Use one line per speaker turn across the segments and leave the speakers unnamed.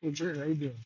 Hey, Jared, how you doing?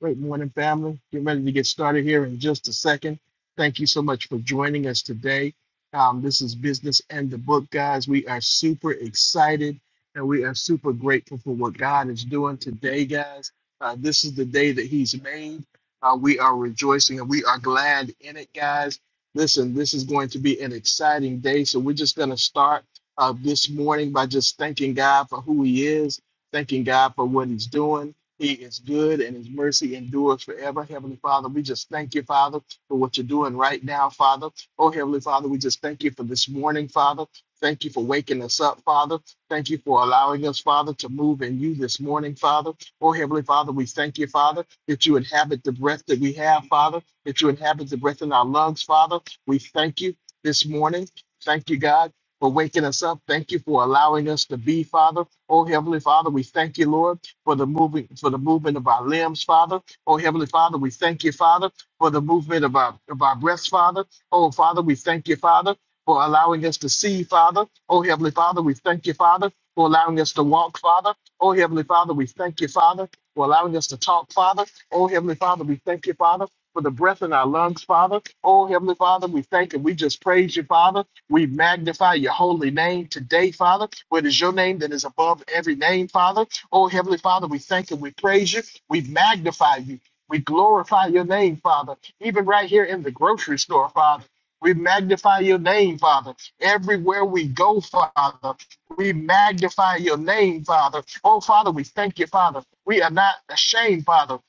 Great morning, family. Get ready to get started here in just a second. Thank you so much for joining us today. Um, this is Business and the Book, guys. We are super excited and we are super grateful for what God is doing today, guys. Uh, this is the day that He's made. Uh, we are rejoicing and we are glad in it, guys. Listen, this is going to be an exciting day. So we're just going to start uh, this morning by just thanking God for who He is, thanking God for what He's doing. He is good and his mercy endures forever. Heavenly Father, we just thank you, Father, for what you're doing right now, Father. Oh, Heavenly Father, we just thank you for this morning, Father. Thank you for waking us up, Father. Thank you for allowing us, Father, to move in you this morning, Father. Oh, Heavenly Father, we thank you, Father, that you inhabit the breath that we have, Father, that you inhabit the breath in our lungs, Father. We thank you this morning. Thank you, God, for waking us up. Thank you for allowing us to be, Father. Oh, Heavenly Father, we thank you, Lord for the moving for the movement of our limbs, Father. Oh Heavenly Father, we thank you, Father, for the movement of our of our breaths, Father. Oh Father, we thank you, Father, for allowing us to see, Father. Oh Heavenly Father, we thank you, Father, for allowing us to walk, Father. Oh Heavenly Father, we thank you, Father, for allowing us to talk, Father. Oh Heavenly Father, we thank you, Father. For the breath in our lungs, Father. Oh, Heavenly Father, we thank and we just praise you, Father. We magnify your holy name today, Father. What is your name that is above every name, Father? Oh, Heavenly Father, we thank you. We praise you. We magnify you. We glorify your name, Father. Even right here in the grocery store, Father. We magnify your name, Father. Everywhere we go, Father, we magnify your name, Father. Oh, Father, we thank you, Father. We are not ashamed, Father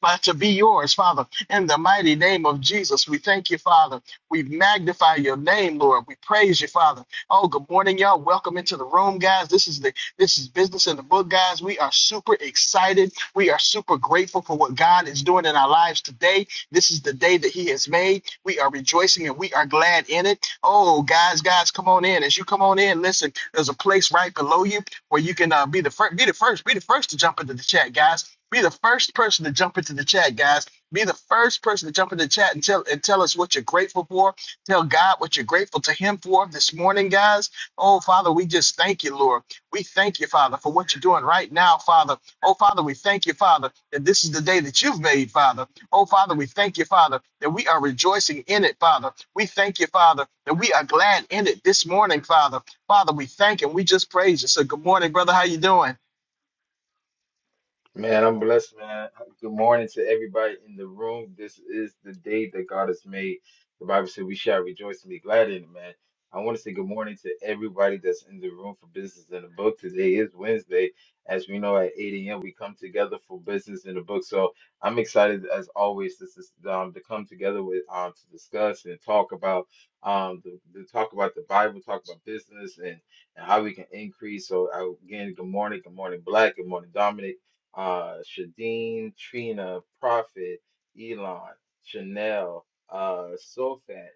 but to be yours, Father. In the mighty name of Jesus, we thank you, Father. We magnify your name, Lord. We praise you, Father. Oh, good morning, y'all. Welcome into the room, guys. This is the this is business in the book, guys. We are super excited. We are super grateful for what God is doing in our lives today. This is the day that He has made. We are rejoicing and we are glad in it. Oh, guys, guys, come on in. As you come on in, listen. There's a place right below you where you can uh, be the first, be the first, be the first to jump into the chat, guys. Be the first person to jump into the chat, guys. Be the first person to jump into the chat and tell and tell us what you're grateful for. Tell God what you're grateful to Him for this morning, guys. Oh Father, we just thank you, Lord. We thank you, Father, for what you're doing right now, Father. Oh Father, we thank you, Father, that this is the day that you've made, Father. Oh Father, we thank you, Father, that we are rejoicing in it, Father. We thank you, Father, that we are glad in it this morning, Father. Father, we thank and we just praise you. So good morning, brother. How you doing?
Man, I'm blessed, man. Good morning to everybody in the room. This is the day that God has made. The Bible said we shall rejoice and be glad in it, man. I want to say good morning to everybody that's in the room for business in the book. Today is Wednesday. As we know, at 8 a.m., we come together for business in the book. So I'm excited, as always, to, s- um, to come together with um, to discuss and talk about um, the, the talk about the Bible, talk about business, and, and how we can increase. So I- again, good morning, good morning, Black, good morning, Dominic uh, Shadeen, Trina, Prophet, Elon, Chanel, uh, Sofat,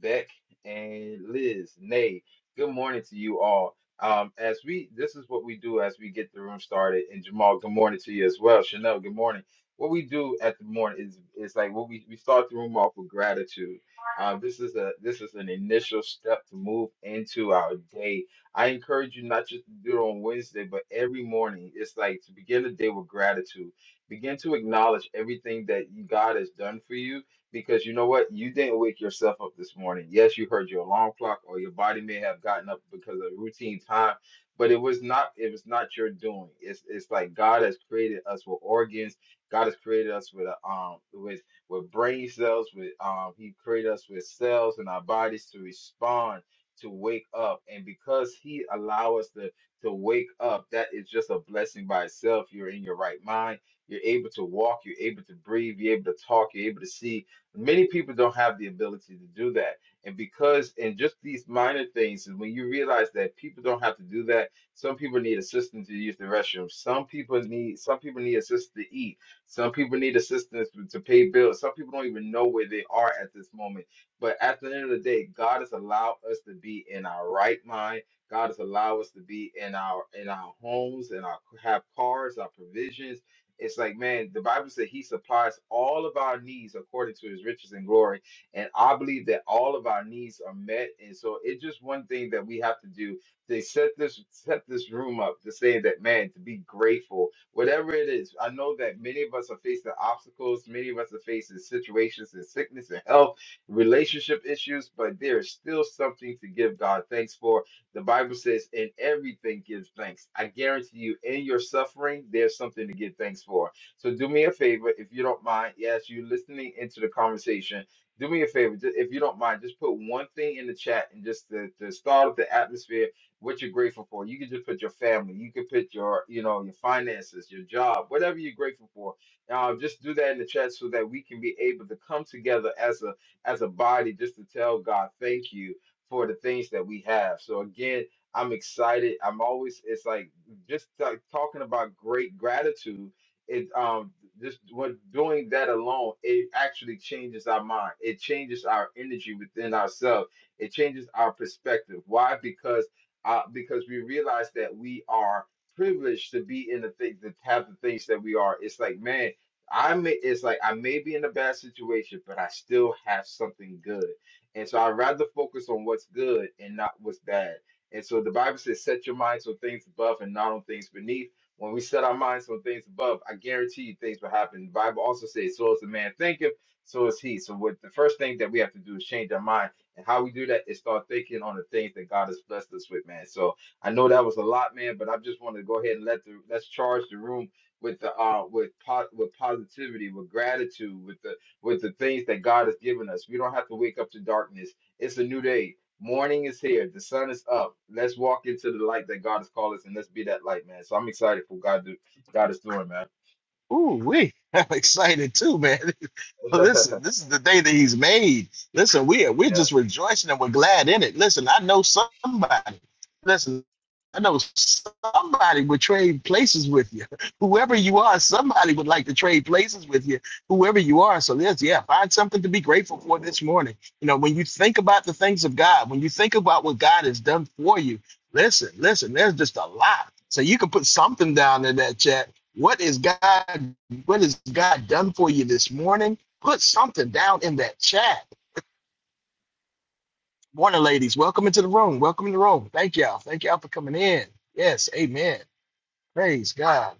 Beck, and Liz. Nay, good morning to you all. Um, as we, this is what we do as we get the room started. And Jamal, good morning to you as well. Chanel, good morning. What we do at the morning is, is like what we, we start the room off with gratitude. Uh, this is a this is an initial step to move into our day I encourage you not just to do it on Wednesday, but every morning. It's like to begin the day with gratitude. Begin to acknowledge everything that you- God has done for you because you know what? You didn't wake yourself up this morning. Yes, you heard your alarm clock or your body may have gotten up because of routine time, but it was not it was not your doing. It's it's like God has created us with organs. God has created us with a, um with with brain cells, with um he created us with cells in our bodies to respond to wake up. And because he allow us to to wake up, that is just a blessing by itself. You're in your right mind. You're able to walk. You're able to breathe. You're able to talk. You're able to see. Many people don't have the ability to do that. And because and just these minor things, and when you realize that people don't have to do that, some people need assistance to use the restroom. Some people need some people need assistance to eat. Some people need assistance to to pay bills. Some people don't even know where they are at this moment but at the end of the day, God has allowed us to be in our right mind. God has allowed us to be in our in our homes and our have cars, our provisions. It's like, man, the Bible said he supplies all of our needs according to his riches and glory. And I believe that all of our needs are met. And so it's just one thing that we have to do. They set this set this room up to say that, man, to be grateful, whatever it is. I know that many of us are facing obstacles, many of us are facing situations and sickness and health relationship issues, but there is still something to give God thanks for. The Bible says, in everything gives thanks. I guarantee you, in your suffering, there's something to give thanks for. So do me a favor, if you don't mind, yes, you're listening into the conversation. Do me a favor, ju- if you don't mind, just put one thing in the chat and just to, to start up the atmosphere, what you're grateful for. You can just put your family, you can put your, you know, your finances, your job, whatever you're grateful for. Uh, just do that in the chat so that we can be able to come together as a as a body just to tell God thank you for the things that we have. So again, I'm excited. I'm always it's like just like talking about great gratitude. It um just what doing that alone, it actually changes our mind. It changes our energy within ourselves. It changes our perspective. Why? Because uh, because we realize that we are privileged to be in the thing to have the things that we are. It's like man, I may it's like I may be in a bad situation, but I still have something good. And so I'd rather focus on what's good and not what's bad. And so the Bible says, set your minds on things above and not on things beneath. When we set our minds on things above, I guarantee you things will happen. The Bible also says, so as the man thinketh, so is he. So what the first thing that we have to do is change our mind. And how we do that is start thinking on the things that God has blessed us with, man. So I know that was a lot, man, but I just want to go ahead and let the let's charge the room with the uh with po- with positivity with gratitude with the with the things that God has given us we don't have to wake up to darkness it's a new day morning is here the sun is up let's walk into the light that God has called us and let's be that light man so I'm excited for God do God is doing man
Ooh, we! I'm excited too, man. Listen, this is the day that he's made. Listen, we are we're just
yes
rejoicing and we're glad in it. Listen, I know somebody. Listen, I know somebody would trade places with you. Whoever you are, somebody would like to trade places with you. Whoever you are, so yes, yeah, find something to be grateful for this morning. You know, when you think about the things of God, when you think about what God has done for you, listen, listen. There's just a lot. So you can put something down in that chat what is God? What has God done for you this morning? Put something down in that chat. Morning, ladies. Welcome into the room. Welcome in the room. Thank y'all. Thank y'all for coming in. Yes. Amen. Praise God.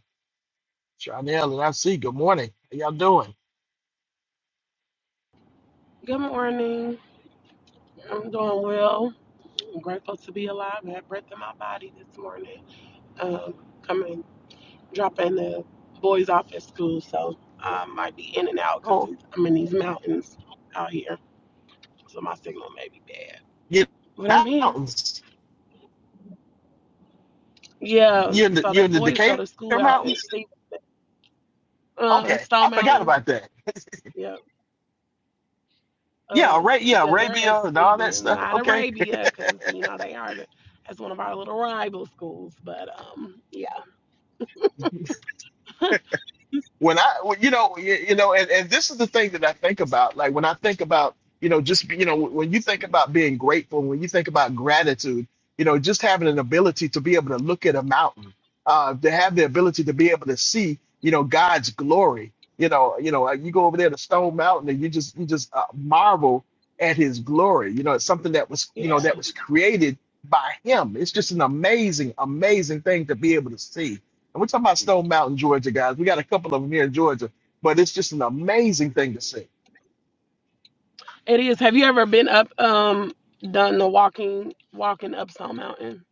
Chanel and I see. Good morning. How y'all doing?
Good morning. I'm doing well. I'm grateful to be alive. I have breath in my body this morning. Um, coming, dropping the boys off at school, so I might be in and out because
Oh,
I'm in these mountains out here, so my signal may be bad.
you in
But
the
I'm here.
mountains.
Yeah.
You in the
So
you
the
in the
boys go
Decatur
to school out in
Mountains?
Steve, uh,
Okay,
Stone
I forgot
Mountain.
about that.
Yeah.
Yeah,
Uh,
Ara- yeah,
yeah, they're at
Arabia and all that
Stephen,
stuff.
not
Okay,
Arabia, because you know they are. The, that's one of our little rival schools, but um, yeah,
when I, well, you know, you, you know, and, and this is the thing that I think about. Like when I think about, you know, just you know, when you think about being grateful, when you think about gratitude, you know, just having an ability to be able to look at a mountain, uh, to have the ability to be able to see, you know, God's glory. You know, you know, uh, you go over there to Stone Mountain and you just you just uh, marvel at His glory. You know, it's something that was, you
yeah.
know, that was created by Him. It's just an amazing, amazing thing to be able to see and we're talking about Stone Mountain, Georgia, guys. We got a couple of them here in Georgia, but it's just an amazing thing to see.
It is. Have you ever been up um done the walking walking up Stone Mountain?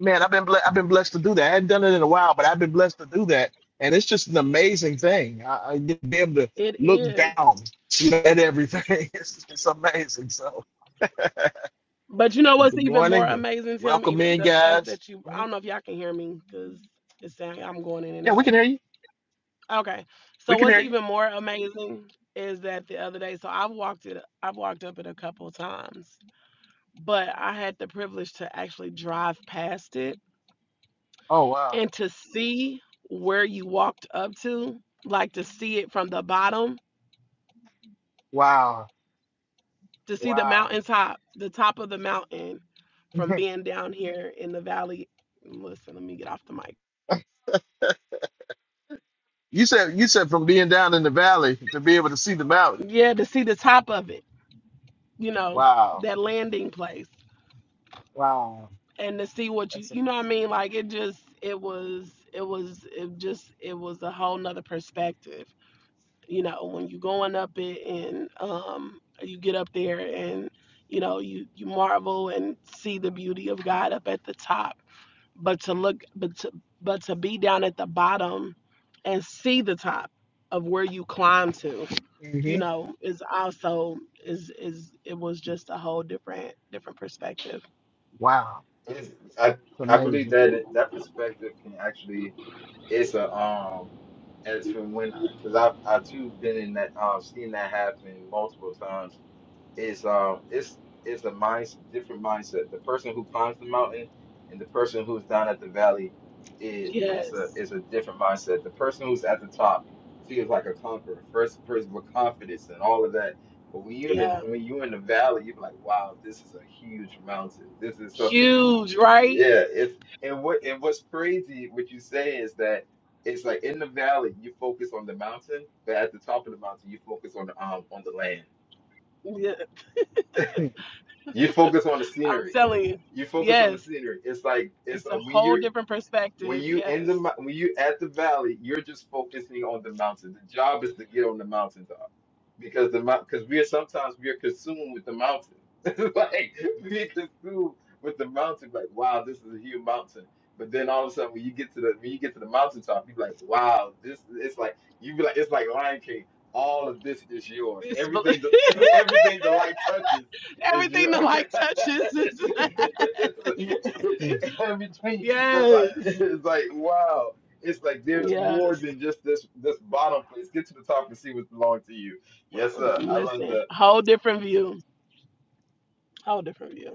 Man, I've been ble- I've been blessed to do that. I hadn't done it in a while, but I've been blessed to do that, and it's just an amazing thing. I, I get to be able to
It
look
is.
down you know, at everything. It's, it's amazing. So,
But you know
uh,
what's
good
even more
morning and
amazing, Tim?
welcome
Even
in,
the fact
guys.
that you I
Mhm.
don't know if y'all can hear me because it's sound- I'm going in and
Yeah, we
out.
can hear you.
Okay. So
We can
what's
hear you.
even more amazing is that the other day, so I've walked it I've walked up it a couple times, but I had the privilege to actually drive past it
Oh wow,
and to see where you walked up to, like to see it from the bottom
wow,
to see the
wow.
mountaintop, the top of the mountain from being down here in the valley. Listen, let me get off the mic.
you said you said from being down in the valley to be able to see the mountain.
Yeah, to see the top of it, you know,
Wow,
that landing place
wow.
and to see what you, you know what I mean? Like it just, it was, it was, it just, it was a whole nother perspective, you know, when you going up it and, um, you get up there and, you know, you, you marvel and see the beauty of God up at the top but to look but to, but to be down at the bottom and see the top of where you climb to you
hmm
know is also is is it was just a whole different different perspective
Wow,
It's- I
it's
I believe
amazing.
that it- that perspective can actually it's a um as from when because I've I too been in that um seen that happen multiple times is um it's it's a mindset different mindset. The person who climbs the mountain and the person who's down at the valley is is a
yes
is a different mindset. The person who's at the top feels like a conqueror, first person with confidence and all of that. But when you in the
yeah
when you in the valley, you're like, wow, this is a huge mountain. This is something.
huge right
Yeah, it's and what and what's crazy what you say is that it's like in the valley you focus on the mountain, but at the top of the mountain you focus on the um on the land.
yeah,
Mm,
You focus on the
i'm
scenery.
telling you
You focus on the
yes
scenery. It's like it's
it's a
like when
whole
you're
different
when
perspective
you in the
yes
mo- when you at the valley, you're just focusing on the mountain. The job is to get on the mountaintop because the because we are sometimes we are consumed with the mountain. like we are consumed with the mountain. Like wow, this is a huge mountain. But then all of a sudden, when you get to the when you get to the mountaintop, you're like, wow, this. It's like you be like, it's like Lion King. All of this is yours.
it's
Everything, the, everything the light touches is your
everything that like touches is
in
mm.
between like
yes
it's like wow. It's like there's more
yes
than just this this bottom place. Get to the top and see what belongs to you. Yes, sir. I love
Listen,
that.
whole different view. Whole different view.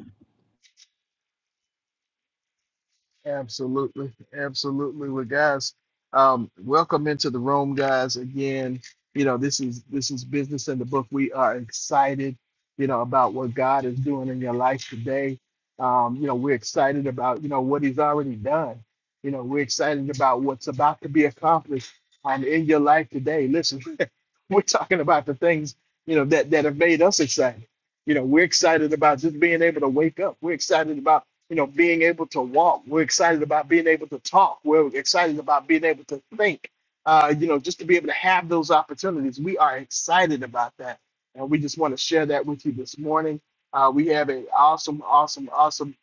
Absolutely, absolutely. Well, guys, um, welcome into the room, guys. Again, you know this is this is business in the book. We are excited, you know, about what God is doing in your life today. Um, you know, we're excited about you know what He's already done. You know, we're excited about what's about to be accomplished um, in your life today. Listen, we're talking about the things you know that that have made us excited. You know, we're excited about just being able to wake up. We're excited about you know, being able to walk. We're excited about being able to talk. We're excited about being able to think. Uh, you know, just to be able to have those opportunities. We are excited about that. And we just want to share that with you this morning. Uh, we have an awesome, awesome, awesome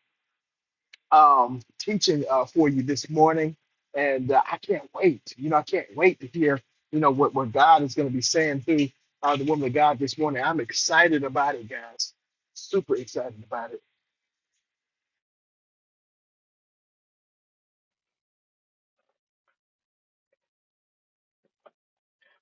um, teaching uh, for you this morning. And uh, I can't wait. You know, I can't wait to hear, you know, what, what God is going to be saying through uh, the woman of God this morning. I'm excited about it, guys. Super excited about it.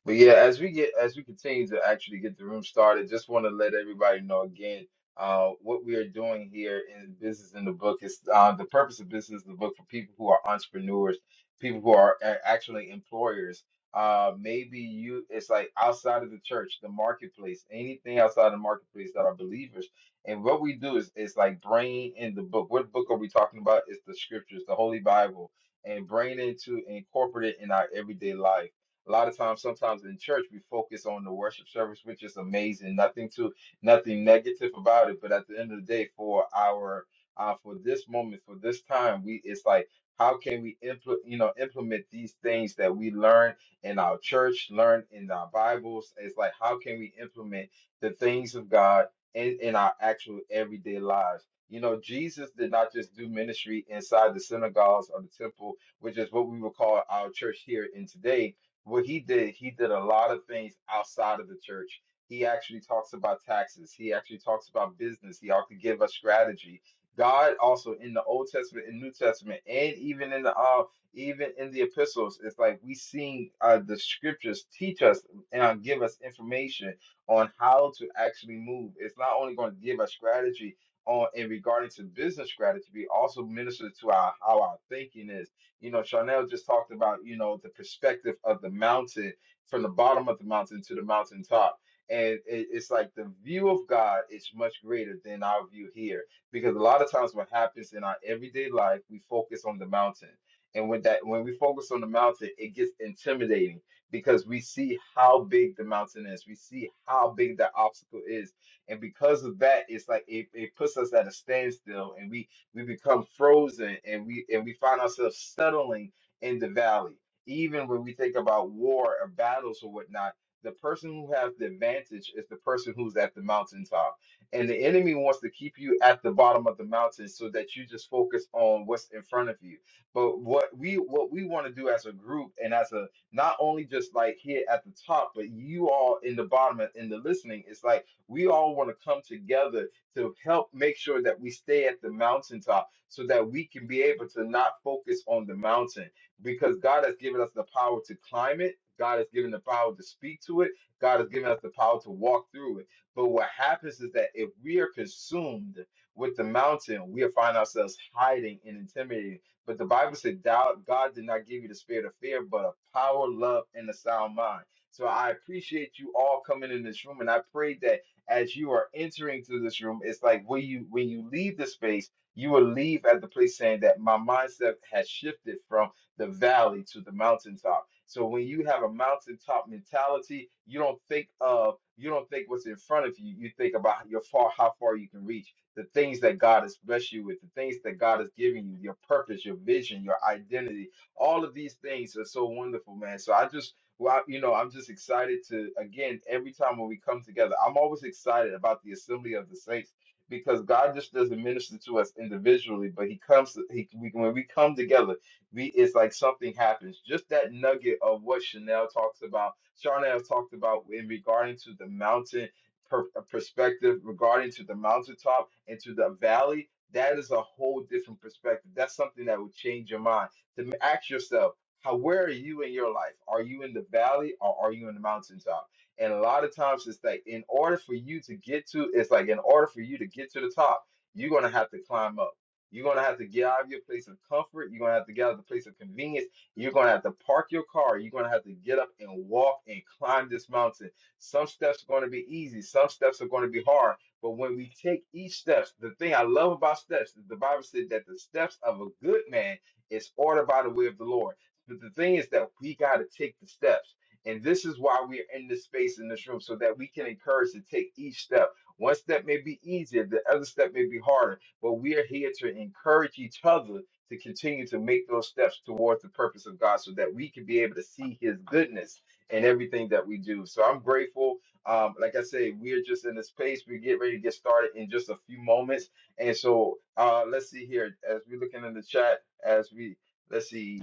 But yeah, as we get as we continue to actually get the room started, just want to let everybody know again uh, what we are doing here in Business in the Book is uh, the purpose of Business in the Book for people who are entrepreneurs, people who are a- actually employers. Uh, maybe you it's like outside of the church, the marketplace, anything outside the marketplace that are believers. And what we do is is like bringing in the book. What book are we talking about? It's the scriptures, the Holy Bible, and bringing it to incorporate it in our everyday life a lot of times, sometimes in church, we focus on the worship service, which is amazing. Nothing to nothing negative about it, but at the end of the day, for our uh, for this moment, for this time, we it's like how can we implement you know implement these things that we learn in our church, learn in our Bibles? It's like how can we implement the things of God in, in our actual everyday lives? You know, Jesus did not just do ministry inside the synagogues or the temple which is what we would call our church here in today what he did, he did a lot of things outside of the church. He actually talks about taxes. He actually talks about business. He ought to give us strategy. God also in the Old Testament and New Testament, and even in the uh, even in the epistles, it's like we seeing uh, the scriptures teach us and uh, give us information on how to actually move. It's not only going to give us strategy on in regarding to business strategy, but also minister to our how our thinking is you know, Chanel just talked about, you know, the perspective of the mountain from the bottom of the mountain to the mountaintop. And it, it's like the view of God is much greater than our view here. Because a lot of times what happens in our everyday life, we focus on the mountain. And when that when we focus on the mountain, it gets intimidating because we see how big the mountain is. We see how big the obstacle is. And because of that, it's like it, it puts us at a standstill and we we become frozen and we and we find ourselves settling in the valley. Even when we think about war or battles or whatnot, the person who has the advantage is the person who's at the mountaintop. And the enemy wants to keep you at the bottom of the mountain so that you just focus on what's in front of you. But what we what we want to do as a group and as a not only just like here at the top, but you all in the bottom and in the listening, it's like we all want to come together to help make sure that we stay at the mountaintop so that we can be able to not focus on the mountain because God has given us the power to climb it. God has given the power to speak to it. God has given us the power to walk through it. But what happens is that if we are consumed with the mountain, we'll find ourselves hiding and intimidating. But the Bible said, "Doubt God did not give you the spirit of fear, but of power, love, and a sound mind." So I appreciate you all coming in this room, and I pray that as you are entering through this room, it's like when you when you leave the space, you will leave at the place saying that my mindset has shifted from the valley to the mountaintop. So when you have a mountaintop mentality, you don't think of you don't think what's in front of you. You think about your far how far you can reach, the things that God has blessed you with, the things that God has given you, your purpose, your vision, your identity. All of these things are so wonderful, man. So I just well, I- you know, I'm just excited to, again, every time when we come together, I'm always excited about the assembly of the saints because God just doesn't minister to us individually, but He comes, He we, when we come together, we it's like something happens. Just that nugget of what Chanel talks about, Chanel talked about in regarding to the mountain per, uh, perspective, regarding to the mountaintop and to the valley. That is a whole different perspective. That's something that would change your mind. To ask yourself how where are you in your life? Are you in the valley or are you in the mountaintop? And a lot of times it's like in order for you to get to it's like in order for you to get to the top, you're gonna have to climb up. You're gonna have to get out of your place of comfort. You're gonna have to get out of the place of convenience. You're gonna have to park your car. You're gonna have to get up and walk and climb this mountain. Some steps are gonna be easy, some steps are gonna be hard. But when we take each steps, the thing I love about steps is the Bible said that the steps of a good man is ordered by the way of the Lord. But the thing is that we got to take the steps. And this is why we're in this space in this room so that we can encourage to take each step. One step may be easier, the other step may be harder, but we are here to encourage each other to continue to make those steps towards the purpose of God so that we can be able to see his goodness in everything that we do. So I'm grateful. Um, like I say, we're just in this space. We get ready to get started in just a few moments. And so uh, let's see here as we're looking in the chat, as we Let's see.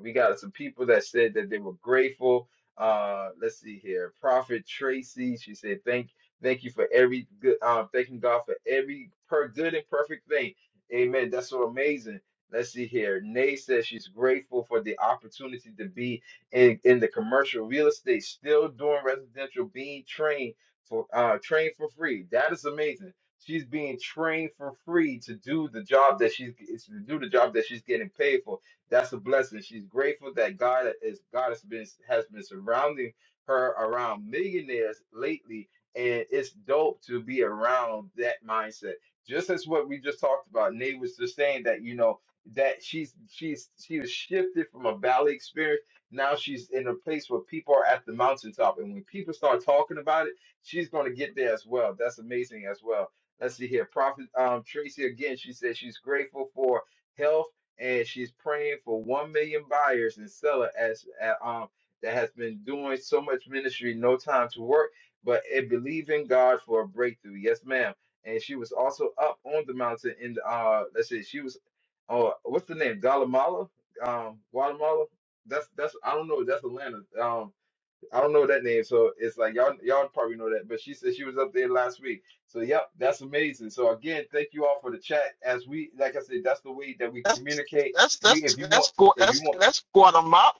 We got some people that said that they were grateful. Uh, let's see here. Prophet Tracy, she said, "Thank, thank you for every good. Uh, thanking God for every per good and perfect thing." Amen. That's so amazing. Let's see here. Nay says she's grateful for the opportunity to be in, in the commercial real estate, still doing residential, being trained for uh trained for free. That is amazing. She's being trained for free to do the job that she's it's to do the job that she's getting paid for. That's a blessing. She's grateful that God is God has been has been surrounding her around millionaires lately, and it's dope to be around that mindset. Just as what we just talked about, Nate was just saying that you know that she's she's she was shifted from a valley experience. Now she's in a place where people are at the mountaintop, and when people start talking about it she's going to get there as well. That's amazing as well. Let's see here. Prophet um, Tracy again, she says she's grateful for health and she's praying for 1 million buyers and seller as uh, um, that has been doing so much ministry, no time to work, but and believing God for a breakthrough. Yes, ma'am. And she was also up on the mountain in the, uh, let's see, she was, oh, what's the name? Guatemala? Um, Guatemala? That's, that's, I don't know. That's Atlanta. Um, I don't know that name, so it's like y'all y'all probably know that. But she said she was up there last week. So yep, that's amazing. So again, thank you all for the chat. As we like I said, that's the way that we
that's
communicate.
that's
You
that's
if you
that's
want if you
that's
want
that's Guatemala.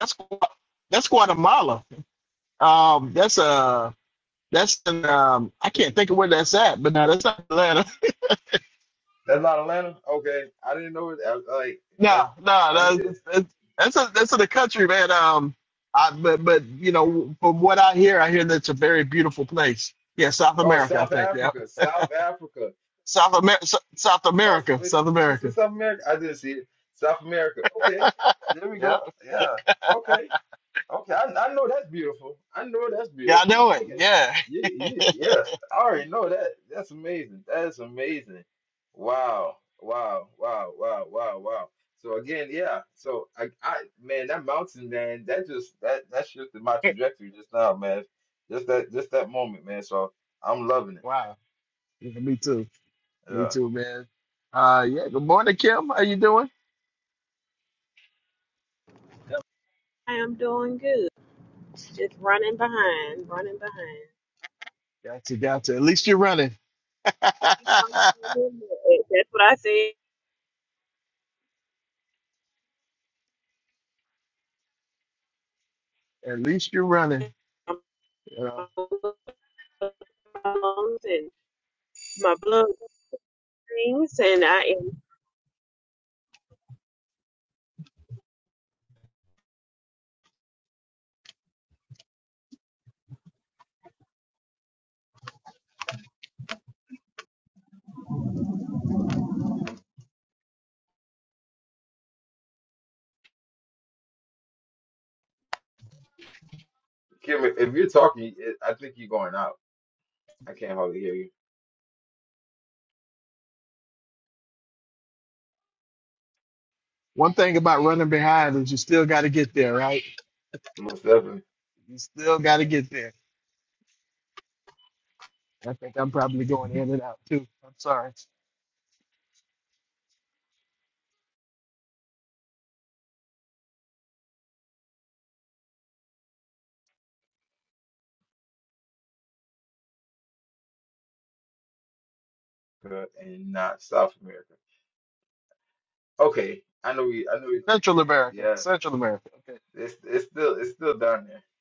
That's that's Guatemala. Um, that's uh, that's in, um, I can't think of where that's at, but no, that's not Atlanta.
that's not Atlanta? Okay. I didn't know it I, like that's
No, no,
I kn- uh,
no, that's that's a, that's in the country, man. Um, I but but you know from what I hear, I hear that it's a very beautiful place. Yeah, South
oh
America, I
South
think. Yeah,
Africa. South Africa.
South America, South
Oh so
America,
it's
South
it's just in
America.
South America. I didn't see it. South America. Okay. There we
Yeah,
go. Yeah. Okay. Okay, I, I know that's beautiful. I know that's
yeah, I
beautiful.
know it.
You can,
Yeah.
you, you, yes, I already know that. That's amazing. That is amazing. Wow, wow, wow, wow, wow, wow. So again, yeah. So I, I, man, that mountain, man, that just that that shifted my trajectory just now, man. Just that, just that moment, man. So I'm loving it.
Wow. Yeah, me too. Me
Yeah,
too, man. Uh, yeah. Good morning, Kim. How you doing?
I am doing good. Just running behind, running behind.
Gotcha, gotcha. At least you're running.
Keep on
At
running behind. That's what I said.
least you're running. You know,
And my blood things, and I am.
Kim, if if you're talking, it, I think you're going out. I can't hardly hear you.
one thing about running behind is you still got to get there, right?
Most definitely,
You still got to get there. I think I'm probably going in and out too. I'm sorry.
Uh, and not South America. Okay, I know we, I know we.
Central America.
yeah.
Central America. Okay.
It's it's still it's still down there.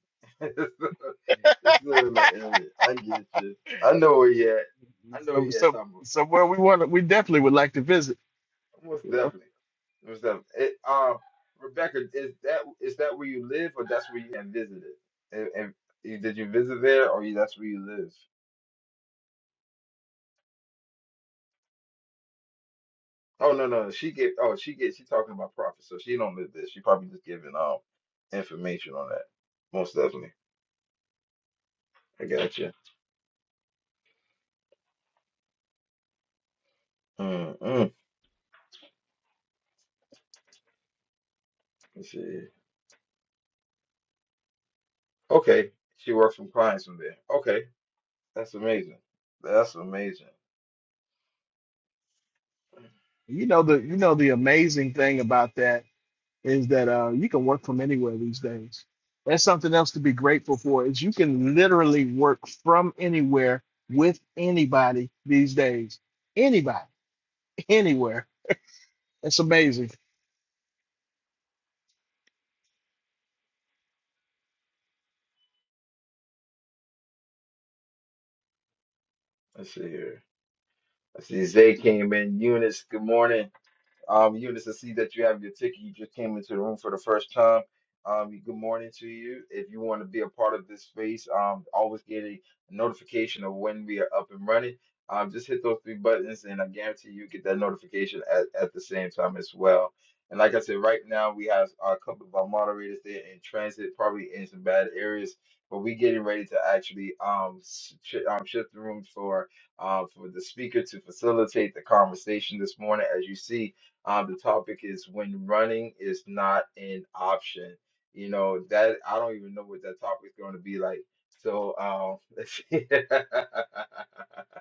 It's still, it's still in that area. I get you. I know where you at. I know where
so,
you at,
so,
Tom.
somewhere we want to, we definitely would like to visit.
Most
You know,
definitely. Most definitely. It, um, Rebecca, is that is that where you live, or that's where you had visited? And, and you- did you visit there, or you, that's where you live? Oh no no, she get oh she get she talking about profit, so she don't live there. She probably just giving um information on that. Most definitely. I got you. Mm-mm. Let's see. Okay, she works from clients from there. Okay. That's amazing. That's amazing.
you know the, you know the amazing thing about that. is that uh, you can work from anywhere these days. That's something else to be grateful for is you can literally work from anywhere with anybody these days. Anybody, anywhere. It's amazing.
Let's see here. I see Zay came in. Eunice, good morning. Um, Eunice, I see that you have your ticket. You just came into the room for the first time. Um, good morning to you. If you want to be a part of this space, um, always get a notification of when we are up and running. Um, just hit those three buttons, and I guarantee you get that notification at, at the same time as well. And like I said, right now we have a couple of our moderators there in transit, probably in some bad areas, but we getting ready to actually um, s- sh um shift the room for uh, for the speaker to facilitate the conversation this morning. As you see, um, the topic is when running is not an option. You know, that I don't even know what that topic is going to be like. So, um, let's see.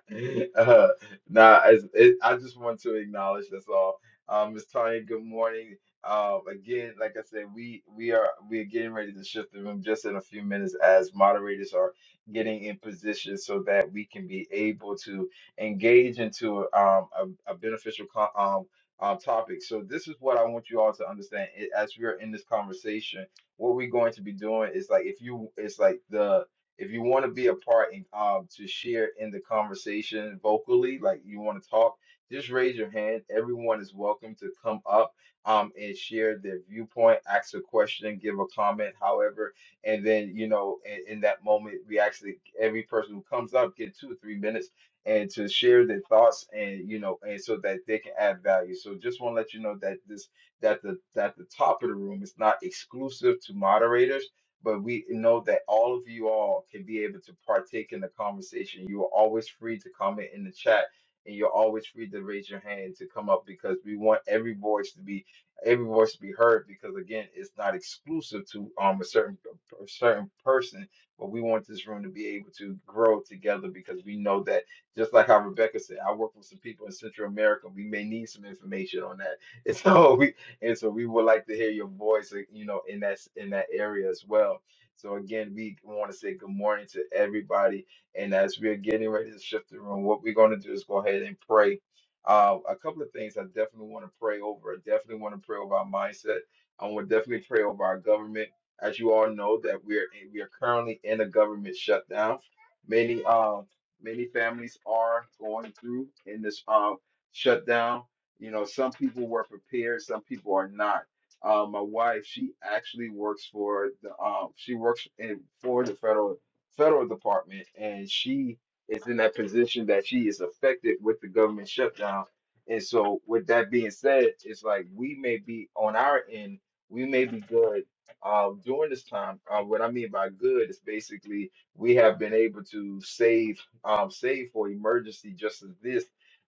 Uh, nah, it's, it, I just want to acknowledge that's all. Um, Ms. Tanya, good morning. Um, again, like I said, we we are we are getting ready to shift the room just in a few minutes as moderators are getting in position so that we can be able to engage into um, a, a beneficial co- um, um, topic. So this is what I want you all to understand i- as we are in this conversation. What we're going to be doing is like if you, it's like the if you want to be a part and um to share in the conversation vocally, like you want to talk, just raise your hand. Everyone is welcome to come up um and share their viewpoint, ask a question, give a comment, however, and then you know in, in that moment we actually every person who comes up get two or three minutes and to share their thoughts and you know and so that they can add value. So just want to let you know that this that the that the top of the room is not exclusive to moderators but we know that all of you all can be able to partake in the conversation. You are always free to comment in the chat, and you're always free to raise your hand to come up because we want every voice to be every voice to be heard. Because again, it's not exclusive to um a certain a certain person, but we want this room to be able to grow together because we know that just like how Rebecca said, I work with some people in Central America. We may need some information on that, and so we and so we would like to hear your voice, uh, you know, in that s- in that area as well. So again, we want to say good morning to everybody. And as we are getting ready to shift the room, what we're going to do is go ahead and pray. Uh, a couple of things I definitely want to pray over. I definitely want to pray over our mindset. I want to definitely pray over our government. As you all know, that we're we are currently in a government shutdown. Many um many families are going through in this um shutdown. You know, some people were prepared, some people are not. Uh, my wife, she actually works for the um, she works in for the federal federal department, and she is in that position that she is affected with the government shutdown. And so, with that being said, it's like we may be on our end, we may be good uh, during this time. Uh, what I mean by good is basically we have been able to save um, save for emergency just as this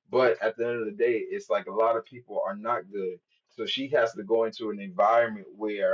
but at the end of the day, it's like a lot of people are not good. So she has to go into an environment where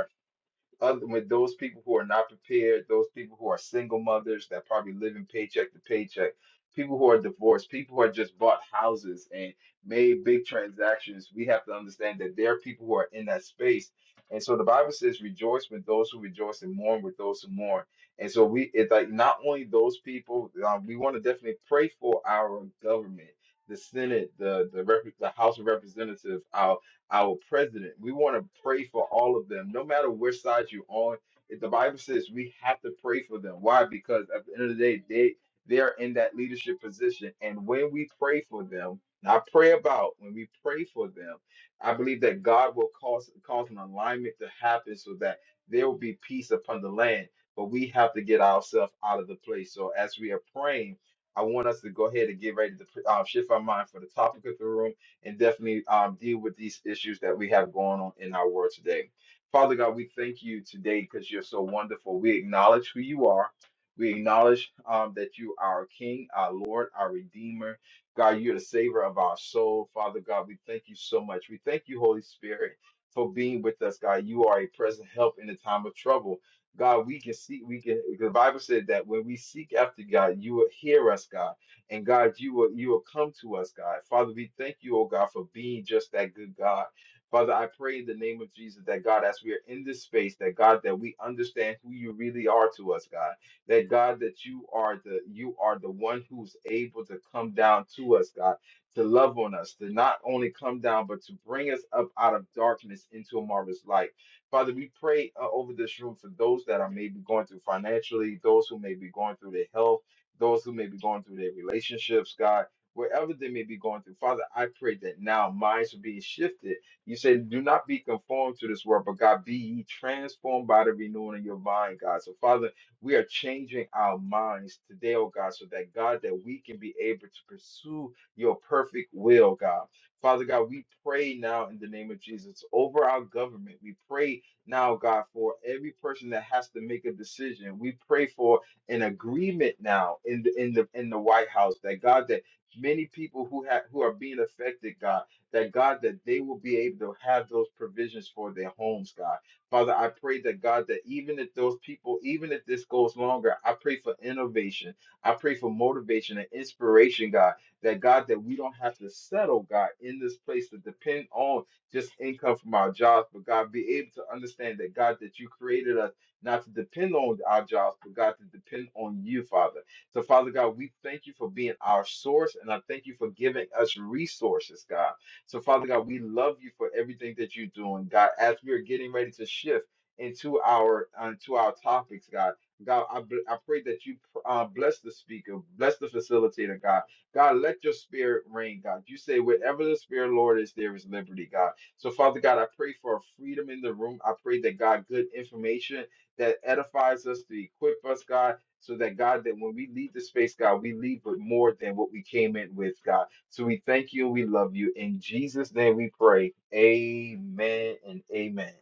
other with those people who are not prepared, those people who are single mothers that probably living paycheck to paycheck, people who are divorced, people who are just bought houses and made big transactions, we have to understand that there are people who are in that space. And so the Bible says, rejoice with those who rejoice and mourn with those who mourn. And so we, it's like not only those people, um, we want to definitely pray for our government, the Senate, the the, rep- the House of Representatives, our our president. We want to pray for all of them, no matter which side you're on. If the Bible says we have to pray for them. Why? Because at the end of the day, they they are in that leadership position. And when we pray for them, and I pray about when we pray for them, I believe that God will cause cause an alignment to happen so that there will be peace upon the land. But we have to get ourselves out of the place. So as we are praying, I want us to go ahead and get ready to uh, shift our mind for the topic of the room and definitely um, deal with these issues that we have going on in our world today. Father God, we thank you today because you're so wonderful. We acknowledge who you are. We acknowledge um, that you are our King, our Lord, our Redeemer. God, you're the Savior of our soul. Father God, we thank you so much. We thank you, Holy Spirit, for being with us, God. You are a present help in the time of trouble. God, we can see, we can, the Bible said that when we seek after God, you will hear us, God. And God, you will you will come to us, God. Father, we thank you, oh God, for being just that good God. Father, I pray in the name of Jesus that God, as we are in this space, that God, that we understand who you really are to us, God. That God, that you are the you are the one who's able to come down to us, God, to love on us, to not only come down, but to bring us up out of darkness into a marvelous light. Father, we pray uh, over this room for those that are maybe going through financially, those who may be going through their health those who may be going through their relationships, God, wherever they may be going through. Father, I pray that now minds are being shifted. You say, do not be conformed to this world, but God, be ye transformed by the renewing of your mind, God. So, Father, we are changing our minds today, oh God, so that, God, that we can be able to pursue your perfect will, God. Father God, we pray now in the name of Jesus over our government. We pray now, God, for every person that has to make a decision. We pray for an agreement now in the in the in the White House that God that many people who have who are being affected, God, that God that they will be able to have those provisions for their homes, God. Father, I pray that God that even if those people, even if this goes longer, I pray for innovation. I pray for motivation and inspiration, God. That God that we don't have to settle, God, in this place to depend on just income from our jobs, but God be able to understand that God that you created us not to depend on our jobs, but God, to depend on you, Father. So, Father God, we thank you for being our source, and I thank you for giving us resources, God. So, Father God, we love you for everything that you're doing, God. As we're getting ready to shift into our into our topics, God. God, I, bl- I pray that you uh, bless the speaker, bless the facilitator, God. God, let your spirit reign, God. You say, wherever the spirit, Lord, is, there is liberty, God. So, Father God, I pray for freedom in the room. I pray that, God, good information that edifies us, to equip us, God, so that God, that when we leave the space, God, we leave with more than what we came in with, God. So we thank you and we love you. In Jesus' name we pray. Amen and amen.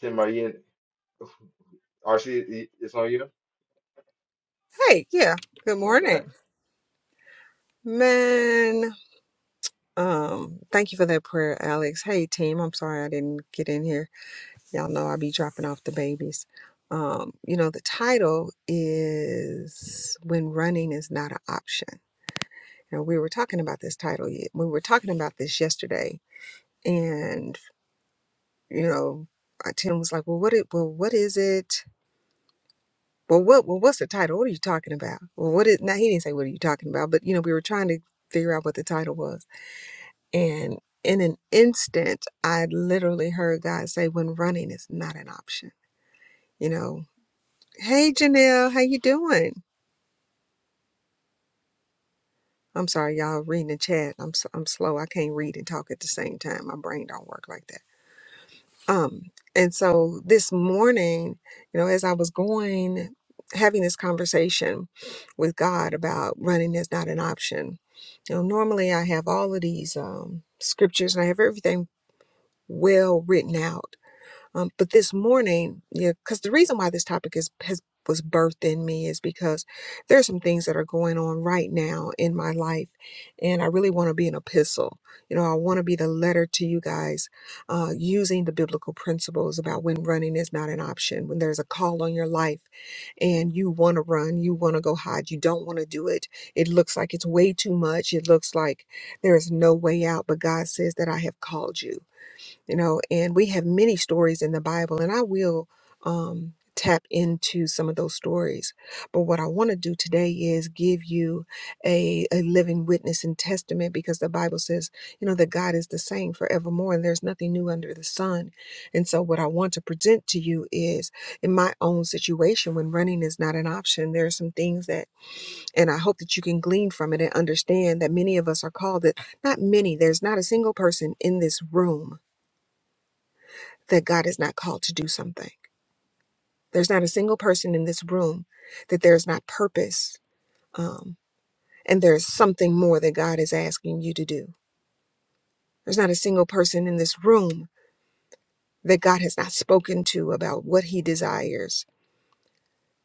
Tim, are you in? RC, it's on you?
Hey, yeah. Good
No, go
morning.
ahead.
Man, um, thank you for that prayer, Alex. Hey team, I'm sorry I didn't get in here. Y'all know I be dropping off the babies. Um, you know, the title is When Running is Not an Option. Now we were talking about this title ye- we were talking about this yesterday and you know, uh, Tim was like, Well what it well what is it? Well what well what's the title? What are you talking about? Well what is now he didn't say what are you talking about, but you know, we were trying to figure out what the title was. And in an instant, I literally heard God say, when running is not an option, you know, hey, Janelle, how you doing? I'm sorry, y'all reading the chat. I'm, s- I'm slow. I can't read and talk at the same time. My brain don't work like that. Um, and so this morning, you know, as I was going, having this conversation with God about running is not an option, you know, normally I have all of these um, scriptures and I have everything well written out Um, but this morning, yeah, because the reason why this topic is has was birthed in me is because there are some things that are going on right now in my life, and I really want to be an epistle. You know, I want to be the letter to you guys, uh, using the biblical principles about when running is not an option, when there's a call on your life, and you want to run, you want to go hide, you don't want to do it. It looks like it's way too much. It looks like there is no way out, but God says that I have called you you know and we have many stories in the bible and i will um tap into some of those stories but what i want to do today is give you a, a living witness and testament because the bible says you know that god is the same forevermore and there's nothing new under the sun and so what i want to present to you is in my own situation when running is not an option there are some things that and i hope that you can glean from it and understand that many of us are called that not many there's not a single person in this room that God is not called to do something. There's not a single person in this room that there is not purpose um, and there's something more that God is asking you to do. There's not a single person in this room that God has not spoken to about what he desires.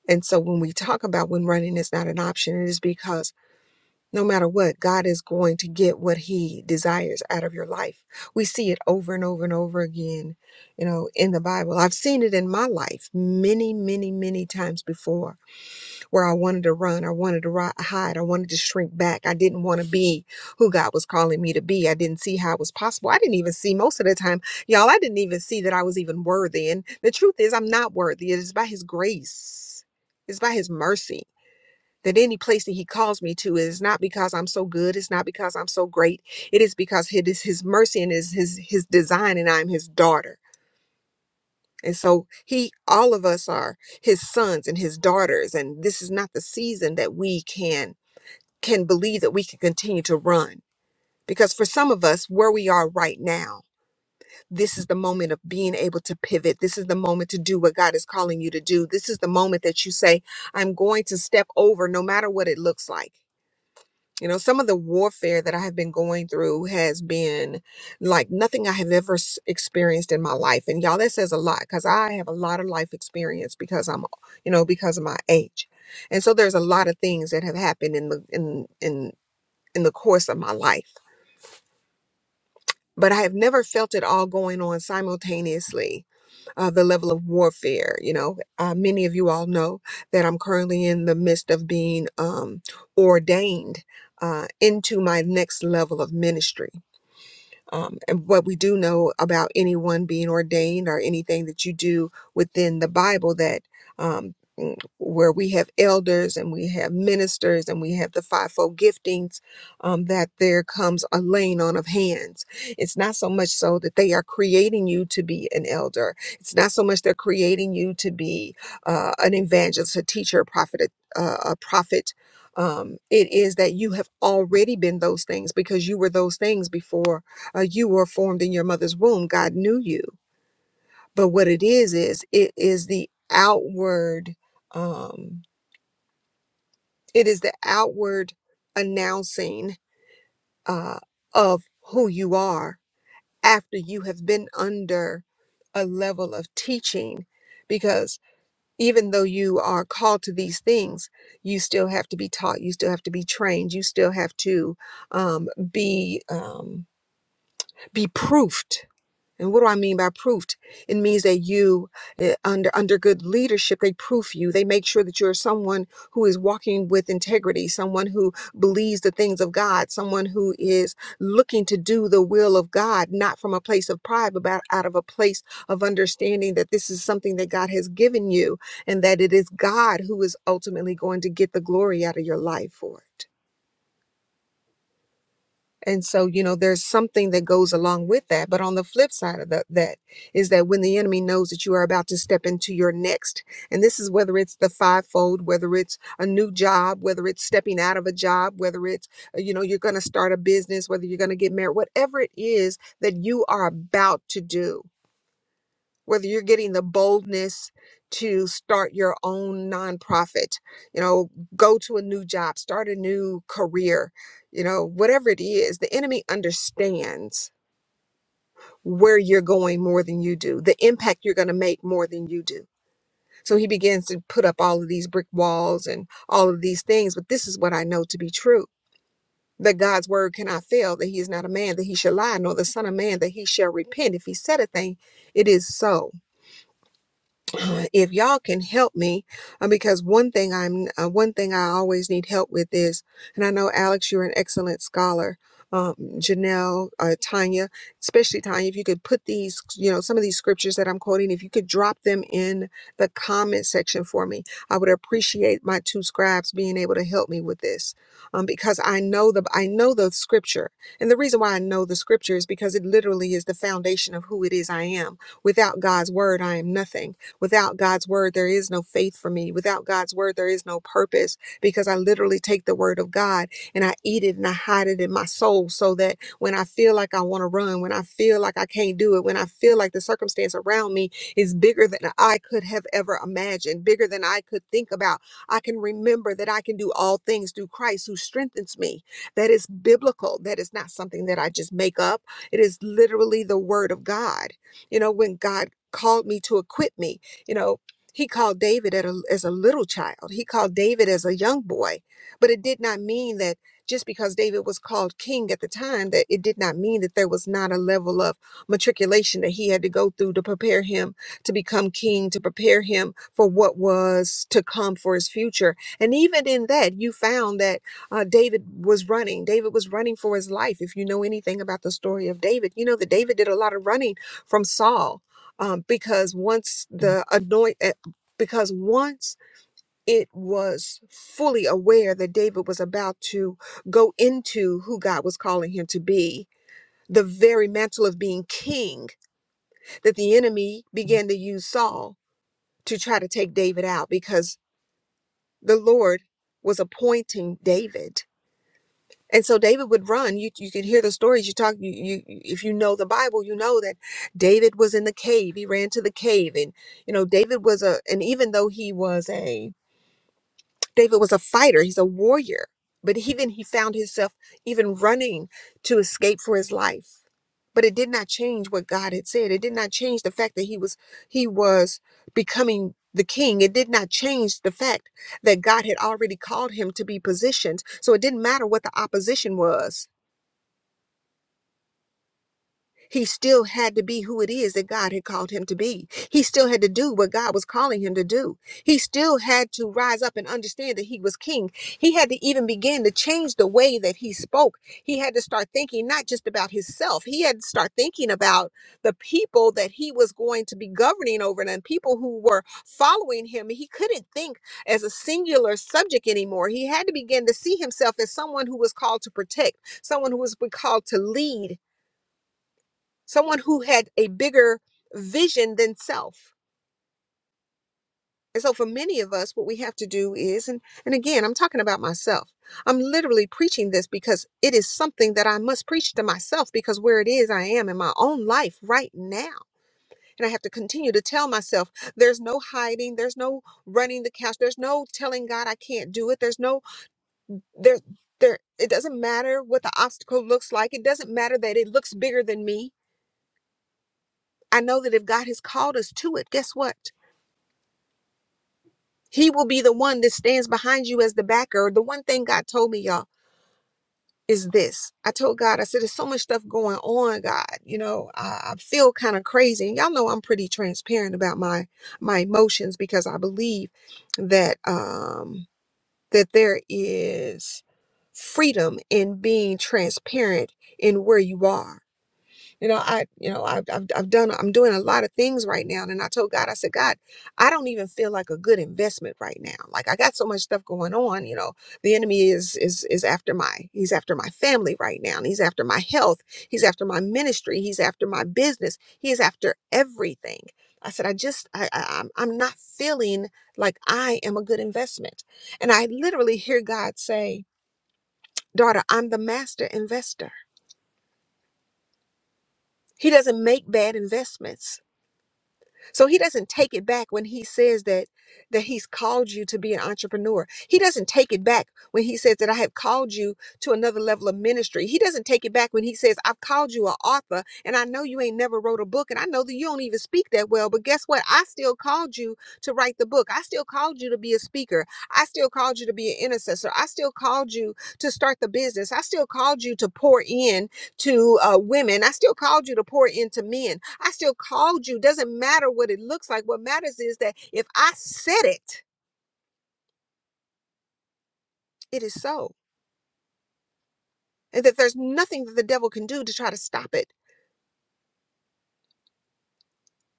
And so when we talk about when running is not an option, it is because no matter what, God is going to get what he desires out of your life. We see it over and over and over again, you know, in the Bible. I've seen it in my life many, many, many times before where I wanted to run, I wanted to ri- hide, I wanted to shrink back. I didn't want to be who God was calling me to be. I didn't see how it was possible. I didn't even see most of the time, y'all, I didn't even see that I was even worthy. And the truth is, I'm not worthy. It is by His grace, it's by His mercy. That any place that he calls me to is not because I'm so good, it's not because I'm so great. It is because it is his mercy and it is his his design, and I'm his daughter. And so he all of us are his sons and his daughters and this is not the season that we can can believe that we can continue to run because for some of us where we are right now this is the moment of being able to pivot this is the moment to do what God is calling you to do this is the moment that you say I'm going to step over no matter what it looks like you know, some of the warfare that I have been going through has been like nothing I have ever s- experienced in my life. And y'all, that says a lot because I have a lot of life experience because I'm, you know, because of my age. And so there's a lot of things that have happened in the in in in the course of my life but I have never felt it all going on simultaneously. Uh, the level of warfare, you know, uh, many of you all know that I'm currently in the midst of being um, ordained uh, into my next level of ministry. Um, and what we do know about anyone being ordained or anything that you do within the Bible that um, mm, where we have elders and we have ministers and we have the fivefold giftings, um, that there comes a laying on of hands. It's not so much so that they are creating you to be an elder. It's not so much they're creating you to be uh, an evangelist, a teacher, a prophet, a, uh, a prophet. Um, it is that you have already been those things because you were those things before uh, you were formed in your mother's womb. God knew you. But what it is, is it is the outward, um, it is the outward announcing uh, of who you are after you have been under a level of teaching. Because even though you are called to these things, you still have to be taught, you still have to be trained, you still have to um, be um, be proofed And what do I mean by proofed? It means that you, eh, under under good leadership, they proof you. They make sure that you're someone who is walking with integrity, someone who believes the things of God, someone who is looking to do the will of God, not from a place of pride, but about- out of a place of understanding that this is something that God has given you, and that it is God who is ultimately going to get the glory out of your life for it. And so, you know, there's something that goes along with that. But on the flip side of tha- that is that when the enemy knows that you are about to step into your next, and this is whether it's the fivefold, whether it's a new job, whether it's stepping out of a job, whether it's, uh, you know, you're going to start a business, whether you're going to get married, whatever it is that you are about to do whether you're getting the boldness to start your own nonprofit, you know, go to a new job, start a new career, you know, whatever it is, the enemy understands where you're going more than you do, the impact you're going to make more than you do. So he begins to put up all of these brick walls and all of these things. But this is what I know to be true that God's word cannot fail, that he is not a man that he shall lie, nor the son of man that he shall repent. If he said a thing, it is so. if y'all can help me, uh, because one thing I'm uh, one thing I always need help with is, and I know Alex, you're an excellent scholar. Um, Janelle, uh, Tanya, especially Tanya, if you could put these, you know, some of these scriptures that I'm quoting, if you could drop them in the comment section for me, I would appreciate my two scribes being able to help me with this, um, because I know the I know the scripture, and the reason why I know the scripture is because it literally is the foundation of who it is I am. Without God's word, I am nothing. Without God's word, there is no faith for me. Without God's word, there is no purpose because I literally take the word of God and I eat it and I hide it in my soul so that when I feel like I want to run, when I feel like I can't do it, when I feel like the circumstance around me is bigger than I could have ever imagined, bigger than I could think about, I can remember that I can do all things through Christ who strengthens me. That is biblical. That is not something that I just make up. It is literally the word of God. You know, when God called me to equip me. You know, he called David at a, as a little child, he called David as a young boy, but it did not mean that just because David was called king at the time, that it did not mean that there was not a level of matriculation that he had to go through to prepare him to become king, to prepare him for what was to come for his future. And even in that, you found that uh, David was running. David was running for his life. If you know anything about the story of David, you know that David did a lot of running from Saul um, because once the anoint eh, because once it was fully aware that david was about to go into who god was calling him to be the very mantle of being king that the enemy began to use saul to try to take david out because the lord was appointing david And so David would run. You you could hear the stories. You talk. You, you if you know the Bible, you know that David was in the cave. He ran to the cave, and you know David was a. And even though he was a David was a fighter, he's a warrior. But even he found himself even running to escape for his life. But it did not change what God had said. It did not change the fact that he was he was becoming the king. It did not change the fact that God had already called him to be positioned. So it didn't matter what the opposition was He still had to be who it is that God had called him to be. He still had to do what God was calling him to do. He still had to rise up and understand that he was king. He had to even begin to change the way that he spoke. He had to start thinking not just about himself, he had to start thinking about the people that he was going to be governing over and the people who were following him. He couldn't think as a singular subject anymore. He had to begin to see himself as someone who was called to protect, someone who was called to lead, someone who had a bigger vision than self. And so for many of us, what we have to do is, and, and again, I'm talking about myself. I'm literally preaching this because it is something that I must preach to myself because where it is I am in my own life right now. And I have to continue to tell myself there's no hiding, there's no running the couch, there's no telling God I can't do it. There's no there there it doesn't matter what the obstacle looks like. It doesn't matter that it looks bigger than me. I know that if God has called us to it, guess what? He will be the one that stands behind you as the backer. The one thing God told me, y'all, is this. I told God, I said, there's so much stuff going on, God. You know, I, I feel kind of crazy. And y'all know I'm pretty transparent about my my emotions because I believe that um that there is freedom in being transparent in where you are you know, I, you know, I've, I've, I've done, I'm doing a lot of things right now. And I told God, I said, God, I don't even feel like a good investment right now. Like I got so much stuff going on, you know, the enemy is, is, is after my, he's after my family right now. And he's after my health. He's after my ministry. He's after my business. He is after everything. I said, I just, I, I, I'm I'm not feeling like I am a good investment. And I literally hear God say, daughter, I'm the master investor. He doesn't make bad investments. So he doesn't take it back when he says that that he's called you to be an entrepreneur. He doesn't take it back when he says that I have called you to another level of ministry. He doesn't take it back when he says I've called you an author and I know you ain't never wrote a book and I know that you don't even speak that well, but guess what? I still called you to write the book. I still called you to be a speaker. I still called you to be an intercessor. I still called you to start the business. I still called you to pour in to uh, women. I still called you to pour into men. I still called you. Doesn't matter what it looks like. What matters is that if I said it, it is so. And that there's nothing that the devil can do to try to stop it.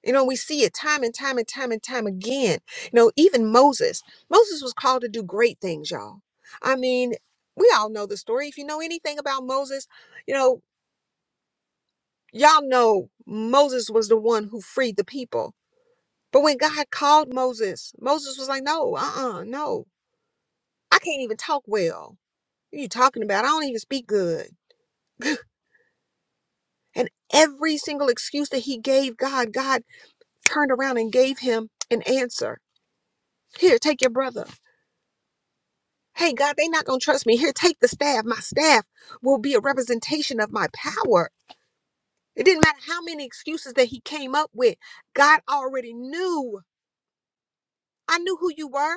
You know, we see it time and time and time and time again. You know, even Moses. Moses was called to do great things, y'all. I mean, we all know the story. If you know anything about Moses, you know, y'all know Moses was the one who freed the people. But when God called Moses, Moses was like, no, uh uh no. I can't even talk well. What are you talking about? I don't even speak good. And every single excuse that he gave God, God turned around and gave him an answer. Here, take your brother. Hey, God, they not going to trust me. Here, take the staff. My staff will be a representation of my power. It didn't matter how many excuses that he came up with. God already knew. I knew who you were.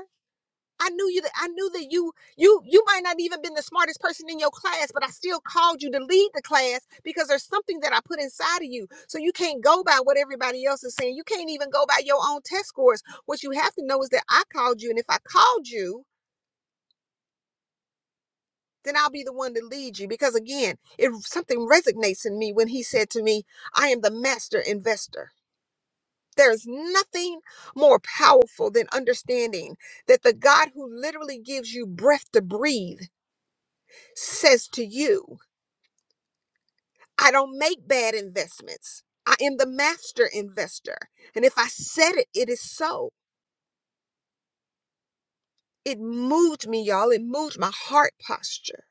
I knew you that I knew that you you you might not even been the smartest person in your class, but I still called you to lead the class because there's something that I put inside of you. So you can't go by what everybody else is saying. You can't even go by your own test scores. What you have to know is that I called you, and if I called you, then I'll be the one to lead you. Because again, if something resonates in me when he said to me, I am the master investor. There's nothing more powerful than understanding that the God who literally gives you breath to breathe says to you, I don't make bad investments. I am the master investor. And if I said it, it is so. It moved me, y'all. It moved my heart posture.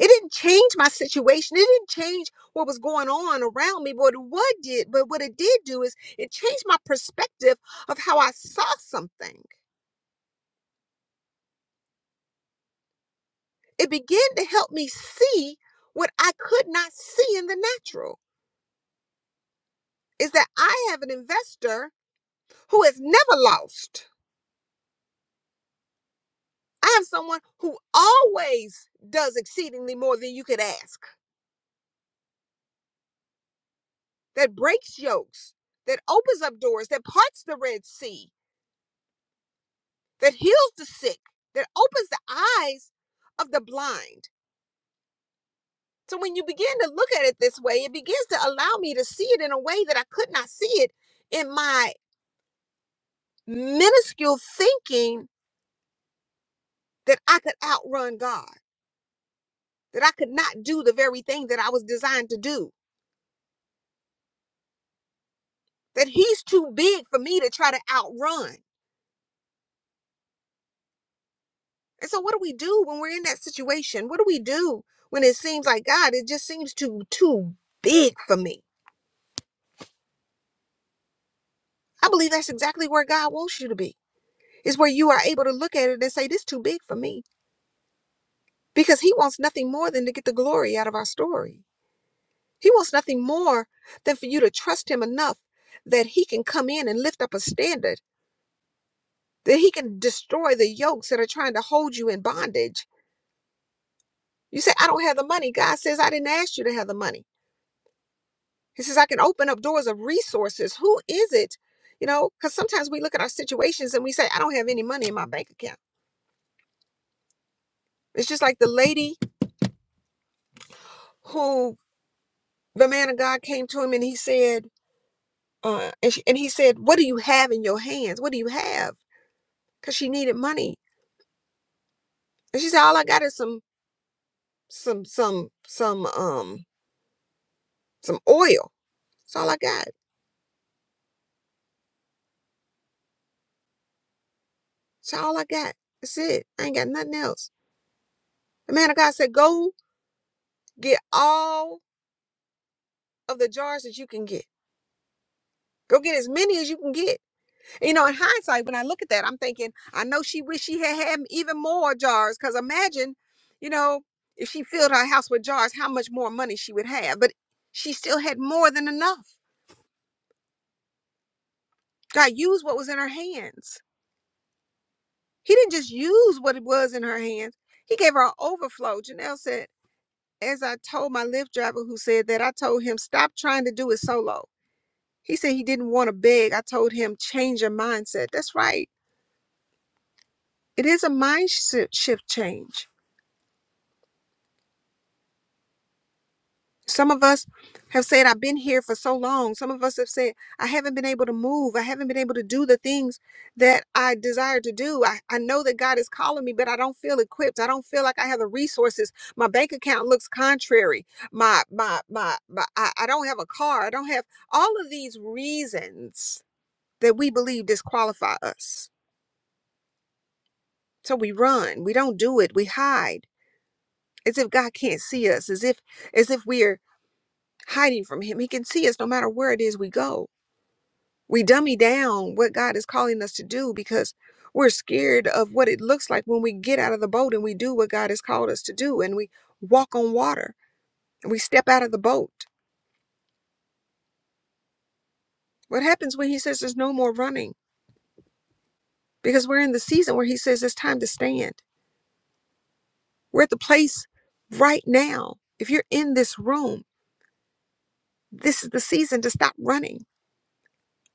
It didn't change my situation. It didn't change what was going on around me. But what did, but what it did do is it changed my perspective of how I saw something. It began to help me see what I could not see in the natural. Is that I have an investor who has never lost I have someone who always does exceedingly more than you could ask, that breaks yokes, that opens up doors, that parts the Red Sea, that heals the sick, that opens the eyes of the blind. So when you begin to look at it this way, it begins to allow me to see it in a way that I could not see it in my minuscule thinking that I could outrun God, that I could not do the very thing that I was designed to do, that He's too big for me to try to outrun And so what do we do when we're in that situation? What do we do when it seems like God, it just seems too too big for me? I believe that's exactly where God wants you to be. Is where you are able to look at it and say, This is too big for me. Because he wants nothing more than to get the glory out of our story. He wants nothing more than for you to trust him enough that he can come in and lift up a standard, that he can destroy the yokes that are trying to hold you in bondage. You say, I don't have the money. God says, I didn't ask you to have the money. He says, I can open up doors of resources. Who is it? You know, because sometimes we look at our situations and we say, I don't have any money in my bank account. It's just like the lady who the man of God came to him and he said, uh, and, she, and he said, What do you have in your hands? What do you have? Because she needed money. And she said, All I got is some, some, some, some, um, some oil. That's all I got. That's all I got. That's it. I ain't got nothing else. The man of God said, Go get all of the jars that you can get Go get as many as you can get. You know, in hindsight, when I look at that, I'm thinking, I know she wish she had had even more jars. Cause imagine, you know, if she filled her house with jars, how much more money she would have. But she still had more than enough. God used what was in her hands. He didn't just use what it was in her hands. He gave her an overflow. Janelle said, as I told my Lyft driver who said that, I told him, stop trying to do it solo. He said he didn't want to beg. I told him, change your mindset. That's right It is a mind shi- shift change. Some of us have said, I've been here for so long. Some of us have said, I haven't been able to move. I haven't been able to do the things that I desire to do. I, I know that God is calling me, but I don't feel equipped. I don't feel like I have the resources. My bank account looks contrary. My, my, my, my I, I don't have a car. I don't have all of these reasons that we believe disqualify us. So we run, we don't do it, we hide as if God can't see us, as if as if we're hiding from him. He can see us no matter where it is we go. We dummy down what God is calling us to do because we're scared of what it looks like when we get out of the boat and we do what God has called us to do and we walk on water and we step out of the boat. What happens when he says there's no more running? Because we're in the season where he says it's time to stand. We're at the place right now. If you're in this room, this is the season to stop running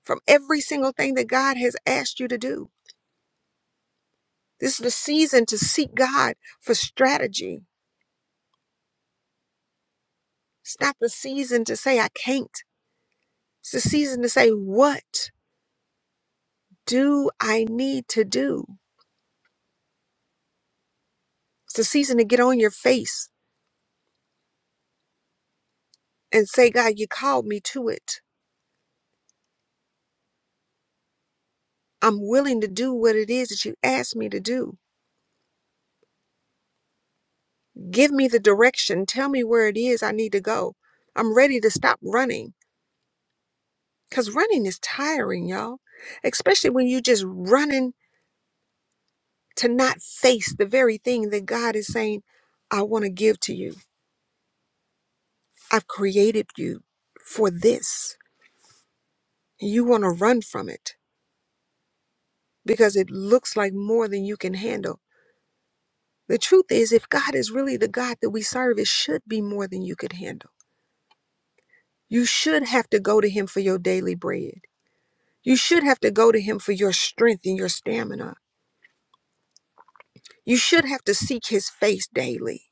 from every single thing that God has asked you to do This is the season to seek God for strategy. It's not the season to say, I can't. It's the season to say, What do I need to do? It's the season to get on your face and say, God, you called me to it. I'm willing to do what it is that you asked me to do. Give me the direction. Tell me where it is I need to go. I'm ready to stop running because running is tiring, y'all, especially when you just running to not face the very thing that God is saying, I want to give to you. I've created you for this. You want to run from it because it looks like more than you can handle. The truth is, if God is really the God that we serve, it should be more than you could handle. You should have to go to Him for your daily bread. You should have to go to Him for your strength and your stamina. You should have to seek His face daily.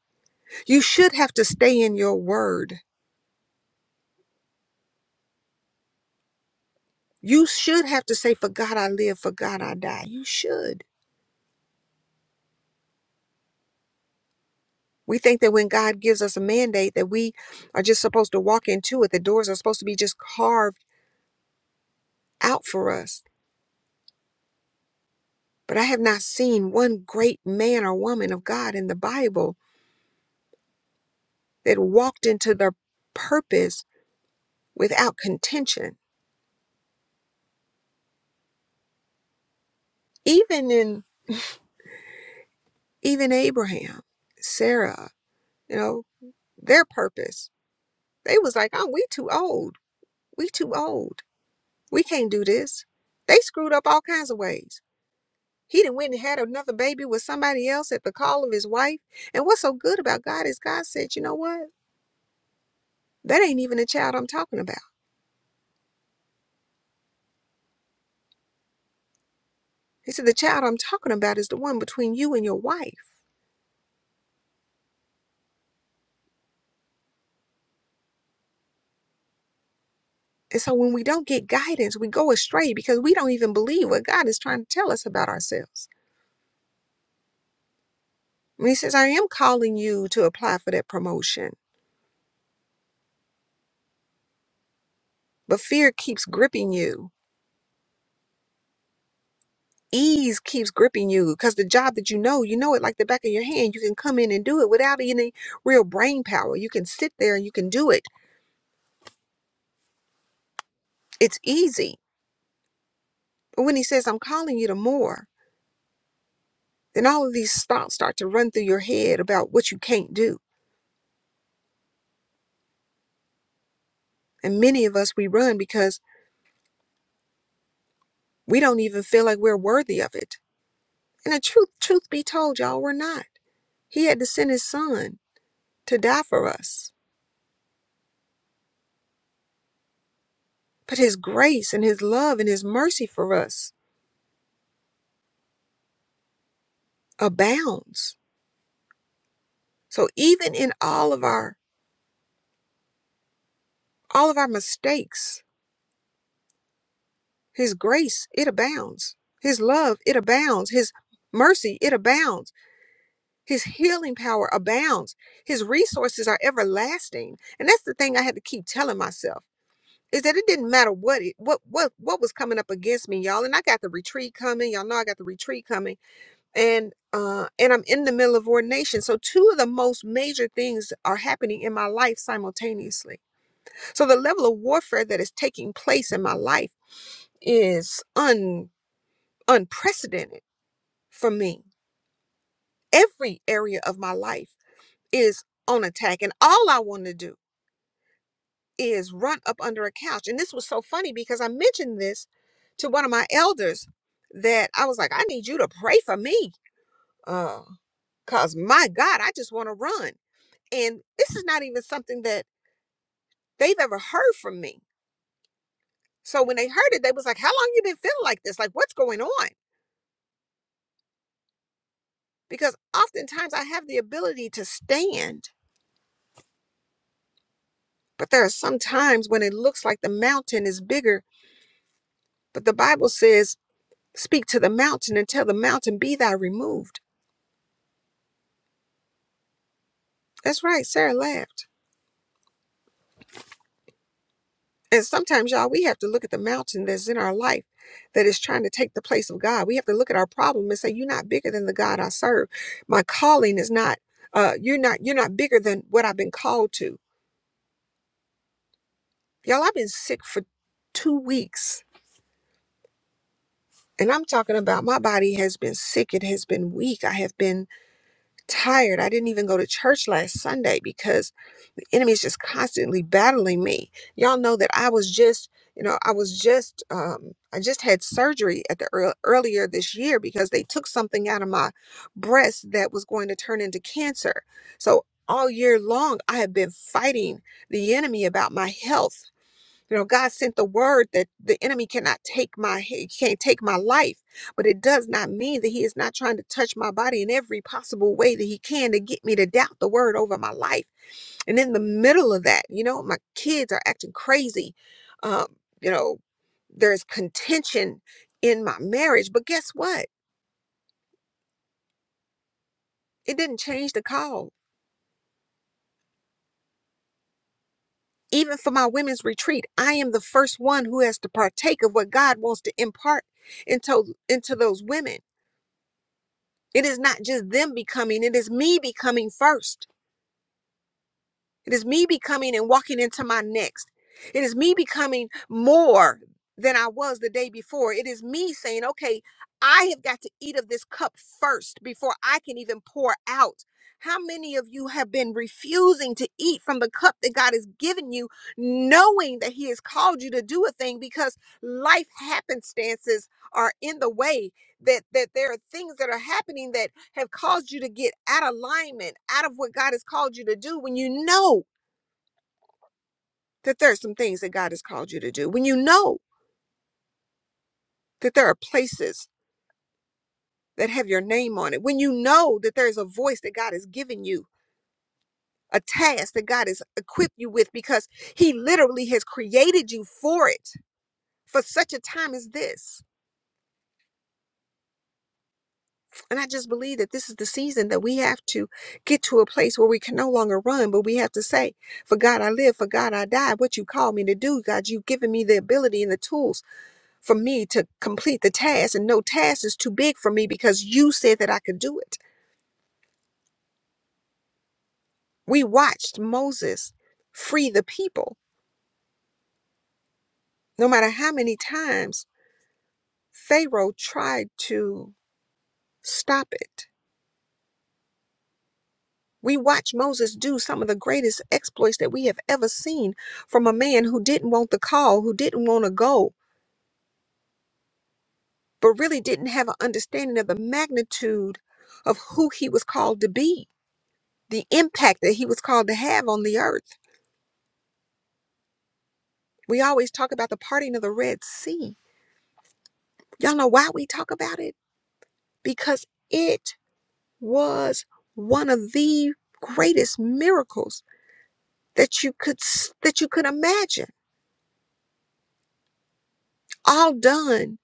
You should have to stay in your word. You should have to say, For God I live, for God I die. You should. We think that when God gives us a mandate that we are just supposed to walk into it, the doors are supposed to be just carved out for us. But I have not seen one great man or woman of God in the Bible that walked into their purpose without contention. Even in even Abraham, Sarah, you know, their purpose. They was like, oh, we too old. We too old We can't do this. They screwed up all kinds of ways. He done went and had another baby with somebody else at the call of his wife. And what's so good about God is God said, you know what? That ain't even the child I'm talking about. He said, the child I'm talking about is the one between you and your wife. And so when we don't get guidance, we go astray because we don't even believe what God is trying to tell us about ourselves. And he says, I am calling you to apply for that promotion, but fear keeps gripping you ease keeps gripping you because the job that you know, you know it like the back of your hand. You can come in and do it without any real brain power. You can sit there and you can do it. It's easy. But when he says, I'm calling you to more, then all of these thoughts start to run through your head about what you can't do. And many of us, we run because we don't even feel like we're worthy of it. And the truth, truth be told, y'all, we're not. He had to send his son to die for us. But his grace and his love and his mercy for us abounds So even in all of our all of our mistakes, his grace it abounds. His love it abounds. His mercy it abounds. His healing power abounds. His resources are everlasting. And that's the thing I had to keep telling myself is that it didn't matter what it what what what was coming up against me, y'all. And I got the retreat coming. Y'all know I got the retreat coming. And uh and I'm in the middle of ordination. So two of the most major things are happening in my life simultaneously. So the level of warfare that is taking place in my life is un, unprecedented for me. Every area of my life is on attack, and all I want to do is run up under a couch. And this was so funny because I mentioned this to one of my elders that I was like, I need you to pray for me. Uh, cause my God, I just want to run. And this is not even something that they've ever heard from me. So when they heard it, they was like, How long you been feeling like this? Like, what's going on? because oftentimes I have the ability to stand, but there are some times when it looks like the mountain is bigger. But the Bible says, Speak to the mountain and tell the mountain, Be thou removed. That's right, Sarah laughed. And sometimes, y'all, we have to look at the mountain that's in our life that is trying to take the place of God. We have to look at our problem and say, You're not bigger than the God I serve. My calling is not. Uh, you're not you're not bigger than what I've been called to. Y'all, I've been sick for two weeks And I'm talking about my body has been sick. It has been weak. I have been tired. I didn't even go to church last Sunday because the enemy is just constantly battling me. Y'all know that I was just, you know, I was just, um, I just had surgery at the ear earlier this year because they took something out of my breast that was going to turn into cancer. So all year long, I have been fighting the enemy about my health you know, God sent the word that the enemy cannot take my he can't take my life, but it does not mean that he is not trying to touch my body in every possible way that he can to get me to doubt the word over my life. And in the middle of that, you know, my kids are acting crazy. Um, you know, there's contention in my marriage, but guess what? It didn't change the call. Even for my women's retreat, I am the first one who has to partake of what God wants to impart into into those women It is not just them becoming, it is me becoming first. It is me becoming and walking into my next. It is me becoming more than I was the day before. It is me saying, okay, I have got to eat of this cup first before I can even pour out. How many of you have been refusing to eat from the cup that God has given you, knowing that He has called you to do a thing because life happenstances are in the way, that, that there are things that are happening that have caused you to get out of alignment, out of what God has called you to do when you know that there are some things that God has called you to do, when you know that there are places that have your name on it, when you know that there is a voice that God has given you, a task that God has equipped you with because He literally has created you for it for such a time as this And I just believe that this is the season that we have to get to a place where we can no longer run, but we have to say, For God I live, for God I die. What you call me to do, God, you've given me the ability and the tools for me to complete the task. And no task is too big for me because you said that I could do it. We watched Moses free the people, no matter how many times Pharaoh tried to stop it We watch Moses do some of the greatest exploits that we have ever seen from a man who didn't want the call, who didn't want to go, but really didn't have an understanding of the magnitude of who he was called to be, the impact that he was called to have on the earth. We always talk about the parting of the Red Sea. Y'all know why we talk about it? Because it was one of the greatest miracles that you could s- that you could imagine all done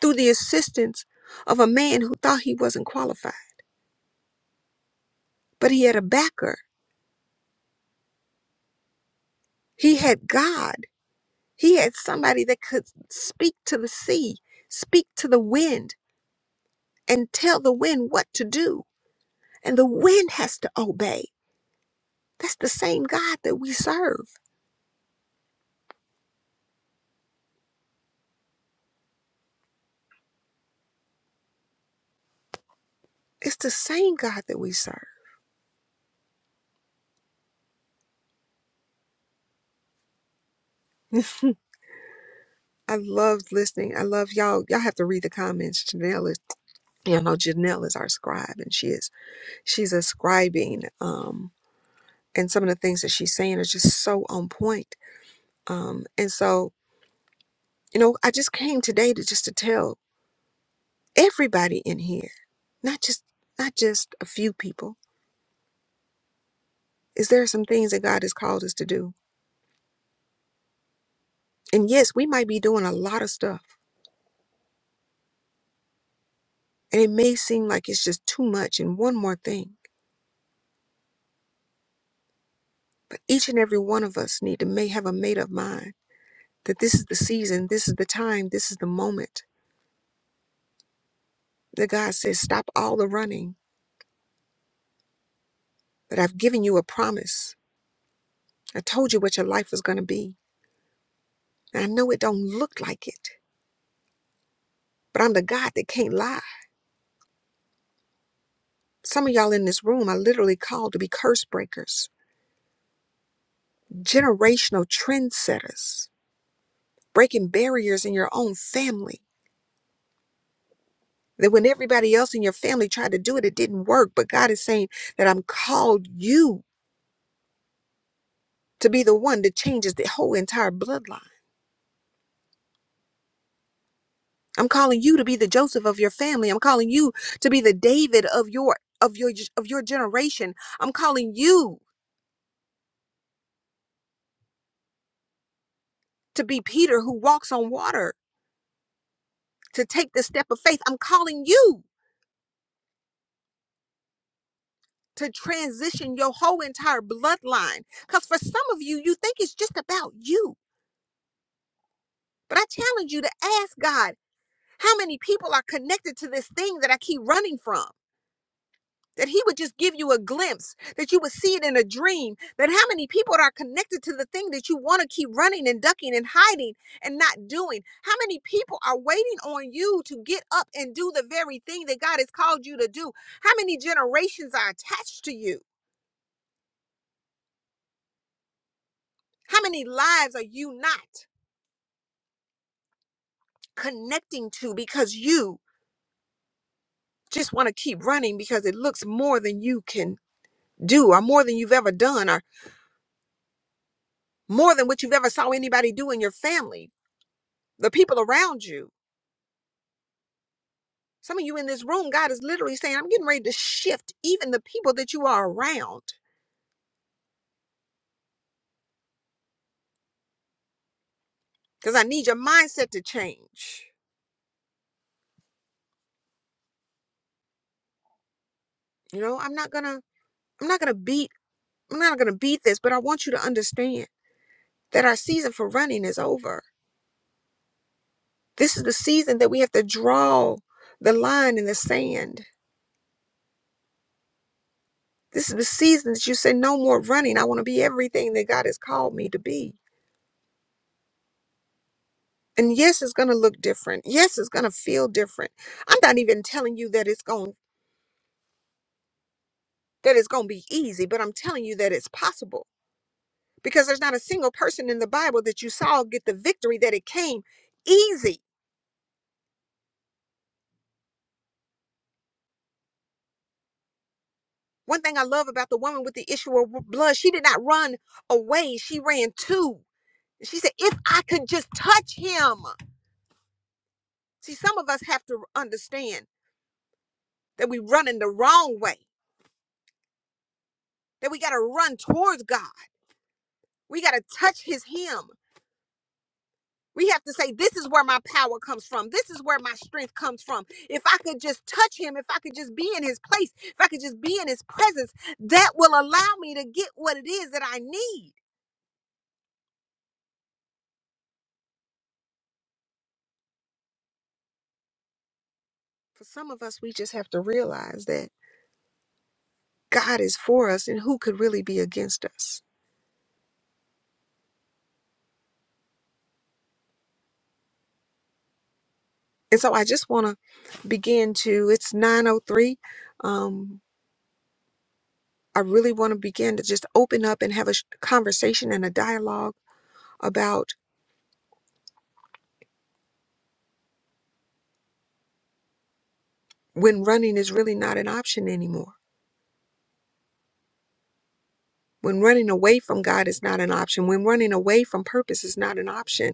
through the assistance of a man who thought he wasn't qualified, but he had a backer. He had God. He had somebody that could speak to the sea, speak to the wind, and tell the wind what to do. And the wind has to obey. That's the same God that we serve. It's the same God that we serve. I love listening. I love y'all. Y'all have to read the comments. Janelle is, you know, Janelle is our scribe, and she is she's ascribing. Um, and some of the things that she's saying are just so on point. Um, and so, you know, I just came today to just to tell everybody in here, not just not just a few people, is there are some things that God has called us to do. And yes, we might be doing a lot of stuff, and it may seem like it's just too much and one more thing. But each and every one of us need to may have a made up mind that this is the season, this is the time, this is the moment that God says, stop all the running. But I've given you a promise. I told you what your life was going to be. I know it don't look like it, but I'm the God that can't lie. Some of y'all in this room are literally called to be curse breakers, generational trendsetters, breaking barriers in your own family. That when everybody else in your family tried to do it, it didn't work. But God is saying that I'm called you to be the one that changes the whole entire bloodline. I'm calling you to be the Joseph of your family. I'm calling you to be the David of your of your of your generation. I'm calling you to be Peter who walks on water. to take the step of faith. I'm calling you to transition your whole entire bloodline. Because for some of you, you think it's just about you. But I challenge you to ask God how many people are connected to this thing that I keep running from. That he would just give you a glimpse, that you would see it in a dream, that how many people are connected to the thing that you want to keep running and ducking and hiding and not doing. How many people are waiting on you to get up and do the very thing that God has called you to do? How many generations are attached to you? How many lives are you not connecting to because you just want to keep running because it looks more than you can do, or more than you've ever done, or more than what you've ever saw anybody do in your family, the people around you? Some of you in this room, God is literally saying, I'm getting ready to shift even the people that you are around because I need your mindset to change. You know, I'm not gonna, I'm not gonna beat, I'm not gonna beat this, but I want you to understand that our season for running is over This is the season that we have to draw the line in the sand. This is the season that you say, No more running. I want to be everything that God has called me to be. And yes, it's going to look different. Yes, it's going to feel different. I'm not even telling you that it's going that it's going to be easy, but I'm telling you that it's possible because there's not a single person in the Bible that you saw get the victory that it came easy. One thing I love about the woman with the issue of blood, she did not run away. She ran to. She said, "If I could just touch him." See, some of us have to understand that we run in the wrong way, that we got to run towards God. We got to touch his hem. We have to say, This is where my power comes from. This is where my strength comes from. If I could just touch him, if I could just be in his place, if I could just be in his presence, that will allow me to get what it is that I need. For some of us, we just have to realize that God is for us and who could really be against us. And so I just want to begin to, it's 903. I really want to begin to just open up and have a sh- conversation and a dialogue about when running is really not an option anymore. When running away from God is not an option. When running away from purpose is not an option.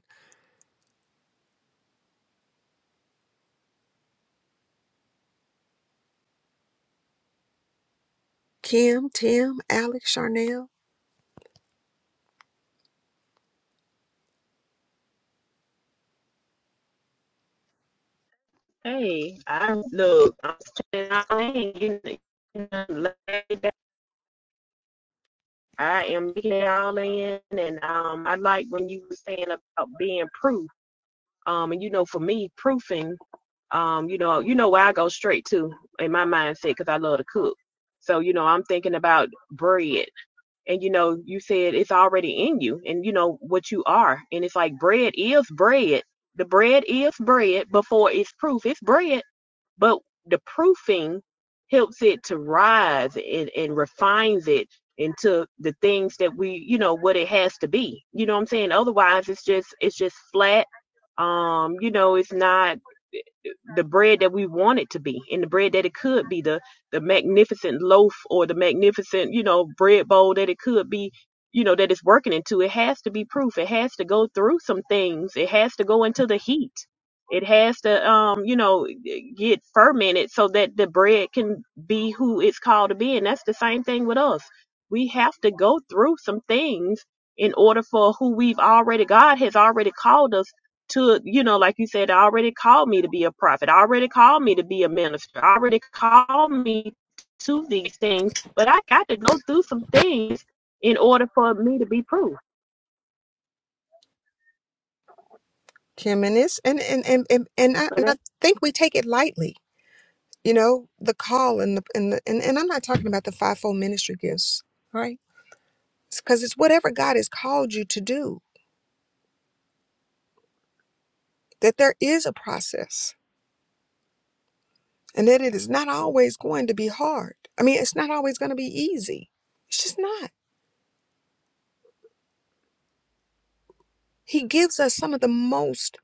Kim, Tim, Alex, Charnel,
Hey, I look. I'm staying all in, getting getting laid back. I am getting all in, and um, I like when you were saying about being proof. Um, and you know, for me, proofing. um, you know, you know where I go straight to in my mindset because I love to cook. So, you know, I'm thinking about bread. And, you know, you said it's already in you and you know what you are. And it's like bread is bread. The bread is bread before it's proof. It's bread. But the proofing helps it to rise and, and refines it into the things that we, you know, what it has to be. You know what I'm saying? Otherwise it's just it's just flat. Um, you know, it's not the bread that we want it to be and the bread that it could be the the magnificent loaf or the magnificent you know bread bowl that it could be you know that it's working into it has to be proof it has to go through some things it has to go into the heat it has to um you know get fermented so that the bread can be who it's called to be and that's the same thing with us we have to go through some things in order for who we've already god has already called us to you know like you said already called me to be a prophet already called me to be a minister already called me to these things but i got to go through some things in order for me to be proved
Kim, and this, and and and and, and, I,
so,
and I
that,
think we take it lightly. You know, the call and the and the, and, and I'm not talking about the fivefold ministry gifts, right? Because it's whatever God has called you to do. That there is a process, and that it is not always going to be hard. I mean, it's not always going to be easy. It's just not. He gives us some of the most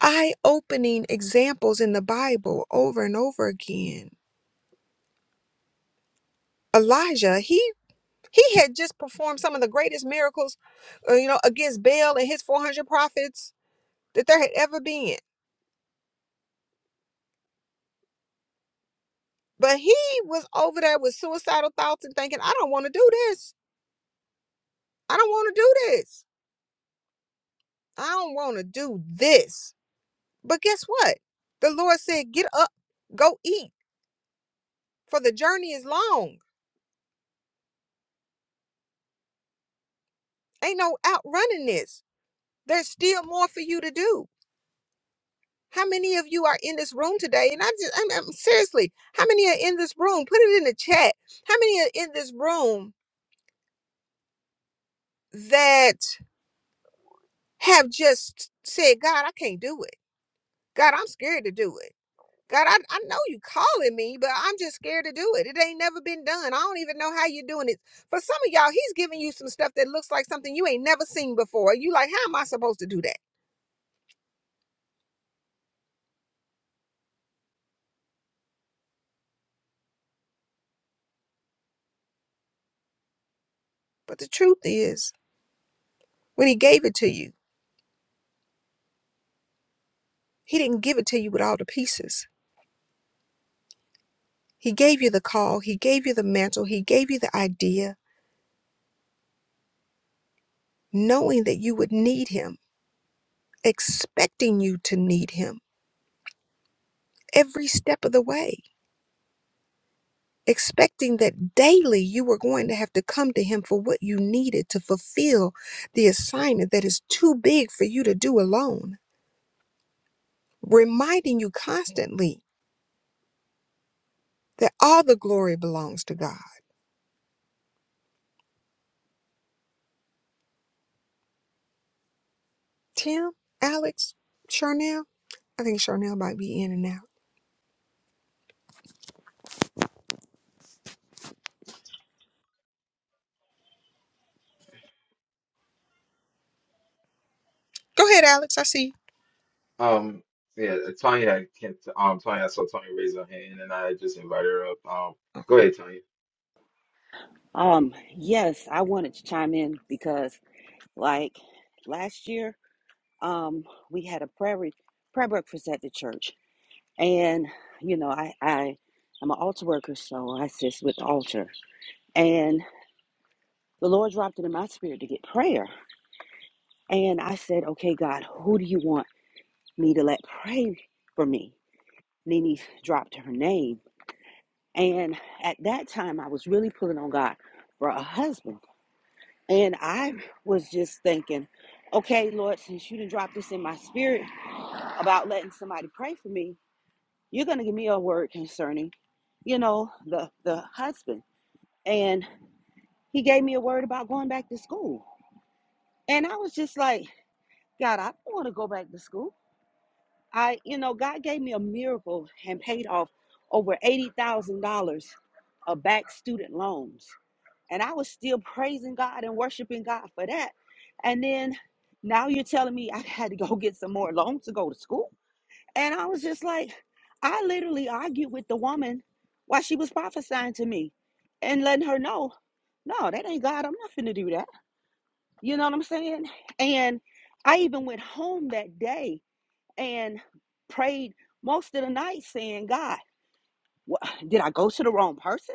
eye-opening examples in the Bible over and over again. Elijah, he he had just performed some of the greatest miracles, uh, you know, against Baal and his 400 prophets that there had ever been But he was over there with suicidal thoughts and thinking, I don't want to do this. I don't want to do this. I don't want to do this. But guess what? The Lord said, Get up, go eat, for the journey is long. Ain't no outrunning this. There's still more for you to do. How many of you are in this room today? And I just, I'm, I'm- seriously, how many are in this room? Put it in the chat. How many are in this room that have just said, God, I can't do it? God, I'm scared to do it. God, I, I know you calling me, but I'm just scared to do it. It ain't never been done. I don't even know how you're doing it. For some of y'all, he's giving you some stuff that looks like something you ain't never seen before. You like, how am I supposed to do that? But the truth is, when he gave it to you, he didn't give it to you with all the pieces. He gave you the call, he gave you the mantle, he gave you the idea, knowing that you would need him, expecting you to need him every step of the way. expecting that daily you were going to have to come to him for what you needed to fulfill the assignment that is too big for you to do alone, reminding you constantly that all the glory belongs to God. Tim, Alex, Charnel, I think Charnel might be in and out. Go ahead, Alex. I see
Um, yeah, uh, Tanya, can't, um, Tanya, I saw Tanya raise her hand and I just invited her up. Um,
you.
go ahead, Tanya.
Um, yes, I wanted to chime in because like last year, um, we had a prayer re- prayer breakfast at the church. And, you know, I, I am an altar worker, so I assist with the altar. And the Lord dropped it in my spirit to get prayer. And I said, Okay, God, who do you want me to let pray for me? Nene dropped her name. And at that time I was really pulling on God for a husband. And I was just thinking, okay, Lord, since you didn't drop this in my spirit about letting somebody pray for me, you're gonna give me a word concerning, you know, the the husband. And he gave me a word about going back to school. And I was just like, God, I don't want to go back to school. I, you know, God gave me a miracle and paid off over eighty thousand dollars of back student loans. And I was still praising God and worshiping God for that. And then now you're telling me I had to go get some more loans to go to school. And I was just like, I literally argued with the woman while she was prophesying to me and letting her know, no, that ain't God. I'm not finna do that. You know what I'm saying? And I even went home that day and prayed most of the night saying, God, wha- did I go to the wrong person?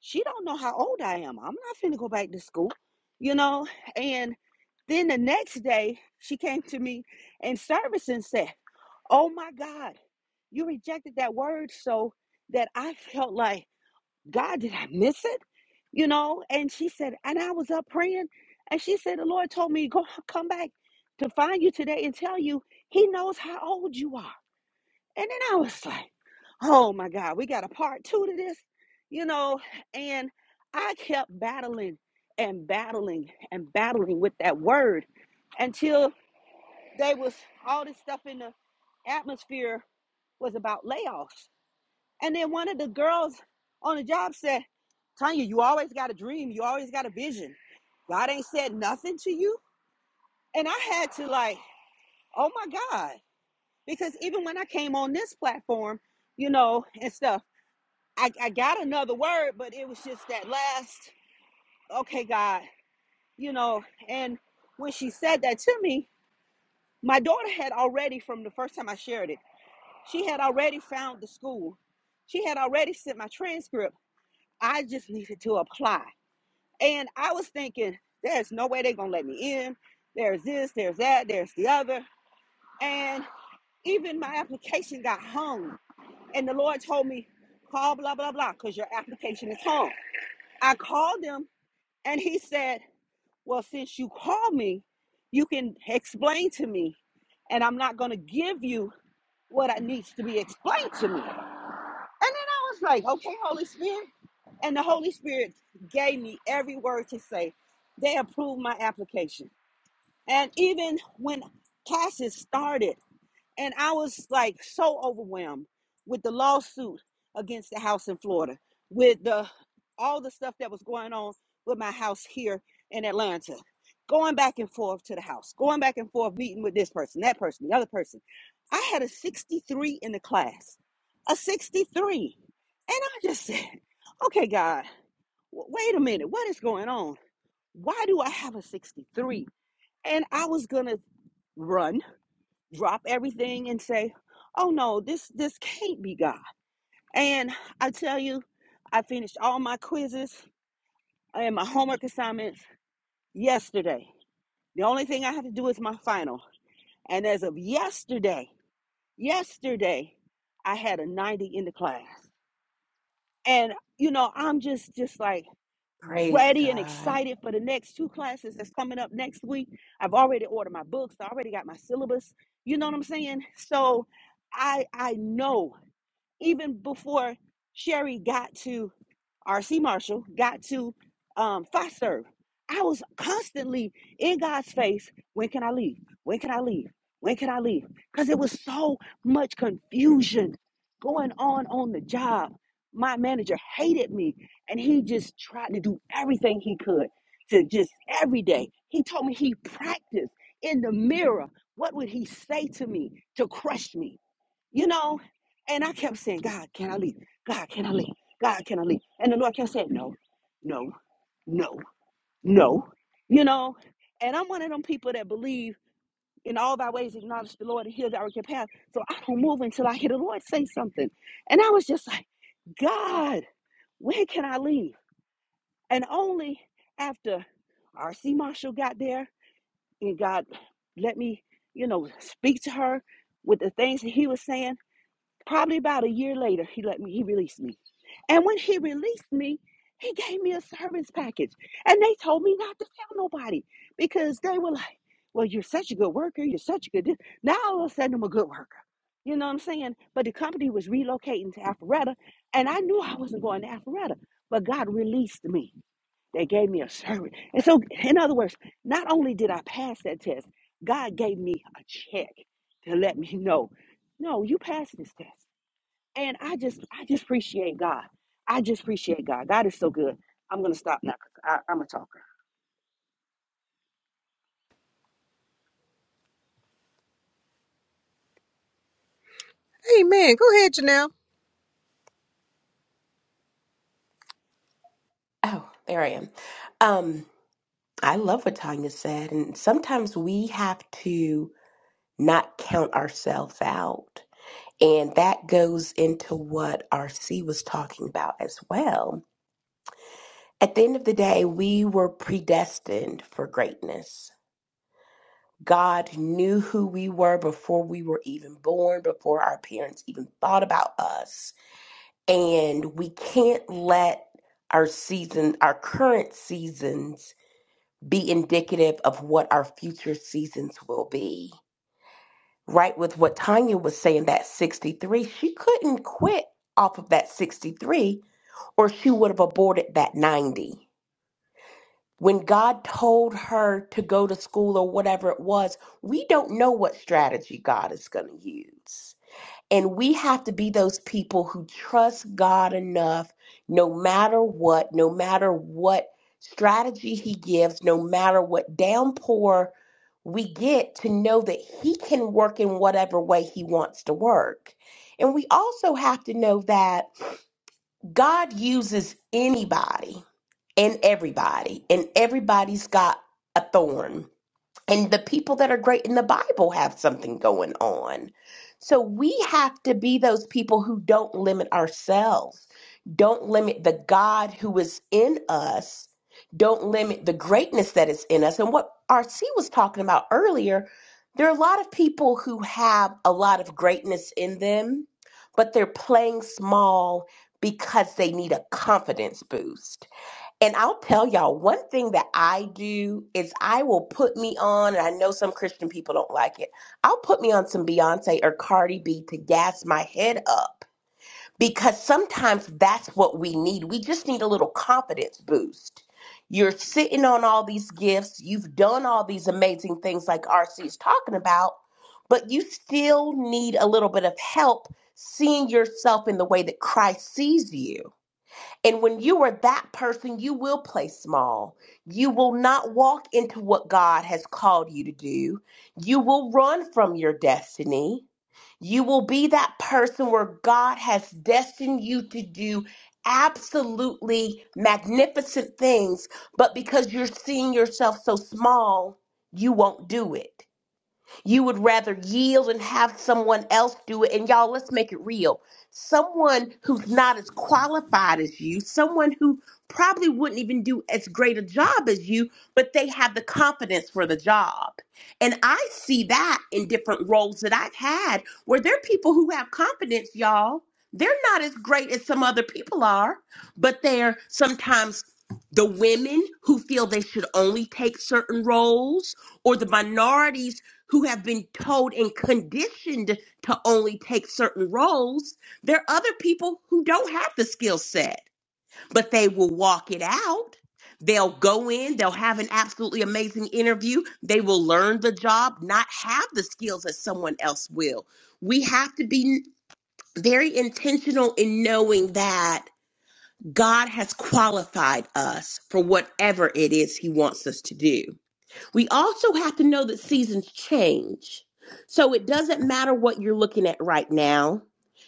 she don't know how old I am. I'm not finna go back to school, you know. And then the next day, she came to me in service and said, "Oh my God, you rejected that word so that I felt like God, did I miss it? You know?" And she said, and I was up praying, and she said, "The Lord told me go come back to find you today and tell you He knows how old you are." And then I was like, oh my God, we got a part two to this, you know? And I kept battling and battling and battling with that word until they was all this stuff in the atmosphere was about layoffs. And then one of the girls on the job said, Tanya, you always got a dream, you always got a vision. God ain't said nothing to you. And I had to like, oh my God. Because even when I came on this platform, you know, and stuff. I, I got another word, but it was just that last, okay, God, you know. And when she said that to me, my daughter had already, from the first time I shared it, she had already found the school. She had already sent my transcript. I just needed to apply. And I was thinking, there's no way they're going to let me in. There's this, there's that, there's the other. And even my application got hung. And the Lord told me, call blah, blah, blah, because your application is hung. I called them And he said, Well, since you called me, you can explain to me, and I'm not going to give you what I needs to be explained to me. And then I was like, Okay, Holy Spirit. And the Holy Spirit gave me every word to say. They approved my application. And even when classes started, and I was like so overwhelmed with the lawsuit against the house in Florida, with the all the stuff that was going on with my house here in Atlanta. Going back and forth to the house, going back and forth, meeting with this person, that person, the other person. I had a 63 in the class, a 63. And I just said, okay, God, w- wait a minute, what is going on? Why do I have a 63? And I was going to run drop everything and say, "Oh no, this this can't be God." And I tell you, I finished all my quizzes and my homework assignments yesterday. The only thing I have to do is my final. And as of yesterday, yesterday, I had a 90 in the class. And you know, I'm just just like
Praise
ready and
God.
excited for the next two classes that's coming up next week. I've already ordered my books, I already got my syllabus. You know what I'm saying? So I I know even before Sherry got to RC Marshall, got to um, Fox Serve, I was constantly in God's face. When can I leave? When can I leave? When can I leave? Because it was so much confusion going on on the job. My manager hated me, and he just tried to do everything he could to just every day. He told me he practiced in the mirror. What would he say to me to crush me? you know? And I kept saying, God, can I leave? God, can I leave? God, can I leave? And the Lord kept saying, no, no, no, no, you know? And I'm one of them people that believe in all thy ways acknowledge the Lord and he'll direct your path. So I don't move until I hear the Lord say something. And I was just like, God, when can I leave? And only after R.C. Marshall got there and God let me, you know, speak to her with the things that he was saying. Probably about a year later, he let me, he released me. And when he released me, he gave me a service package. And they told me not to tell nobody because they were like, well, you're such a good worker. You're such a good. This. Now all of a sudden I'm a good worker. You know what I'm saying? But the company was relocating to Alpharetta, and I knew I wasn't going to Alpharetta, but God released me. They gave me a service. And so, in other words, not only did I pass that test, God gave me a check to let me know no, you passed this test. And I just, I just appreciate God. I just appreciate God. God is so good. I'm gonna stop now 'cause I, am going to stop now. i i am a talker.
Amen. Go ahead, Janelle.
Oh, there I am. Um, I love what Tanya said, and sometimes we have to not count ourselves out. And that goes into what RC was talking about as well. At the end of the day, we were predestined for greatness. God knew who we were before we were even born, before our parents even thought about us. And we can't let our season, our current seasons be indicative of what our future seasons will be. Right with what Tanya was saying, that 63, she couldn't quit off of that 63 or she would have aborted that 90. When God told her to go to school or whatever it was, we don't know what strategy God is going to use. And we have to be those people who trust God enough, no matter what, no matter what strategy He gives, no matter what downpour we get, to know that He can work in whatever way He wants to work. And we also have to know that God uses anybody and everybody, and everybody's got a thorn and the people that are great in the Bible have something going on. So we have to be those people who don't limit ourselves, don't limit the God who is in us, don't limit the greatness that is in us. And what RC was talking about earlier, there are a lot of people who have a lot of greatness in them, but they're playing small because they need a confidence boost and I'll tell y'all one thing that I do is I will put me on, and I know some Christian people don't like it. I'll put me on some Beyonce or Cardi B to gas my head up because sometimes that's what we need. We just need a little confidence boost. You're sitting on all these gifts, you've done all these amazing things like RC is talking about, but you still need a little bit of help seeing yourself in the way that Christ sees you. And when you are that person, you will play small. You will not walk into what God has called you to do. You will run from your destiny. You will be that person where God has destined you to do absolutely magnificent things, but because you're seeing yourself so small, you won't do it. You would rather yield and have someone else do it. And y'all, let's make it real. Someone who's not as qualified as you, someone who probably wouldn't even do as great a job as you, but they have the confidence for the job. And I see that in different roles that I've had where there are people who have confidence, y'all. They're not as great as some other people are, but they're sometimes the women who feel they should only take certain roles or the minorities who have been told and conditioned to only take certain roles. There are other people who don't have the skill set, but they will walk it out. They'll go in, they'll have an absolutely amazing interview. They will learn the job, not have the skills that someone else will. We have to be very intentional in knowing that God has qualified us for whatever it is He wants us to do. We also have to know that seasons change. So it doesn't matter what you're looking at right now.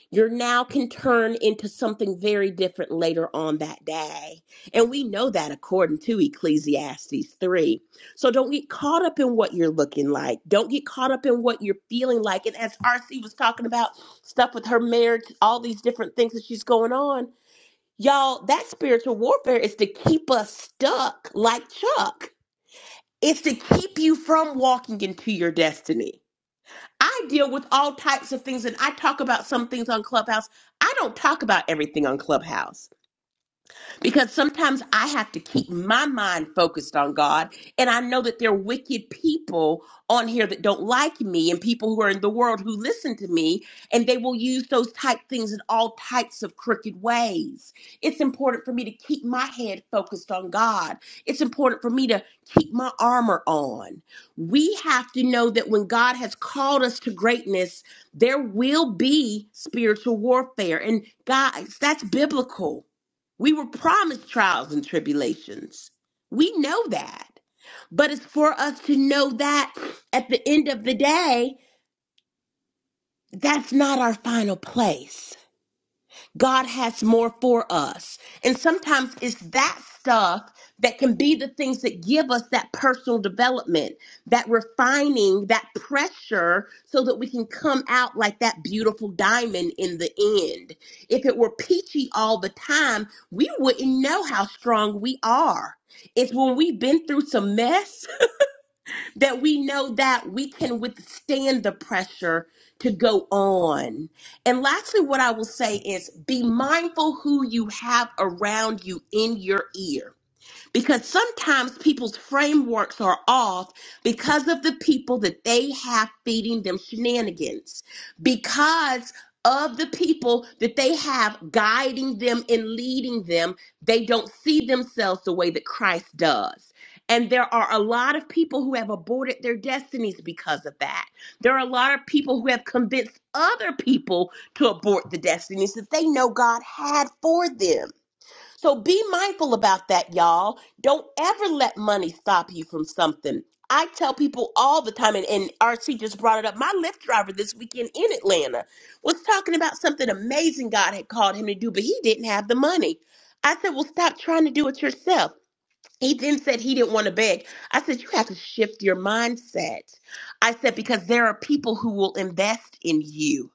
Your now can turn into something very different later on that day. And we know that according to Ecclesiastes 3. So don't get caught up in what you're looking like. Don't get caught up in what you're feeling like. And as RC was talking about stuff with her marriage, all these different things that she's going on, y'all, that spiritual warfare is to keep us stuck like Chuck it's to keep you from walking into your destiny. I deal with all types of things and I talk about some things on Clubhouse. I don't talk about everything on Clubhouse because sometimes I have to keep my mind focused on God. And I know that there are wicked people on here that don't like me and people who are in the world who listen to me, and they will use those type things in all types of crooked ways. It's important for me to keep my head focused on God. It's important for me to keep my armor on. We have to know that when God has called us to greatness, there will be spiritual warfare. And guys, that's biblical. We were promised trials and tribulations. We know that. But it's for us to know that at the end of the day, that's not our final place. God has more for us. And sometimes it's that stuff that can be the things that give us that personal development, that refining, that pressure, so that we can come out like that beautiful diamond in the end. If it were peachy all the time, we wouldn't know how strong we are. It's when we've been through some mess that we know that we can withstand the pressure to go on. And lastly, what I will say is be mindful who you have around you in your ear because sometimes people's frameworks are off because of the people that they have feeding them shenanigans, because of the people that they have guiding them and leading them, they don't see themselves the way that Christ does. And there are a lot of people who have aborted their destinies because of that. There are a lot of people who have convinced other people to abort the destinies that they know God had for them. So be mindful about that, y'all. Don't ever let money stop you from something. I tell people all the time, and, and RC just brought it up. My Lyft driver this weekend in Atlanta was talking about something amazing God had called him to do, but he didn't have the money. I said, Well, stop trying to do it yourself. He then said he didn't want to beg. I said, You have to shift your mindset. I said, Because there are people who will invest in you.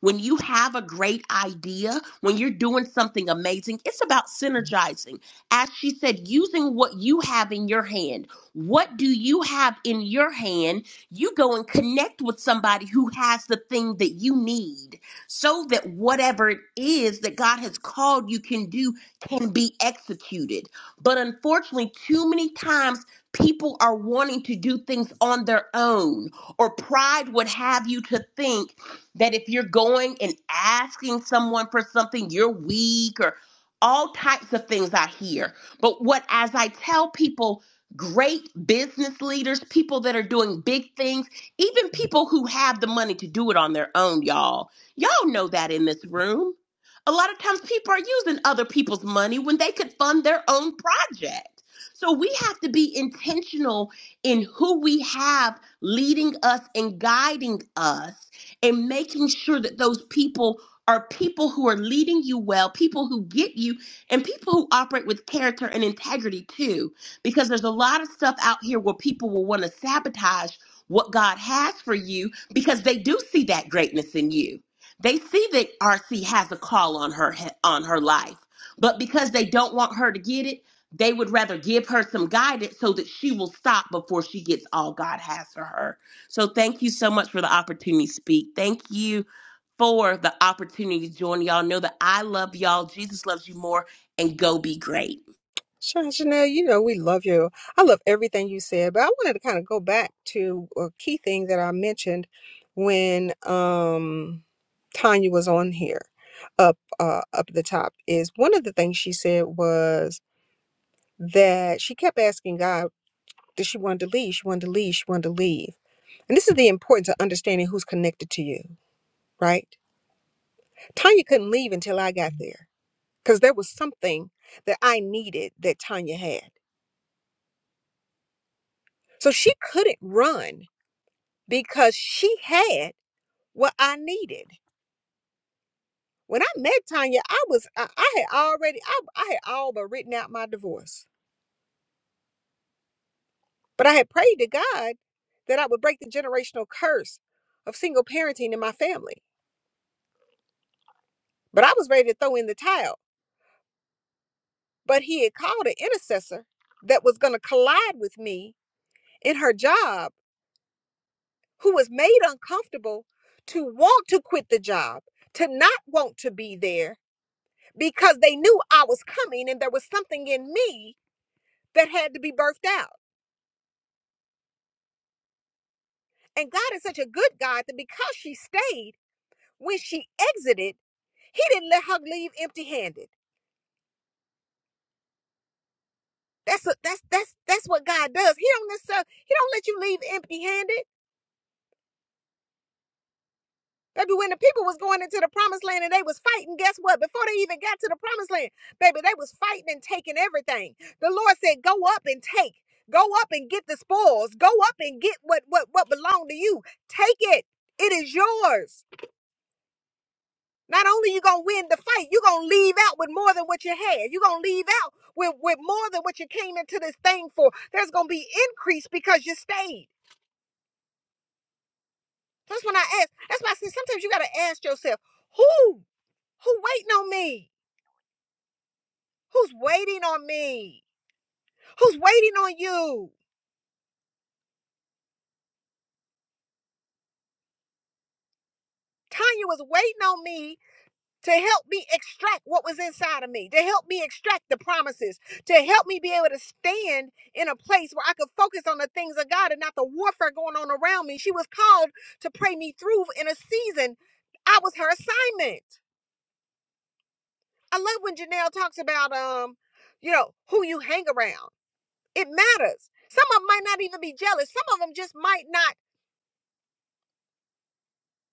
When you have a great idea, when you're doing something amazing, it's about synergizing. As she said, using what you have in your hand. What do you have in your hand? You go and connect with somebody who has the thing that you need so that whatever it is that God has called you can do can be executed but unfortunately, too many times people are wanting to do things on their own, or pride would have you to think that if you're going and asking someone for something, you're weak, or all types of things I hear. But what, as I tell people, great business leaders, people that are doing big things, even people who have the money to do it on their own, y'all, y'all know that in this room. A lot of times people are using other people's money when they could fund their own project. So we have to be intentional in who we have leading us and guiding us and making sure that those people are people who are leading you well, people who get you, and people who operate with character and integrity too. Because there's a lot of stuff out here where people will want to sabotage what God has for you because they do see that greatness in you they see that RC has a call on her on her life, but because they don't want her to get it, they would rather give her some guidance so that she will stop before she gets all God has for her. So thank you so much for the opportunity to speak. Thank you for the opportunity to join y'all. Know that I love y'all. Jesus loves you more and go be great.
Sure, Janelle. you know we love you. I love everything you said, but I wanted to kind of go back to a key thing that I mentioned when um Tanya was on here up uh up at the top is one of the things she said was that she kept asking God that she wanted to leave, she wanted to leave, she wanted to leave. And this is the importance of understanding who's connected to you, right? Tanya couldn't leave until I got there because there was something that I needed that Tanya had. So she couldn't run because she had what I needed. When I met Tanya, I was I, I had already I, I had all but written out my divorce. But I had prayed to God that I would break the generational curse of single parenting in my family. But I was ready to throw in the towel. But he had called an intercessor that was going to collide with me in her job, who was made uncomfortable to want to quit the job, to not want to be there because they knew I was coming and there was something in me that had to be birthed out. And God is such a good God that because she stayed, when she exited, he didn't let her leave empty-handed. That's a, that's that's that's what God does. He don't necessarily he don't let you leave empty-handed. Baby, when the people was going into the promised land and they was fighting, guess what? Before they even got to the promised land, baby, they was fighting and taking everything. The Lord said, "Go up and take. Go up and get the spoils. Go up and get what what what belonged to you. Take it. It is yours." Not only you gonna win the fight, you're gonna leave out with more than what you had. You're gonna leave out with, with more than what you came into this thing for. There's gonna be increase because you stayed. That's when I ask. That's why I say sometimes you gotta ask yourself, who? Who waiting on me? Who's waiting on me? Who's waiting on you? Tanya was waiting on me to help me extract what was inside of me, to help me extract the promises, to help me be able to stand in a place where I could focus on the things of God and not the warfare going on around me. She was called to pray me through in a season. I was her assignment. I love when Janelle talks about um, you know, who you hang around. It matters. Some of them might not even be jealous. Some of them just might not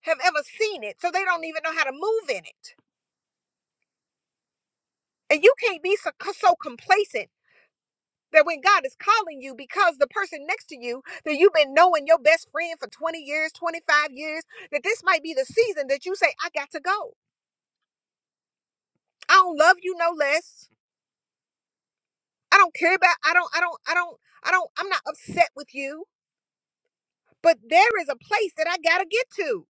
have ever seen it, so they don't even know how to move in it. And you can't be so, so complacent That when God is calling you because the person next to you that you've been knowing your best friend for 20 years, 25 years, that this might be the season that you say, I got to go. I don't love you no less. I don't care about, I don't, I don't, I don't, I don't, I'm not upset with you. But there is a place that I got to get to.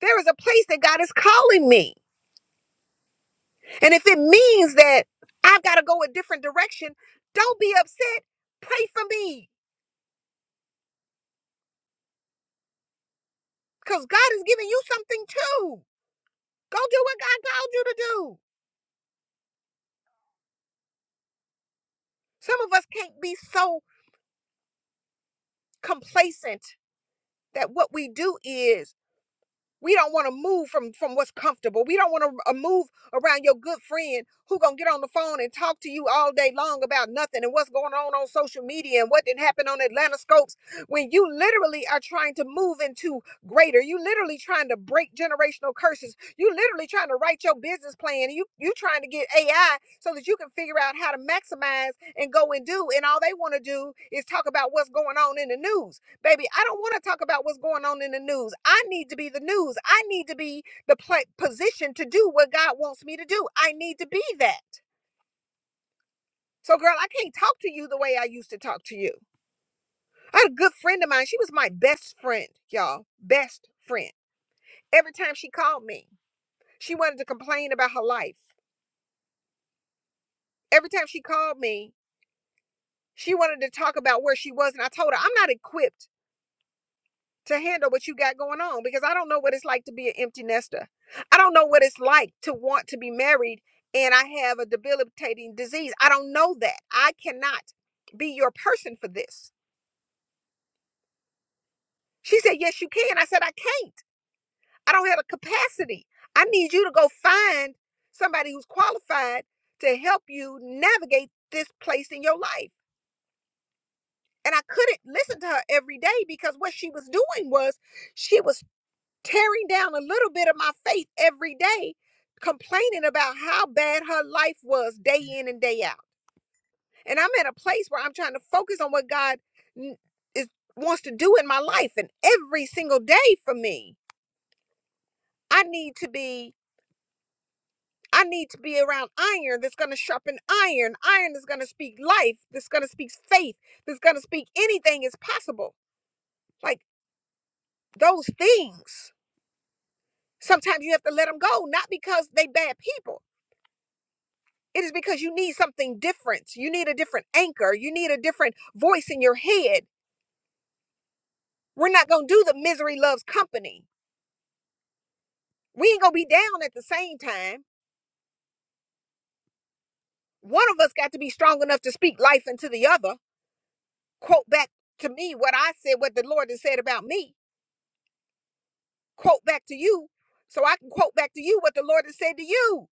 There is a place that God is calling me. And if it means that I've got to go a different direction, don't be upset. Pray for me because God is giving you something too. Go do what God called you to do. Some of us can't be so complacent that what we do is We don't want to move from from what's comfortable. We don't want to uh, move around your good friend who gonna get on the phone and talk to you all day long about nothing and what's going on on social media and what didn't happen on Atlanta Scopes when you literally are trying to move into greater. You literally trying to break generational curses. You literally trying to write your business plan. You you trying to get AI so that you can figure out how to maximize and go and do. And all they want to do is talk about what's going on in the news. Baby, I don't want to talk about what's going on in the news. I need to be the news. I need to be the pla position to do what God wants me to do. I need to be that. So, girl, I can't talk to you the way I used to talk to you. I had a good friend of mine. She was my best friend, y'all. Best friend. Every time she called me, she wanted to complain about her life. Every time she called me, she wanted to talk about where she was. And I told her, I'm not equipped to handle what you got going on because I don't know what it's like to be an empty nester. I don't know what it's like to want to be married and I have a debilitating disease. I don't know that. I cannot be your person for this. She said, Yes, you can. I said, I can't. I don't have the capacity. I need you to go find somebody who's qualified to help you navigate this place in your life. And I couldn't listen to her every day because what she was doing was she was tearing down a little bit of my faith every day, complaining about how bad her life was day in and day out. And I'm at a place where I'm trying to focus on what God n- is wants to do in my life and every single day for me. I need to be I need to be around iron that's going to sharpen iron, iron that's going to speak life, that's going to speak faith, that's going to speak anything is possible. Like those things. Sometimes you have to let them go, not because they bad people It is because you need something different. You need a different anchor. You need a different voice in your head. We're not going to do the misery loves company. We ain't going to be down at the same time. One of us got to be strong enough to speak life into the other. Quote back to me what I said, what the Lord has said about me. Quote back to you so I can quote back to you what the Lord has said to you.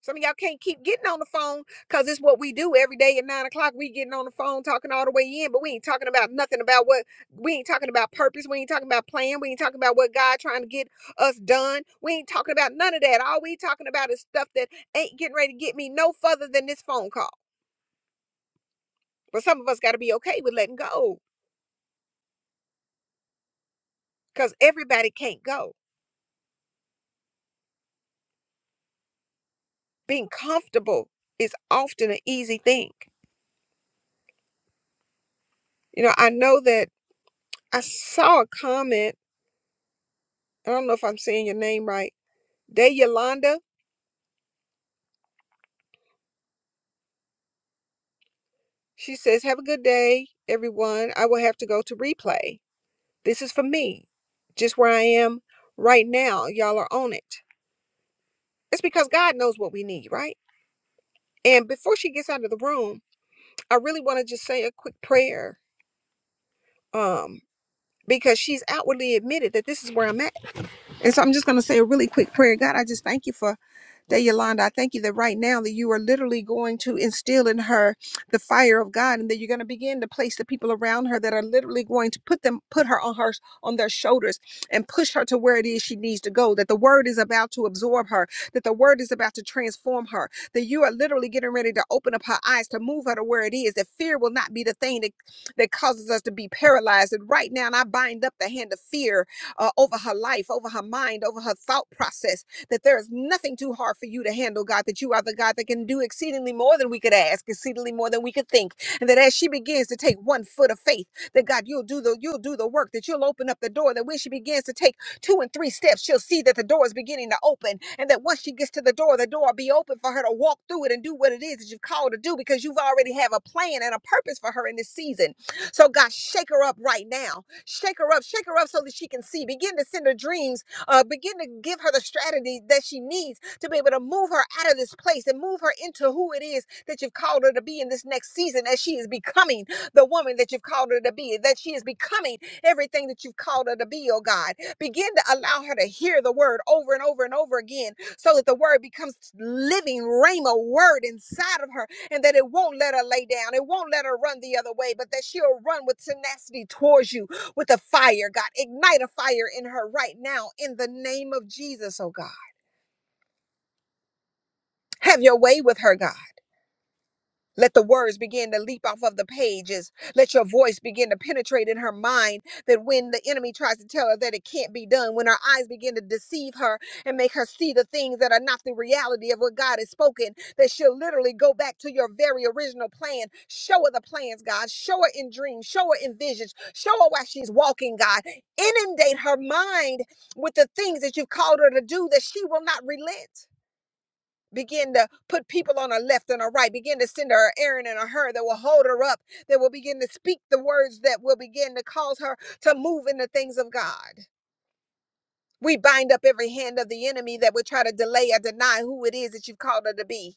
Some of y'all can't keep getting on the phone because it's what we do every day at nine o'clock. We getting on the phone talking all the way in, but we ain't talking about nothing about what we ain't talking about purpose. We ain't talking about plan. We ain't talking about what God trying to get us done. We ain't talking about none of that. All we talking about is stuff that ain't getting ready to get me no further than this phone call. But some of us got to be okay with letting go because everybody can't go. Being comfortable is often an easy thing. You know, I know that I saw a comment. I don't know if I'm saying your name right Day Yolanda, she says, Have a good day, everyone. I will have to go to replay. This is for me, just where I am right now. Y'all are on it. It's because God knows what we need, right? And before she gets out of the room, I really want to just say a quick prayer um, because she's outwardly admitted that this is where I'm at. And so I'm just going to say a really quick prayer. God, I just thank you for That Yolanda, I thank you that right now that you are literally going to instill in her the fire of God, and that you're going to begin to place the people around her that are literally going to put them, put her on her on their shoulders and push her to where it is she needs to go. That the word is about to absorb her, that the word is about to transform her, that you are literally getting ready to open up her eyes to move her to where it is. That fear will not be the thing that, that causes us to be paralyzed. And right now, and I bind up the hand of fear uh, over her life, over her mind, over her thought process that there is nothing too hard for you to handle, God, that you are the God that can do exceedingly more than we could ask, exceedingly more than we could think. And that as she begins to take one foot of faith, that God, you'll do the you'll do the work, that you'll open up the door, that when she begins to take two and three steps, she'll see that the door is beginning to open. And that once she gets to the door, the door will be open for her to walk through it and do what it is that you've called to do because you've already have a plan and a purpose for her in this season. So God, shake her up right now. Shake her up, shake her up so that she can see. Begin to send her dreams uh, begin to give her the strategy that she needs to be able to move her out of this place and move her into who it is that you've called her to be in this next season as she is becoming the woman that you've called her to be, that she is becoming everything that you've called her to be, oh God. Begin to allow her to hear the word over and over and over again so that the word becomes living rhema word inside of her and that it won't let her lay down. It won't let her run the other way, but that she'll run with tenacity towards you with a fire, God. Ignite a fire in her right now in the name of Jesus, oh God. Have your way with her, God. Let the words begin to leap off of the pages. Let your voice begin to penetrate in her mind that when the enemy tries to tell her that it can't be done, when her eyes begin to deceive her and make her see the things that are not the reality of what God has spoken, that she'll literally go back to your very original plan. Show her the plans, God. Show her in dreams. Show her in visions. Show her why she's walking, God. Inundate her mind with the things that you've called her to do that she will not relent. Begin to put people on her left and her right. Begin to send her Aaron and her that will hold her up, that will begin to speak the words that will begin to cause her to move in the things of God. We bind up every hand of the enemy that would try to delay or deny who it is that you've called her to be.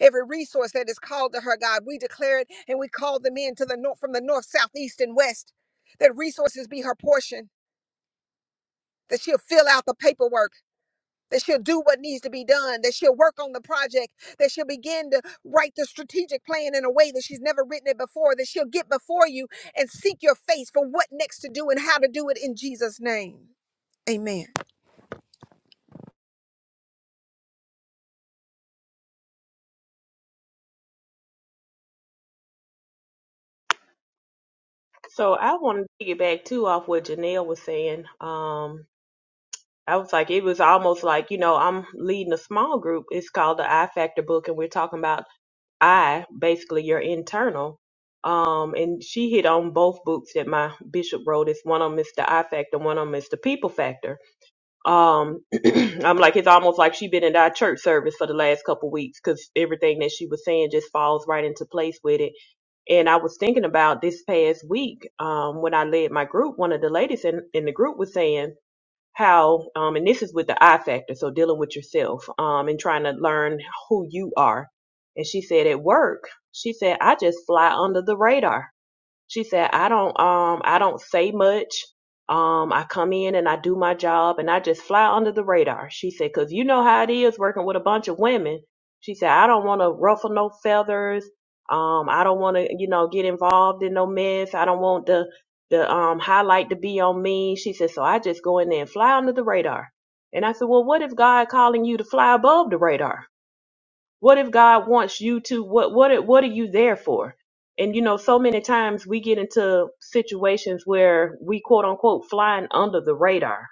Every resource that is called to her, God, we declare it and we call them in to the north from the north, south, east, and west. That resources be her portion, that she'll fill out the paperwork that she'll do what needs to be done, that she'll work on the project, that she'll begin to write the strategic plan in a way that she's never written it before, that she'll get before you and seek your face for what next to do and how to do it in Jesus' name. Amen.
So I wanted to get back too off what Janelle was saying. Um, I was like, it was almost like, you know, I'm leading a small group. It's called the I Factor book, and we're talking about I, basically your internal. Um, and she hit on both books that my bishop wrote. It's one on Mr. I Factor, one on Mr. People Factor. Um, I'm like, it's almost like she been in our church service for the last couple weeks because everything that she was saying just falls right into place with it. And I was thinking about this past week, um, when I led my group, one of the ladies in, in the group was saying, how um, and this is with the i factor so dealing with yourself um, and trying to learn who you are and she said at work she said i just fly under the radar she said, I don't um I don't say much. Um I come in and I do my job and I just fly under the radar. She said, 'Cause you know how it is working with a bunch of women. She said, I don't want to ruffle no feathers. Um I don't want to, you know, get involved in no mess. I don't want the the um highlight to be on me. She said, so I just go in there and fly under the radar. And I said, well, what if God calling you to fly above the radar? What if God wants you to what what what are you there for? And you know, so many times we get into situations where we quote unquote flying under the radar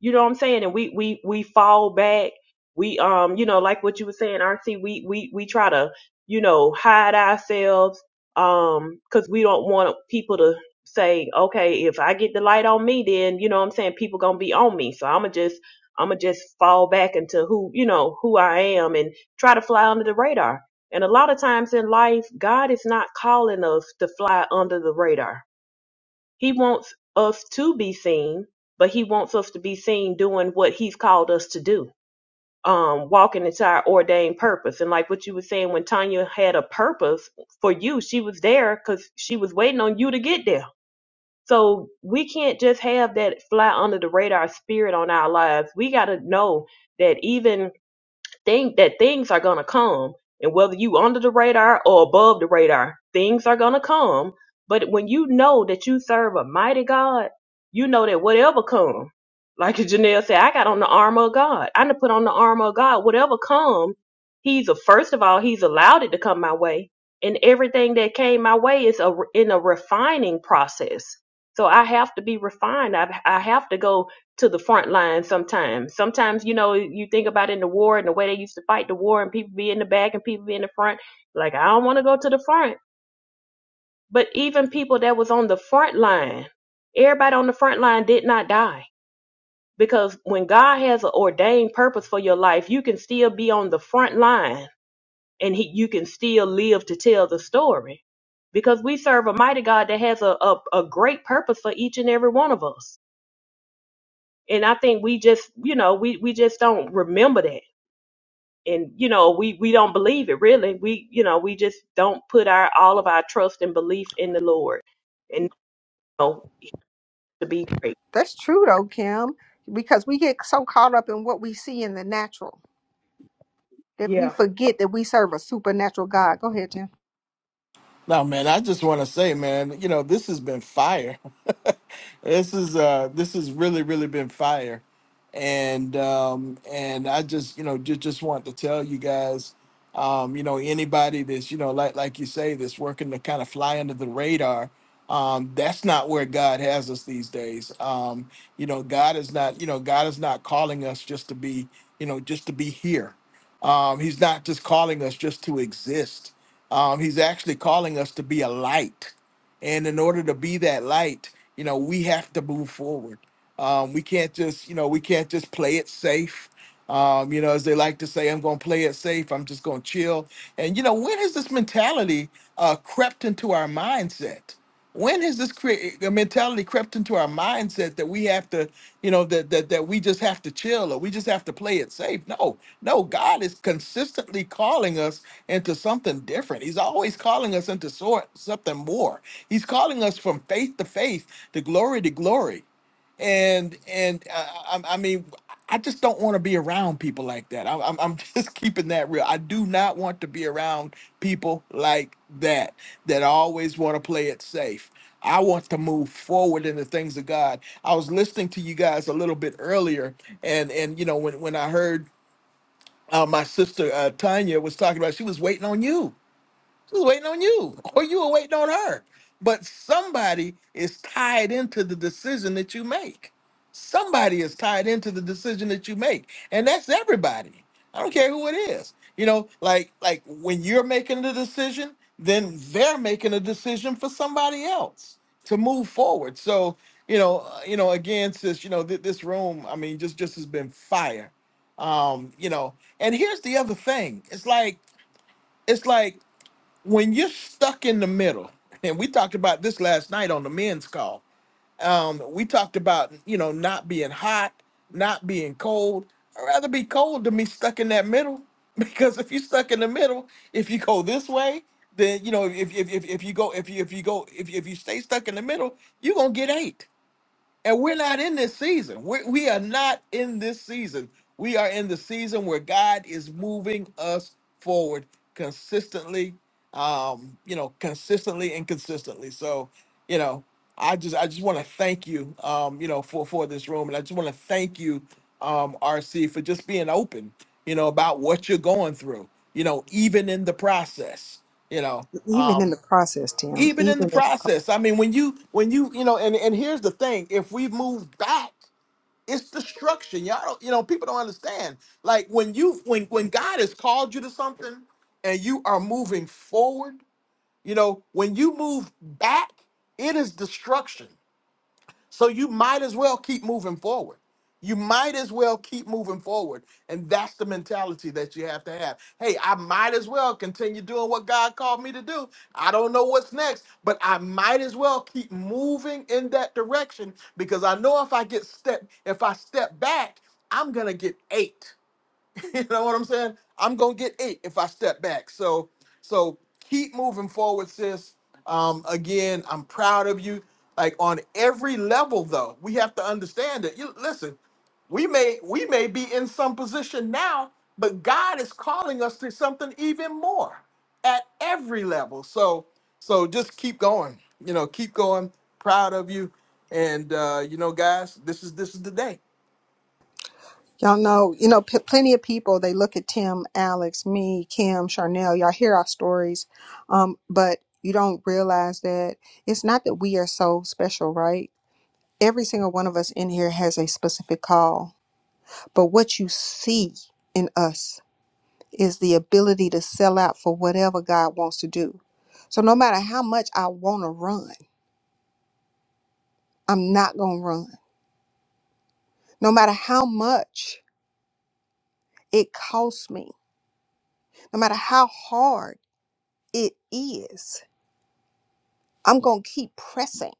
you know what I'm saying? And we we we fall back. We um, you know, like what you were saying, RT, we we we try to, you know, hide ourselves um cuz we don't want people to say, "Okay, if I get the light on me, then, you know what I'm saying, people going to be on me." So I'm going to just I'm going to just fall back into who, you know, who I am and try to fly under the radar. And a lot of times in life, God is not calling us to fly under the radar he wants us to be seen, but he wants us to be seen doing what he's called us to do. Um, walking into our ordained purpose. And like what you were saying, when Tanya had a purpose for you, she was there because she was waiting on you to get there. So we can't just have that fly under the radar spirit on our lives. We got to know that even think that things are going to come and whether you under the radar or above the radar things are going to come but when you know that you serve a mighty god you know that whatever come like janelle said i got on the armor of god i done put on the armor of god whatever come he's a first of all he's allowed it to come my way and everything that came my way is a, in a refining process so i have to be refined i, I have to go to the front line sometimes. Sometimes, you know, you think about in the war and the way they used to fight the war and people be in the back and people be in the front. Like, I don't want to go to the front. But even people that was on the front line, everybody on the front line did not die. Because when God has an ordained purpose for your life, you can still be on the front line and he, you can still live to tell the story. Because we serve a mighty God that has a, a, a great purpose for each and every one of us and I think we just, you know, we we just don't remember that, and you know, we we don't believe it really. We, you know, we just don't put our all of our trust and belief in the Lord, and you know, to be great.
That's true though, Kim, because we get so caught up in what we see in the natural that we
Yeah,
forget that we serve a supernatural God. Go ahead, Jim.
No, man, I just want to say, man, you know, this has been fire. this is uh this has really, really been fire. And um and I just, you know, just just want to tell you guys, um, you know, anybody that's, you know, like like you say, that's working to kind of fly under the radar, um, that's not where God has us these days. Um, you know, God is not, you know, God is not calling us just to be, you know, just to be here. Um, he's not just calling us just to exist um, he's actually calling us to be a light. And in order to be that light, you know, we have to move forward. Um, we can't just, you know, we can't just play it safe. Um, you know, as they like to say, I'm going to play it safe. I'm just going to chill. And, you know, when has this mentality uh, crept into our mindset? When has this cre- the mentality crept into our mindset that we have to, you know, that, that that we just have to chill or we just have to play it safe? No, no, God is consistently calling us into something different. He's always calling us into sort something more. He's calling us from faith to faith, to glory to glory and and uh, I, I mean i just don't want to be around people like that I, i'm, I'm I'm just keeping that real i do not want to be around people like that that always want to play it safe. I want to move forward in the things of God. I was listening to you guys a little bit earlier, and and you know when when I heard uh, my sister uh, Tanya was talking about, she was waiting on you she was waiting on you, or you were waiting on her. But somebody is tied into the decision that you make. Somebody is tied into the decision that you make, and that's everybody. I don't care who it is. You know, like like when you're making the decision, then they're making a decision for somebody else to move forward. So you know, uh, you know, again, sis, you know, th- this room, I mean, just just has been fire. Um, you know, and here's the other thing. It's like it's like when you're stuck in the middle, and we talked about this last night on the men's call. Um, we talked about you know not being hot, not being cold. I'd rather be cold than be stuck in that middle because if you're stuck in the middle, if you go this way, then you know if if if, if you go if you if you go if if you stay stuck in the middle, you're gonna get ate and we're not in this season. We're, we are not in this season. We are in the season where God is moving us forward consistently, um, you know, consistently and consistently. So, you know, I just I just want to thank you, um, you know, for for this room, and I just want to thank you, um, RC, for just being open, you know, about what you're going through, you know, even in the process, you know.
Even in
um,
the process, Tim,
even in
even
the
in the process.
process i mean when you when you you know and and here's the thing if we move back it's destruction y'all don't, you know people don't understand like when you when when god has called you to something and you are moving forward you know when you move back it is destruction so you might as well keep moving forward. You might as well keep moving forward. And that's the mentality that you have to have. Hey, I might as well continue doing what God called me to do. I don't know what's next, but I might as well keep moving in that direction because I know if I get step if I step back, I'm going to get ate. you know what I'm saying? I'm gonna get eight if I step back. So so keep moving forward, sis. Um, again, I'm proud of you. Like on every level, though, we have to understand that. You listen, we may we may be in some position now, but God is calling us to something even more at every level. So so just keep going. You know, keep going. Proud of you. And uh, you know, guys, this is this is the day.
Y'all know, you know, p- plenty of people, they look at Tim, Alex, me, Kim, Charnel, y'all hear our stories, um, but you don't realize that it's not that we are so special, right? Every single one of us in here has a specific call, but what you see in us is the ability to sell out for whatever God wants to do. So no matter how much I want to run, I'm not going to run. No matter how much it costs me, no matter how hard it is, I'm going to keep pressing.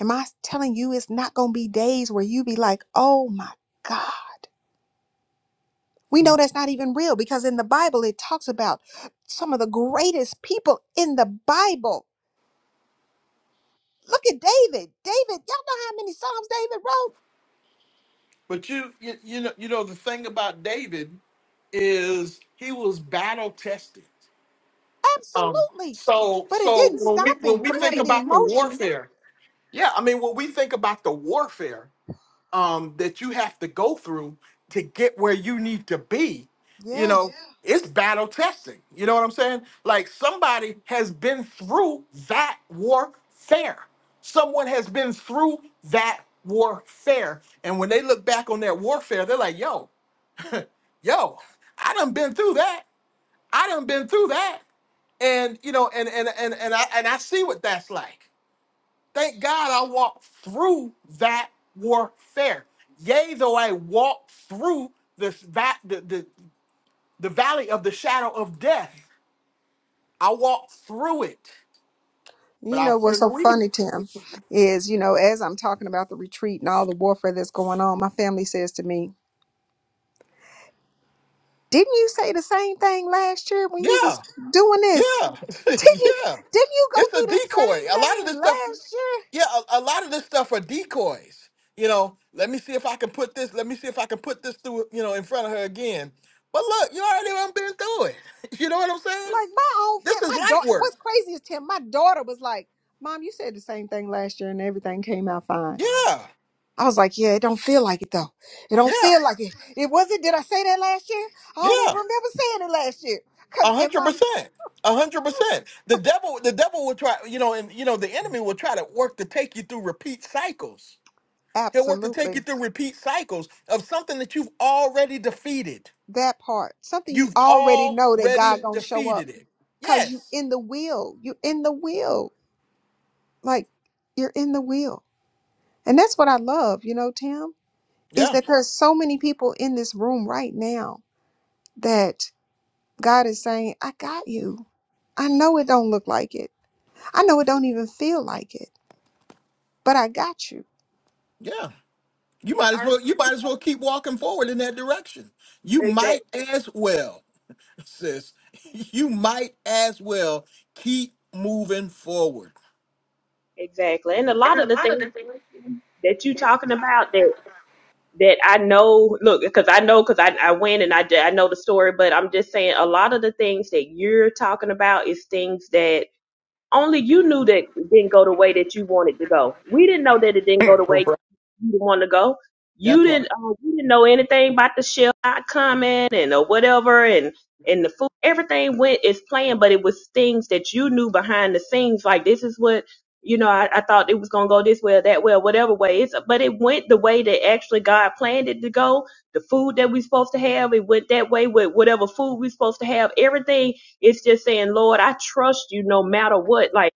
Am I telling you it's not going to be days where you be like, oh my God? We know that's not even real because in the Bible it talks about some of the greatest people in the Bible. Look at David. David, y'all know how many Psalms David wrote?
But you, you, you know, you know the thing about David is he was battle tested. Um,
Absolutely.
so,
But it
so
didn't
when we
stop
when
him
we
from
think Right.
having the
about the
emotion.
warfare, yeah, I mean, when we think about the warfare, um, that you have to go through to get where you need to be, you
Yeah.
know, Yeah. it's battle testing. You know what I'm saying? Like somebody has been through that warfare. Someone has been through that warfare. And when they look back on that warfare, they're like, yo, yo, I done been through that. I done been through that. And you know, and and and and I and I see what that's like. Thank God I walked through that warfare. Yea, though I walk through this that the, the the valley of the shadow of death, I walked through it, but
You
I
know
fear
what's so
no
funny,
evil.
Tim, is, you know, as I'm talking about the retreat and all the warfare that's going on, my family says to me, Didn't you say the same thing last year when you
Yeah,
was doing
yeah,
this? Didn't you
yeah.
didn't you go
It's a
through the
decoy.
same
A lot of this
thing
stuff,
last year?
yeah, a, a lot of this stuff are decoys. You know, let me see if I can put this. Let me see if I can put this through. You know, in front of her again. But look, you already done been through it. You know what I'm saying?
Like my own
This
fit,
is
my
light
daughter
work.
what's crazy is Tim, my daughter was like, Mom, you said the same thing last year and everything came out fine.
Yeah,
I was like, Yeah, it don't feel like it though. It don't
yeah,
feel like it. It wasn't did I say that last year? I don't even
yeah.
remember saying it last year. Cause
A
in
hundred
my
percent. A hundred percent. The devil, the devil will try, you know, and you know, the enemy will try to work to take you through repeat cycles. He'll work to take you
Absolutely.
through repeat cycles of something that you've already defeated.
That part. Something you
You've
already know that
already
God gonna show up.
defeated it.
Cause you
Yes.
in the will. You in the will Like you're in the will. And that's what I love, you know, Tim, is
Yeah.
that there's so many people in this room right now that God is saying, I got you. I know it don't look like it. I know it don't even feel like it, but I got you.
Yeah. You
and
might as
our
well. You might as well keep walking forward in that direction. You
exactly,
might as well sis, you might as well keep moving forward.
exactly, and a lot of the things that you talking about that that I know, look, because I know, because I I went and I d- I know the story, but I'm just saying a lot of the things that you're talking about is things that Only you knew that it didn't go the way that you wanted to go. We didn't know that it didn't go the way you didn't want to go.
That
You didn't
part.
uh, you didn't know anything about the shell not coming and or whatever and and the food everything went as planned, but it was things that you knew behind the scenes like this is what you know I, I thought it was gonna go this way or that way or whatever way it's but it went the way that actually God planned it to go. The food that we supposed to have it went that way with whatever food we supposed to have. Everything it's just saying Lord I trust you no matter what like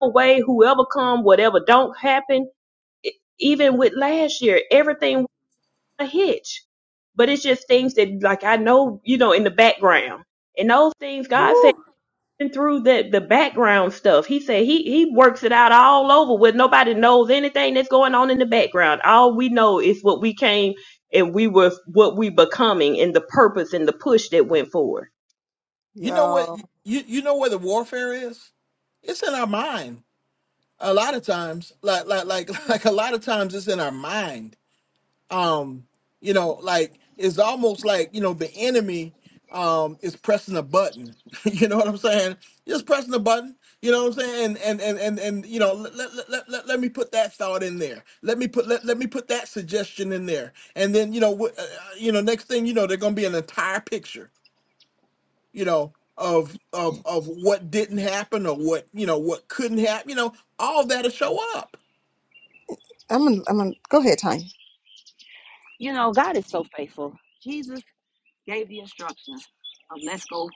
no way whoever come whatever don't happen e- even with last year, everything was a hitch. But it's just things that, like, I know, you know, in the background. And those things, God
Woo.
through the the background stuff. He said he he works it out all over with nobody knows anything that's going on in the background. All we know is what we came and we were what we becoming and the purpose and the push that went forward.
You know what?
Yeah.
You you know where the warfare is? It's in our mind. A lot of times, like like like like a lot of times, it's in our mind. Um, you know, like it's almost like you know the enemy um is pressing a button. you know what I'm saying? Just pressing a button. You know what I'm saying? And and and and, and you know, let, let, let, let, let me put that thought in there. Let me put let, let me put that suggestion in there. And then you know, wh- uh, uh, you know, next thing you know, they're gonna be an entire picture you know of of of what didn't happen or what you know what couldn't happen you know all that'll show up
I'm gonna, I'm gonna go ahead, Tanya.
You know, God is so faithful. Jesus gave the instructions of let's go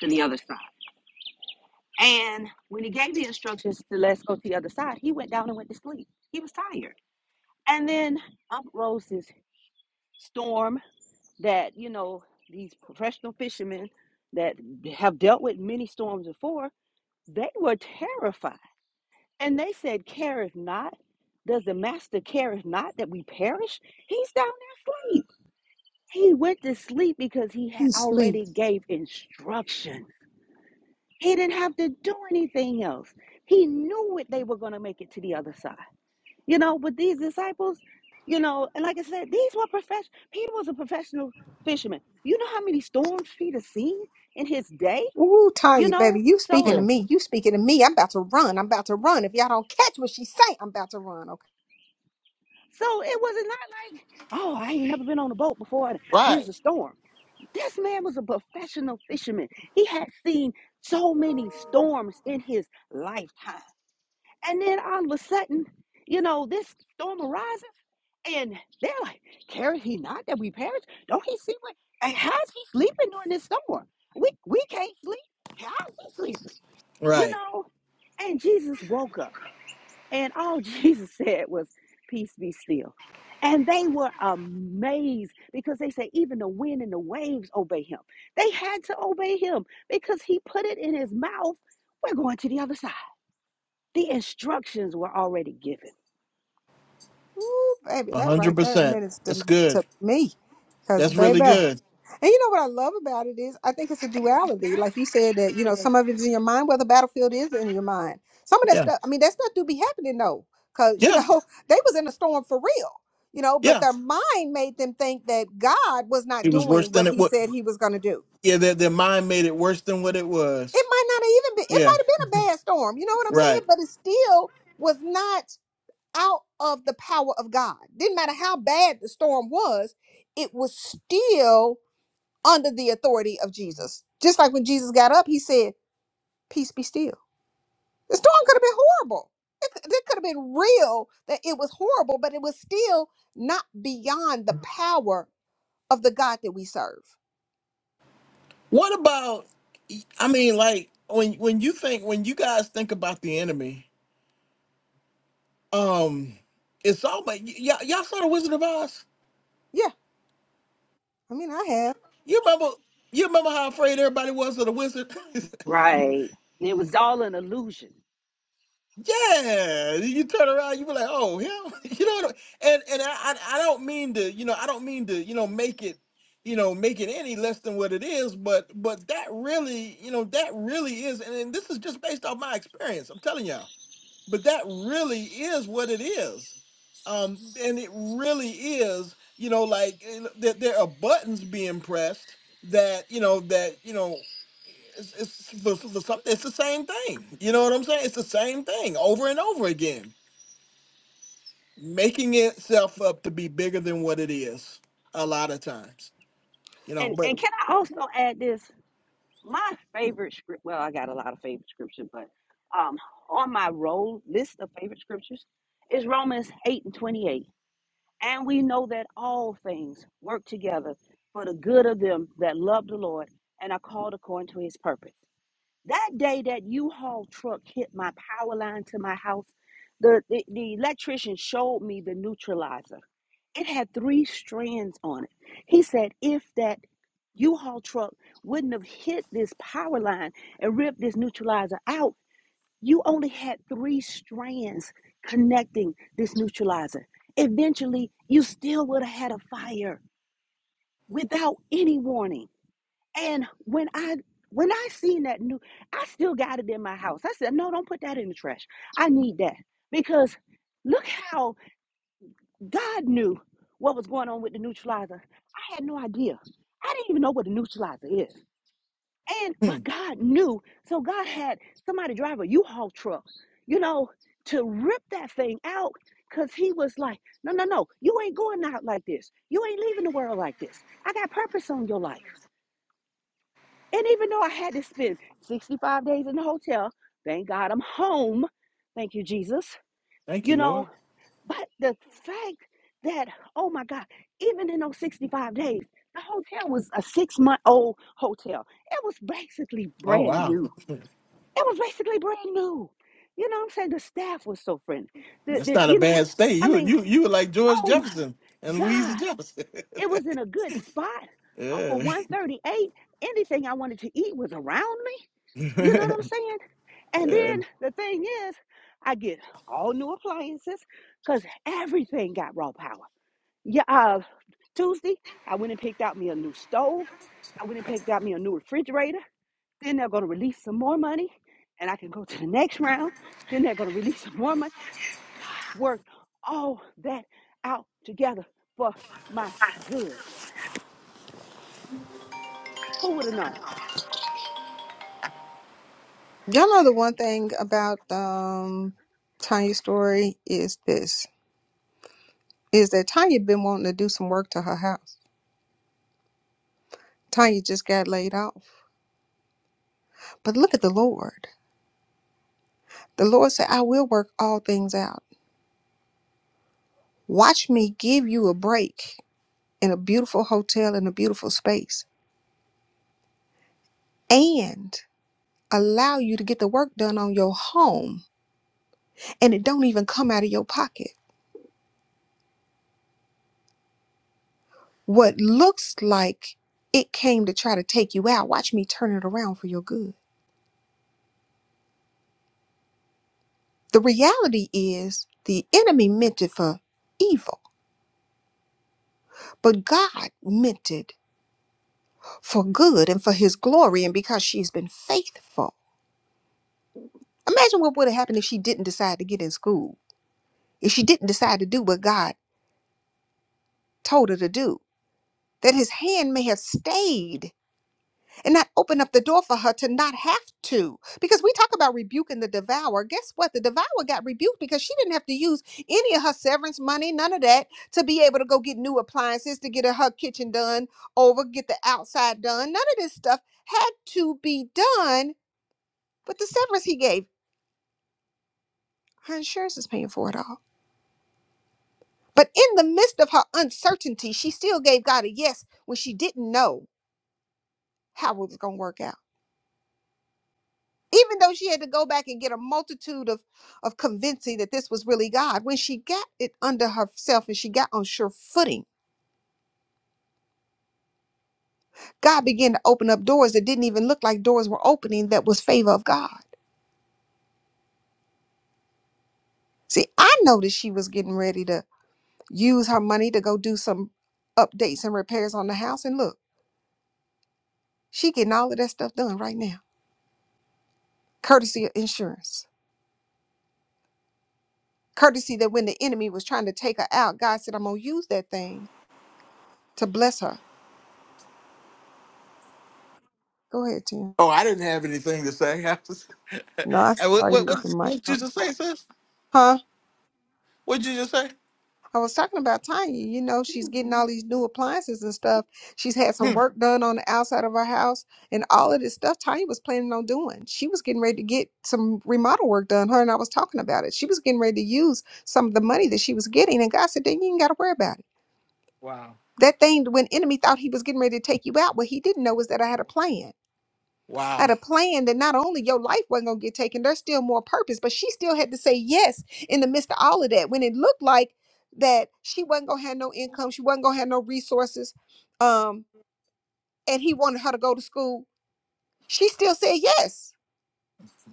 to the other side. And when he gave the instructions to let's go to the other side, he went down and went to sleep. He was tired. And then up rose this storm that, you know, these professional fishermen that have dealt with many storms before, they were terrified And they said, Careth not. Does the master careth not that we perish? He's down there asleep. He went to sleep because he had
You sleep.
already gave instruction. He didn't have to do anything else. He knew it they were going to make it to the other side. You know, but these disciples, you know, and like I said, these were professional. Peter was a professional fisherman. You know how many storms Peter seen in his day?
Ooh,
You
Tanya,
know,
baby, you speaking
so
to me. You speaking to me. I'm about to run. I'm about to run. If y'all don't catch what she say, I'm about to run. Okay.
so it was not like, oh, I ain't never been on a boat before. And here's a storm. This man was a professional fisherman. He had seen so many storms in his lifetime. And then all of a sudden, you know, this storm arises and they're like, Carry he not that we perish? Don't he see what? And how's he sleeping during this storm? We, we can't sleep. How's he sleeping? You
right
know? And Jesus woke up. And all Jesus said was, Peace be still. And they were amazed because they said, Even the wind and the waves obey him. They had to obey him because he put it in his mouth. We're going to the other side. The instructions were already given.
Ooh, baby, that right there
100%
ministered
that's good
to me. Cause
that's really
baby.
good
And you know what I love about it is I think it's a duality. Like you said that, you know, some of it is in your mind, where the battlefield is in your mind. Some of that
yeah
stuff, I mean, that stuff do be happening though. Cause, you
yeah
know, they was in a storm for real. You know, but
yeah
their mind made them think that God was not
it was
doing
worse
what
than it
he
was
said he was gonna do
yeah their, their mind made it worse than what it
it
was
might not have even been it
yeah
might have been a bad storm you know what i'm saying
right
but it still was not out of the power of god didn't matter how bad the storm was it was still under the authority of jesus just like when jesus got up he said peace be still the storm could have been horrible it, c- it could have been real that it was horrible but it was still not beyond the power of the god that we serve
what about i mean like when when you think when you guys think about the enemy um it's all but y'all, y'all saw the wizard of oz
yeah i mean i have
you remember you remember how afraid everybody was of the wizard
Right. It was all an illusion.
Yeah, you turn around, you be like, "Oh, him," you know. what I- And and I I I don't mean to, you know, I don't mean to, you know, make it, you know, make it any less than what it is. But but that really, you know, that really is, and, and this is just based off my experience. I'm telling y'all, but that really is what it is, um, and it really is, you know, like you know, that there are buttons being pressed that you know that you know it's, it's for, for some, it's the same thing. You know what I'm saying? It's the same thing over and over again, making itself up to be bigger than what it is a lot of times. You know,
And
but
and can I also add this? My favorite script well, I got a lot of favorite scripture, but um on my roll list of favorite scriptures is Romans 8 and 28 And we know that all things work together for the good of them that love the Lord and are called according to his purpose. That day that U-Haul truck hit my power line to my house, the, the, the electrician showed me the neutralizer. It had three strands on it. He said, if that U-Haul truck wouldn't have hit this power line and ripped this neutralizer out, you only had three strands connecting this neutralizer. Eventually, you still would have had a fire without any warning. And when I when I seen that new, I still got it in my house. I said, no, don't put that in the trash. I need that because look how God knew what was going on with the neutralizer. I had no idea. I didn't even know what a neutralizer is. And
hmm,
but God knew, so God had somebody drive a U-Haul truck, you know, to rip that thing out because he was like, No, no, no, you ain't going out like this. You ain't leaving the world like this. I got purpose on your life. And even though I had to spend 65 days in the hotel, thank God I'm home. Thank you, Jesus.
thank
You
you,
know,
Lord.
but the fact that, oh my God, even in those 65 days, the hotel was a six month old hotel. It was basically
Oh
brand
wow,
new it was basically brand new. You know what I'm saying? The staff was so friendly. The,
that's
the,
not a
you know,
bad state.
I
You
mean,
you you were like George
oh my
Jefferson and Louise
God.
Jefferson.
It was in a good spot off of
yeah.
138. Anything I wanted to eat was around me. You know what I'm saying? And
Yeah.
then the thing is, I get all new appliances because everything got raw power. Yeah, uh, Tuesday, I went and picked out me a new stove. I went and picked out me a new refrigerator. Then they're going to release some more money, and I can go to the next round. Then they're going to release some more money. Work all that out together for my good. Who would have known?
Y'all know the one thing about um Tanya's story is this is that Tanya been wanting to do some work to her house. Tanya just got laid off. But look at the Lord. The Lord said, I will work all things out. Watch me give you a break in a beautiful hotel in a beautiful space and allow you to get the work done on your home and it don't even come out of your pocket. What looks like it came to try to take you out, watch me turn it around for your good. The reality is the enemy meant it for evil, but God meant it for good and for his glory and because she's been faithful. Imagine what would have happened if she didn't decide to get in school, if she didn't decide to do what God told her to do, that his hand may have stayed and not open up the door for her to not have to. Because we talk about rebuking the devourer. Guess what? The devourer got rebuked because she didn't have to use any of her severance money, none of that, to be able to go get new appliances, to get her kitchen done over, get the outside done. None of this stuff had to be done But the severance he gave. Her insurance is paying for it all. But in the midst of her uncertainty, she still gave God a yes when she didn't know how it was going to work out. even though she had to go back and get a multitude of of convincing that this was really god when she got it under herself and she got on sure footing god began to open up doors that didn't even look like doors were opening that was favor of god see i noticed she was getting ready to use her money to go do some updates and repairs on the house and look she getting all of that stuff done right now courtesy of insurance courtesy that when the enemy was trying to take her out god said i'm gonna use that thing to bless her go ahead tim
Oh, I didn't have anything to say. I was,
no i
Hey,
saw
what,
you
what
with the
what
mic
what you just say, sis?
Huh?
What'd you just say?
I was talking about Tanya. You know, she's getting all these new appliances and stuff. She's had some
Hmm.
work done on the outside of her house and all of this stuff Tanya was planning on doing. She was getting ready to get some remodel work done. Her and I was talking about it. She was getting ready to use some of the money that she was getting. And God said, then you ain't got to worry about it.
Wow.
That thing, when enemy thought he was getting ready to take you out, what he didn't know was that I had a plan.
Wow.
had a plan that not only your life wasn't going to get taken, there's still more purpose, but she still had to say yes in the midst of all of that when it looked like that she wasn't going to have no income, she wasn't going to have no resources, um, and he wanted her to go to school. She still said yes.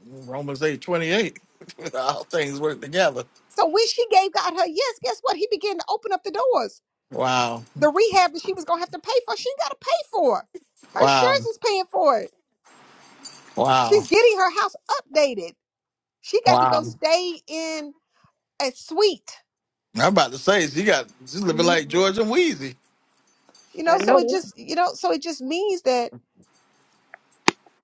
Romans eight twenty eight. All things work together.
So when she gave God her yes, guess what? He began to open up the doors.
Wow.
The rehab that she was going to have to pay for, she got to pay for. Her insurance
Wow.
is paying for it.
Wow.
She's getting her house updated. She got to go
Wow.
stay in a suite
I'm about to say she got she's living
Yeah,
like George and Wheezy.
you
I
know so
know
it
that.
just you know so it just means that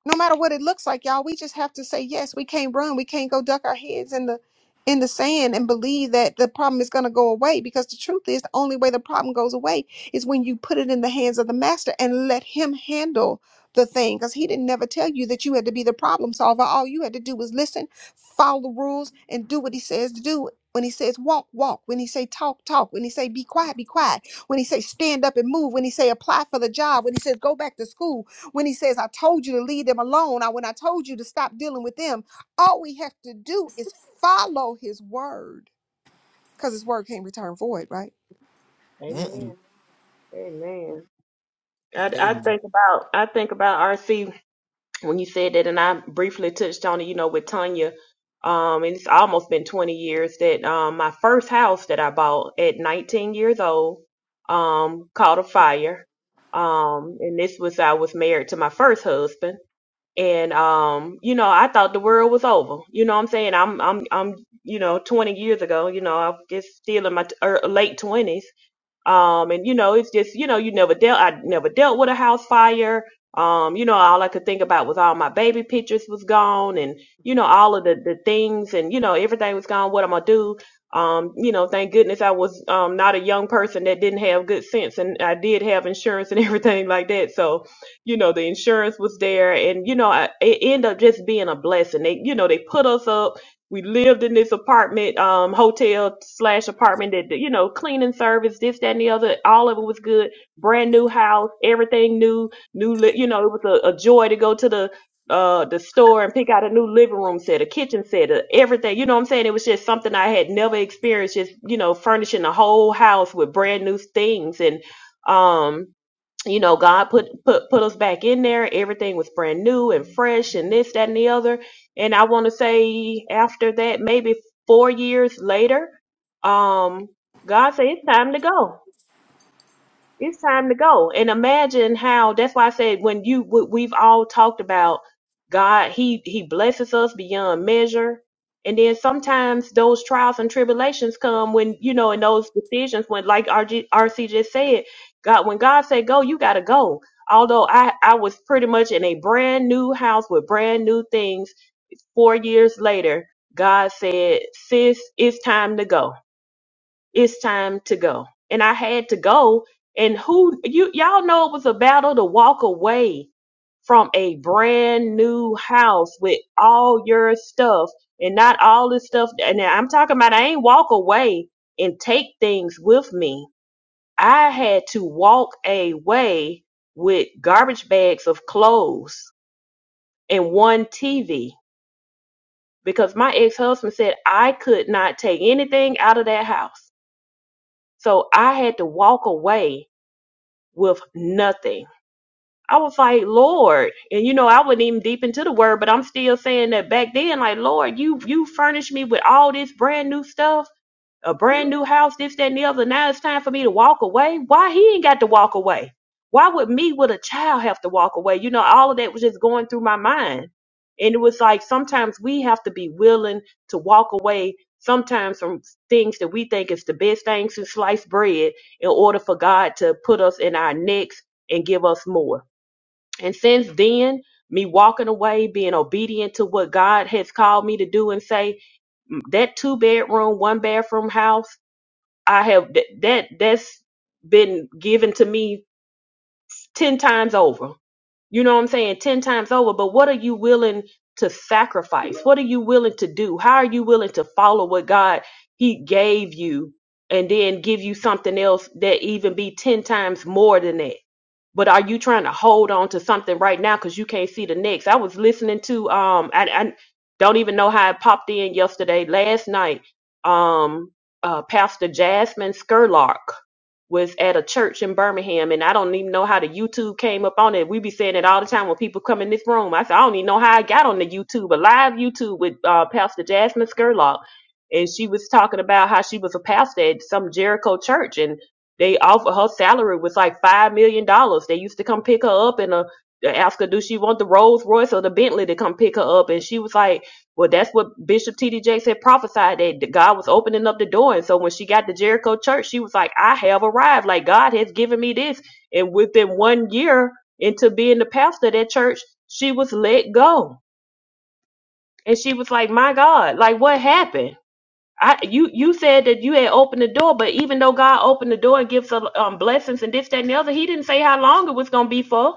no matter what it looks like y'all we just have to say yes we can't run we can't go duck our heads in the in the sand and believe that the problem is going to go away because the truth is the only way the problem goes away is when you put it in the hands of the master and let him handle the thing because he didn't never tell you that you had to be the problem solver all you had to do was listen follow the rules and do what he says to do when he says walk walk when he say talk talk when he say be quiet be quiet when he say stand up and move when he say apply for the job when he says go back to school when he says, I told you to leave them alone, I, when I told you to stop dealing with them, all we have to do is follow his word because his word can't return void, right?
Mm-mm.
Amen. Amen. I, I
Baby.
think about I think about RC. when you said that, and I briefly touched on it, you know, with Tanya, um, and it's almost been 20 years that um, my first house that I bought at 19 years old um, caught a fire. Um, and this was, I was married to my first husband. And, um, you know, I thought the world was over. You know what I'm saying? I'm, I'm, I'm, you know, 20 years ago, you know, I was just still in my t- er, late 20s um, and you know, it's just, you know, you never dealt, I never dealt with a house fire. Um, you know, all I could think about was all my baby pictures was gone and, you know, all of the, the things and, you know, everything was gone. What am I do? Um, you know, thank goodness I was, um, not a young person that didn't have good sense and I did have insurance and everything like that. So, you know, the insurance was there and, you know, I, it ended up just being a blessing. They, you know, they put us up we lived in this apartment, um, hotel slash apartment that, you know, cleaning service, this, that, and the other. All of it was good. Brand new house, everything new, new, li- you know, it was a, a joy to go to the, uh, the store and pick out a new living room set, a kitchen set, a, everything. You know what I'm saying? It was just something I had never experienced, just, you know, furnishing the whole house with brand new things. And, um, you know, God put put put us back in there. Everything was brand new and fresh, and this, that, and the other. And I want to say, after that, maybe four years later, um, God said it's time to go it's time to go and imagine how that's why i said when you we- we've all talked about god he he blesses us beyond measure and then sometimes those trials and tribulations come when you know in those decisions when like RG, rc just said god when god said go you gotta go although i i was pretty much in a brand new house with brand new things four years later god said sis it's time to go it's time to go. And I had to go. And who you y'all know it was a battle to walk away from a brand new house with all your stuff and not all this stuff. And I'm talking about I ain't walk away and take things with me. I had to walk away with garbage bags of clothes and one TV because my ex husband said I could not take anything out of that house. So I had to walk away with nothing. I was like, Lord, and you know, I wasn't even deep into the word, but I'm still saying that back then, like, Lord, you you furnished me with all this brand new stuff a brand new house, this, that, and the other. Now it's time for me to walk away. Why he ain't got to walk away? Why would me with a child have to walk away? You know, all of that was just going through my mind. And it was like sometimes we have to be willing to walk away sometimes from things that we think is the best thing since sliced bread in order for God to put us in our next and give us more. And since then, me walking away, being obedient to what God has called me to do and say, "Mm, that two bedroom, one bathroom house I have that that- that's been given to me 10 times over you know what I'm saying, 10 times over, but what are you willing to sacrifice? What are you willing to do? How are you willing to follow what God he gave you and then give you something else that even be 10 times more than that? But are you trying to hold on to something right now cuz you can't see the next? I was listening to um I, I don't even know how it popped in yesterday last night. Um uh Pastor Jasmine Skerlock was at a church in Birmingham, and I don't even know how the YouTube came up on it. We be saying it all the time when people come in this room. I said, I don't even know how I got on the YouTube, a live YouTube with uh, Pastor Jasmine Skurlock. And she was talking about how she was a pastor at some Jericho church, and they offered her salary was like $5 million. dollars. They used to come pick her up and uh, ask her, do she want the Rolls Royce or the Bentley to come pick her up? And she was like, well, that's what Bishop T.D. Jakes had prophesied that God was opening up the door. And so when she got to Jericho church, she was like, I have arrived. Like God has given me this. And within one year into being the pastor of that church, she was let go. And she was like, my God, like what happened? I, you, you said that you had opened the door, but even though God opened the door and gives um, blessings and this, that, and the other, he didn't say how long it was going to be for.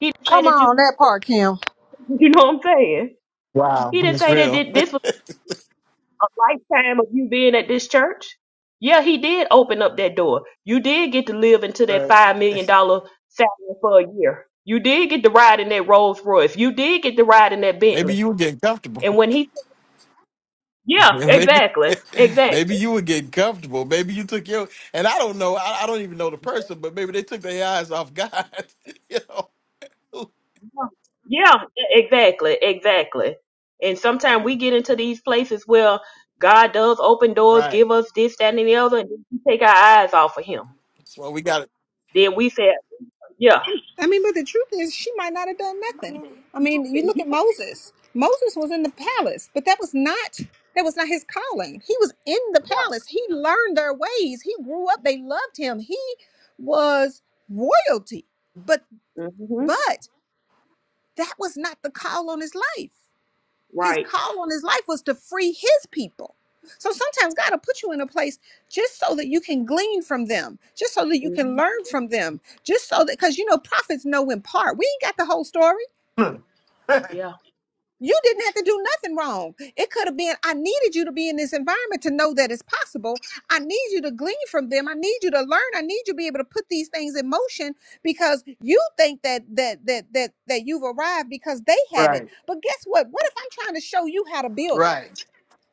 He didn't say
Come
that
on,
you,
that part, Kim.
you know what I'm saying?
Wow.
He didn't
it's
say that
real.
thi- this a lifetime of you being at this church. Yeah, he did open up that door. You did get to live into that
Right.
five million dollar salary for a year. You did get to ride in that Rolls Royce. You did get to ride in that
maybe
Bentley.
you were getting comfortable.
And when he, yeah,
maybe
exactly, exactly,
maybe you were getting comfortable. Maybe you took your and I don't know, I, I don't even know the person, but maybe they took their eyes off God. you know.
yeah, exactly, exactly. And sometimes we get into these places where God does open doors,
Right.
give us this, that, and the other, and then we take our eyes off of Him.
That's why we got it.
Then we say, yeah,
I mean, but the truth is, she might not have done nothing. I mean, you look at Moses. Moses was in the palace, but that was not that was not his calling. He was in the palace. He learned their ways. He grew up. They loved him. He was royalty. But
hmm
but that was not the call on his life. His
right.
call on his life was to free his people. So sometimes God will put you in a place just so that you can glean from them, just so that you
Mm-hmm.
can learn from them, just so that, because you know, prophets know in part. We ain't got the whole story.
Yeah.
You didn't have to do nothing wrong. It could have been, I needed you to be in this environment to know that it's possible. I need you to glean from them. I need you to learn. I need you to be able to put these things in motion because you think that that that that that you've arrived because they have it.
Right.
But guess what? What if I'm trying to show you how to build it?
Right.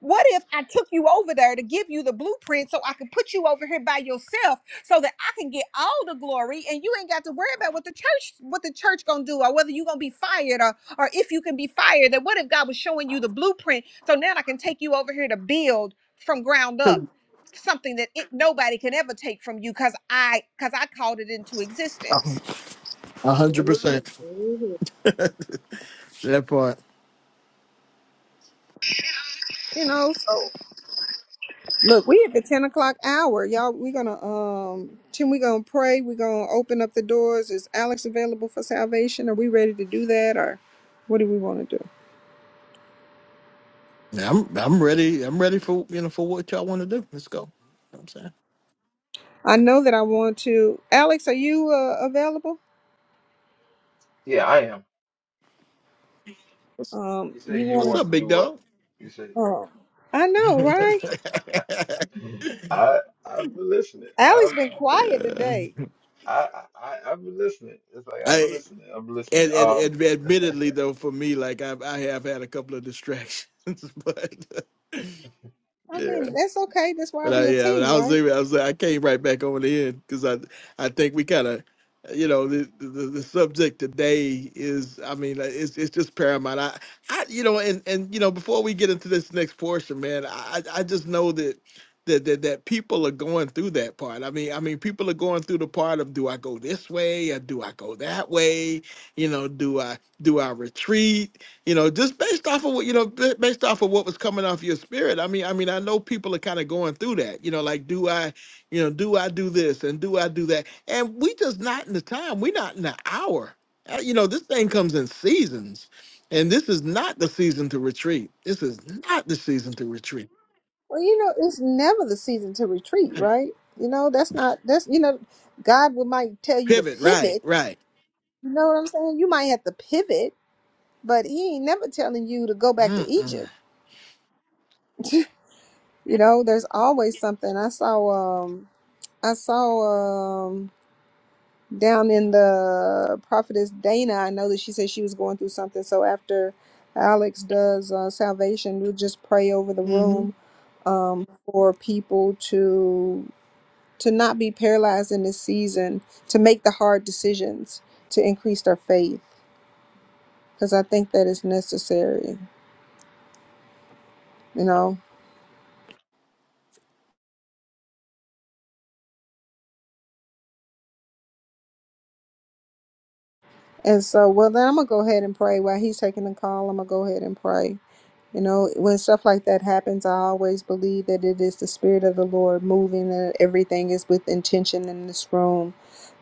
What if I took you over there to give you the blueprint so I could put you over here by yourself so that I can get all the glory and you ain't got to worry about what the church what the church gonna do or whether you gonna be fired or or if you can be fired and what if God was showing you the blueprint so now I can take you over here to build from ground up something that it, nobody can ever take from you because I because I called it into existence.
A hundred percent.
Mhm.
That part.
You know? so Look, we at the ten o'clock hour, y'all. We're gonna um, Tim. We're gonna pray. We're gonna open up the doors. Is Alex available for salvation? Are we ready to do that, or what do we want to do?
Yeah, I'm I'm ready. I'm ready for you know for what y'all want to do. Let's go. You know what I'm saying.
I know that I want to. Alex, are you uh, available?
Yeah, I am.
What's,
Um,
You say
you
you
what's
wanna?
want
up,
to
big
do what?
dog?
You say,
Um, I know, right?
I I've been listening.
Alex
I,
been quiet
Uh,
today.
I, I I- I've been listening. It's like I've been
I
listening. I've been listening.
and, and,
Um,
and admittedly though, for me, like I I have had a couple of distractions, but
I
yeah,
mean, that's okay. That's why
But I
we a
yeah, but
team,
I was
right?
leaving. I was like, I came right back over the end because I I think we kind of you know the, the the subject today is I mean uh, it's it's just paramount. I I you know and and you know before we get into this next portion, man, I I I just know that. That, that, that people are going through that part. I mean, I mean, people are going through the part of do I go this way or do I go that way? You know, do I do I retreat? you know just based off of what you know ba- based off of what was coming off your spirit i mean i mean i know people are kind of going through that you know like do i you know do i do this and do i do that and we just not in the time we not in the hour Uh, you know this thing comes in seasons and this is not the season to retreat this is not the season to retreat
Well, you know, it's never the season to retreat, right? You know, that's not that's you know, God will might tell you to
pivot
pivot
right right
You know what I'm saying? You might have to pivot, but he ain't never telling you to go back to Egypt.
Mm-mm.
You know, there's always something. I saw um I saw um down in the prophetess Dana, I know that she said she was going through something. So after Alex does uh, salvation, we'll just pray over the room um for people to to not be paralyzed in this season, to make the hard decisions, to increase their faith, because I think that is necessary, you know. And so, well, then I'm gonna go ahead and pray while he's taking the call. I'm gonna go ahead and pray. You know, when stuff like that happens, I always believe that it is the Spirit of the Lord moving and everything is with intention in this room.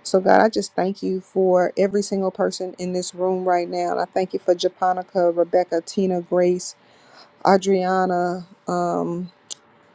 So, God, I just thank you for every single person in this room right now. And I thank you for Japonica, Rebecca, Tina, Grace, Adriana. um,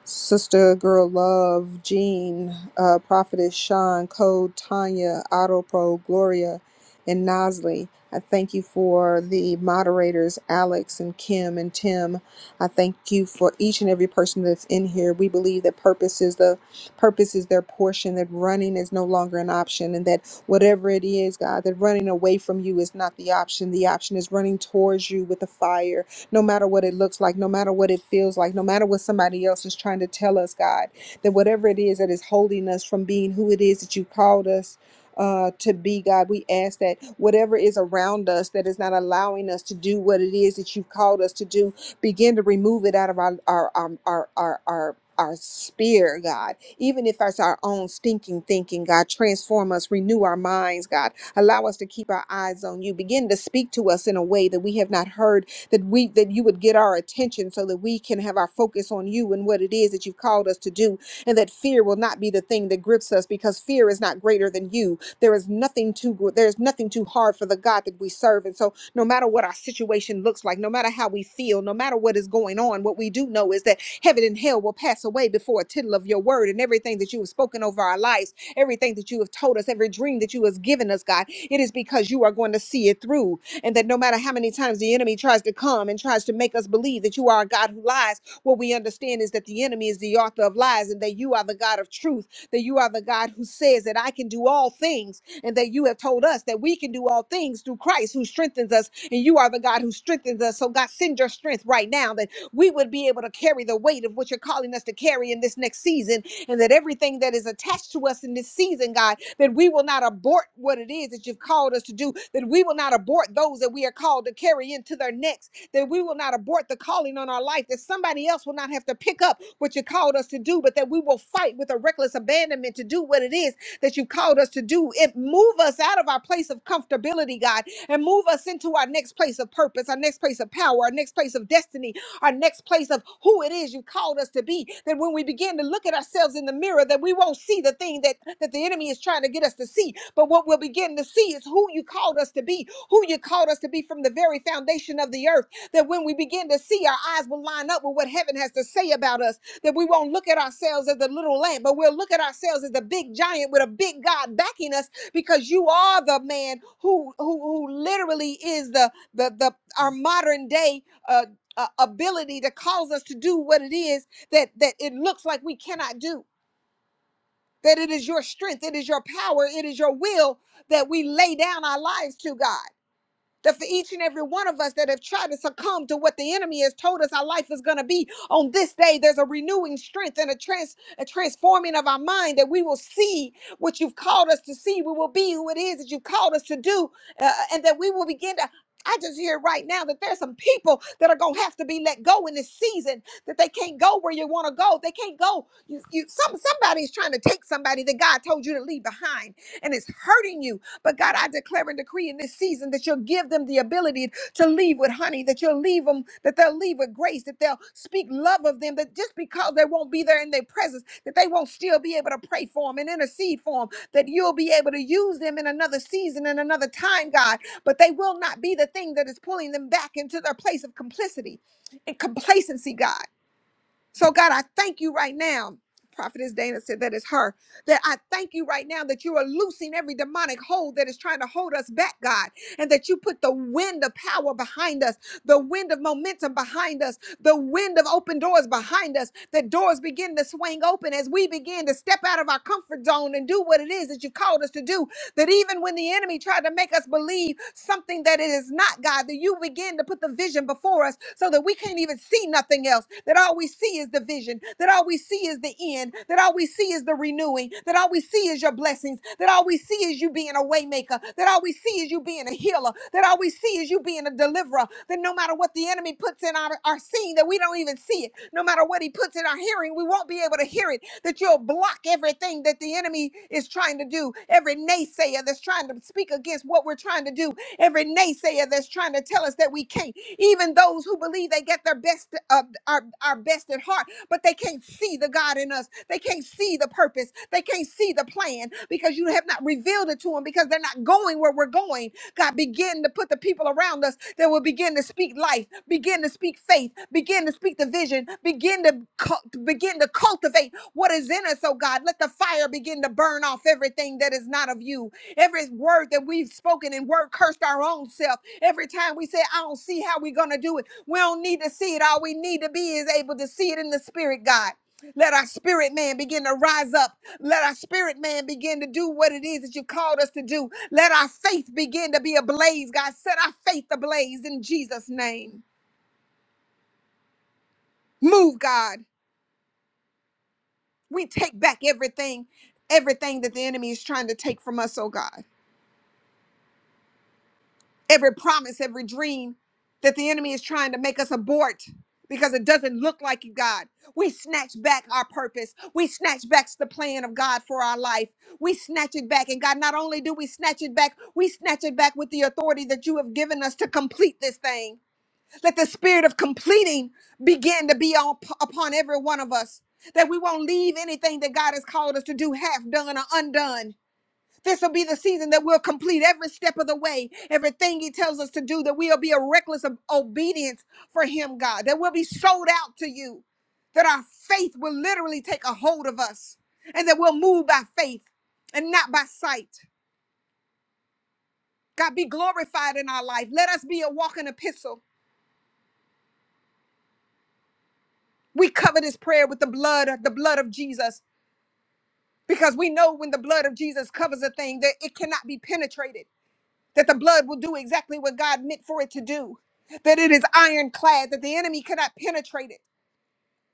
Sister Girl Love, Jean, uh, Prophetess Sean, Code, Tanya, Auto Pro, Gloria, and Nosley. I thank you for the moderators, Alex and Kim and Tim. I thank you for each and every person that's in here. We believe that purpose is the purpose is their portion, that running is no longer an option, and that whatever it is, God, that running away from you is not the option. The option is running towards you with the fire no matter what it looks like, no matter what it feels like, no matter what somebody else is trying to tell us, God, that whatever it is that is holding us from being who it is that you called us uh, to be, God. We ask that whatever is around us that is not allowing us to do what it is that you've called us to do, begin to remove it out of our our um, our our. our our spear, God, even if it's our own stinking thinking, God, transform us, renew our minds, God, allow us to keep our eyes on you. Begin to speak to us in a way that we have not heard that we that you would get our attention so that we can have our focus on you and what it is that you've called us to do and that fear will not be the thing that grips us because fear is not greater than you there is nothing too gr- there's nothing too hard for the god that we serve and so no matter what our situation looks like no matter how we feel no matter what is going on what we do know is that heaven and hell will pass away before a tittle of your word and everything that you have spoken over our lives everything that you have told us every dream that you have given us god it is because you are going to see it through and that no matter how many times the enemy tries to come and tries to make us believe that you are a God who lies, what we understand is that the enemy is the author of lies and that you are the God of truth, that you are the God who says that I can do all things, and that you have told us that we can do all things through Christ who strengthens us, and you are the God who strengthens us. So, God, send your strength right now that we would be able to carry the weight of what you're calling us to carry in this next season and that everything that is attached to us in this season, God, that we will not abort what it is that you've called us to do, that we will not abort those that we are called to carry into their next, that we will not abort the calling on our life, that somebody else will not have to pick up what you called us to do, but that we will fight with a reckless abandonment to do what it is that you called us to do. It move us out of our place of comfortability, God, and move us into our next place of purpose, our next place of power, our next place of destiny, our next place of who it is you called us to be, that when we begin to look at ourselves in the mirror, that we won't see the thing that, that the enemy is trying to get us to see. But what we'll begin to see is who you called us to be, who you called us to be from the very foundation of the earth. That when we begin to see, our eyes will line up with what heaven has to say about us. That we won't look at ourselves as the little lamb, but we'll look at ourselves as the big giant with a big God backing us because you are the man who who, who literally is the, the the our modern day uh, uh, ability to cause us to do what it is that that it looks like we cannot do that it is your strength it is your power it is your will that we lay down our lives to god that for each and every one of us that have tried to succumb to what the enemy has told us our life is going to be on this day, there's a renewing strength and a, trans- a transforming of our mind that we will see what you've called us to see. We will be who it is that you've called us to do, uh, and that we will begin to. I just hear right now that there's some people that are gonna have to be let go in this season. That they can't go where you want to go. They can't go. You, you, some somebody's trying to take somebody that God told you to leave behind, and it's hurting you but God, I declare and decree in this season that you'll give them the ability to leave with honey, that you'll leave them, that they'll leave with grace, that they'll speak love of them, that just because they won't be there in their presence, that they won't still be able to pray for them and intercede for them, that you'll be able to use them in another season, in another time, God, but they will not be the thing that is pulling them back into their place of complicity and complacency, God. So, God, I thank you right now. Prophetess Dana said that is her. That I thank you right now that you are loosing every demonic hold that is trying to hold us back, God, and that you put the wind of power behind us, the wind of momentum behind us the wind of open doors behind us, that doors begin to swing open as we begin to step out of our comfort zone and do what it is that you called us to do. That even when the enemy tried to make us believe something that it is not, God, that you begin to put the vision before us so that we can't even see nothing else, that all we see is the vision, that all we see is the end, that all we see is the renewing, that all we see is your blessings, that all we see see is you being a waymaker, that all we see is you being a healer, that all we see is you being a deliverer, that no matter what the enemy puts in our, our seeing, that we don't even see it, no matter what he puts in our hearing, we won't be able to hear it, that you'll block everything that the enemy is trying to do, every naysayer that's trying to speak against what we're trying to do, every naysayer that's trying to tell us that we can't, even those who believe they get their best uh, our, our best at heart, but they can't see the God in us. They can't see the purpose. They can't see the plan because you have not revealed it to them because they're not going where we're going. God, begin to put the people around us that will begin to speak life, begin to speak faith, begin to speak the vision, begin to cul- begin to cultivate what is in us. Oh God, let the fire begin to burn off everything that is not of you. Every word that we've spoken and word cursed our own self. Every time we say, "I don't see how we're gonna do it." We don't need to see it. All we need to be is able to see it in the spirit, God. Let our spirit man begin to rise up. Let our spirit man begin to do what it is that you called us to do. Let our faith begin to be ablaze, God. Set our faith ablaze in Jesus' name. Move, God. We take back everything, everything that the enemy is trying to take from us, oh God. every promise, every dream that the enemy is trying to make us abort because it doesn't look like you, God. We snatch back our purpose. We snatch back the plan of God for our life. We snatch it back. And God, not only do we snatch it back, we snatch it back with the authority that you have given us to complete this thing. Let the spirit of completing begin to be on, upon every one of us. That we won't leave anything that God has called us to do half done or undone this will be the season that we'll complete every step of the way, everything He tells us to do, that we'll be a reckless of obedience for Him, God, that we'll be sold out to you, that our faith will literally take a hold of us, and that we'll move by faith and not by sight. God, be glorified in our life. Let us be a walking epistle. We cover this prayer with the blood, the blood of Jesus, because we know when the blood of Jesus covers a thing that it cannot be penetrated. that the blood will do exactly what God meant for it to do, that it is ironclad, that the enemy cannot penetrate it.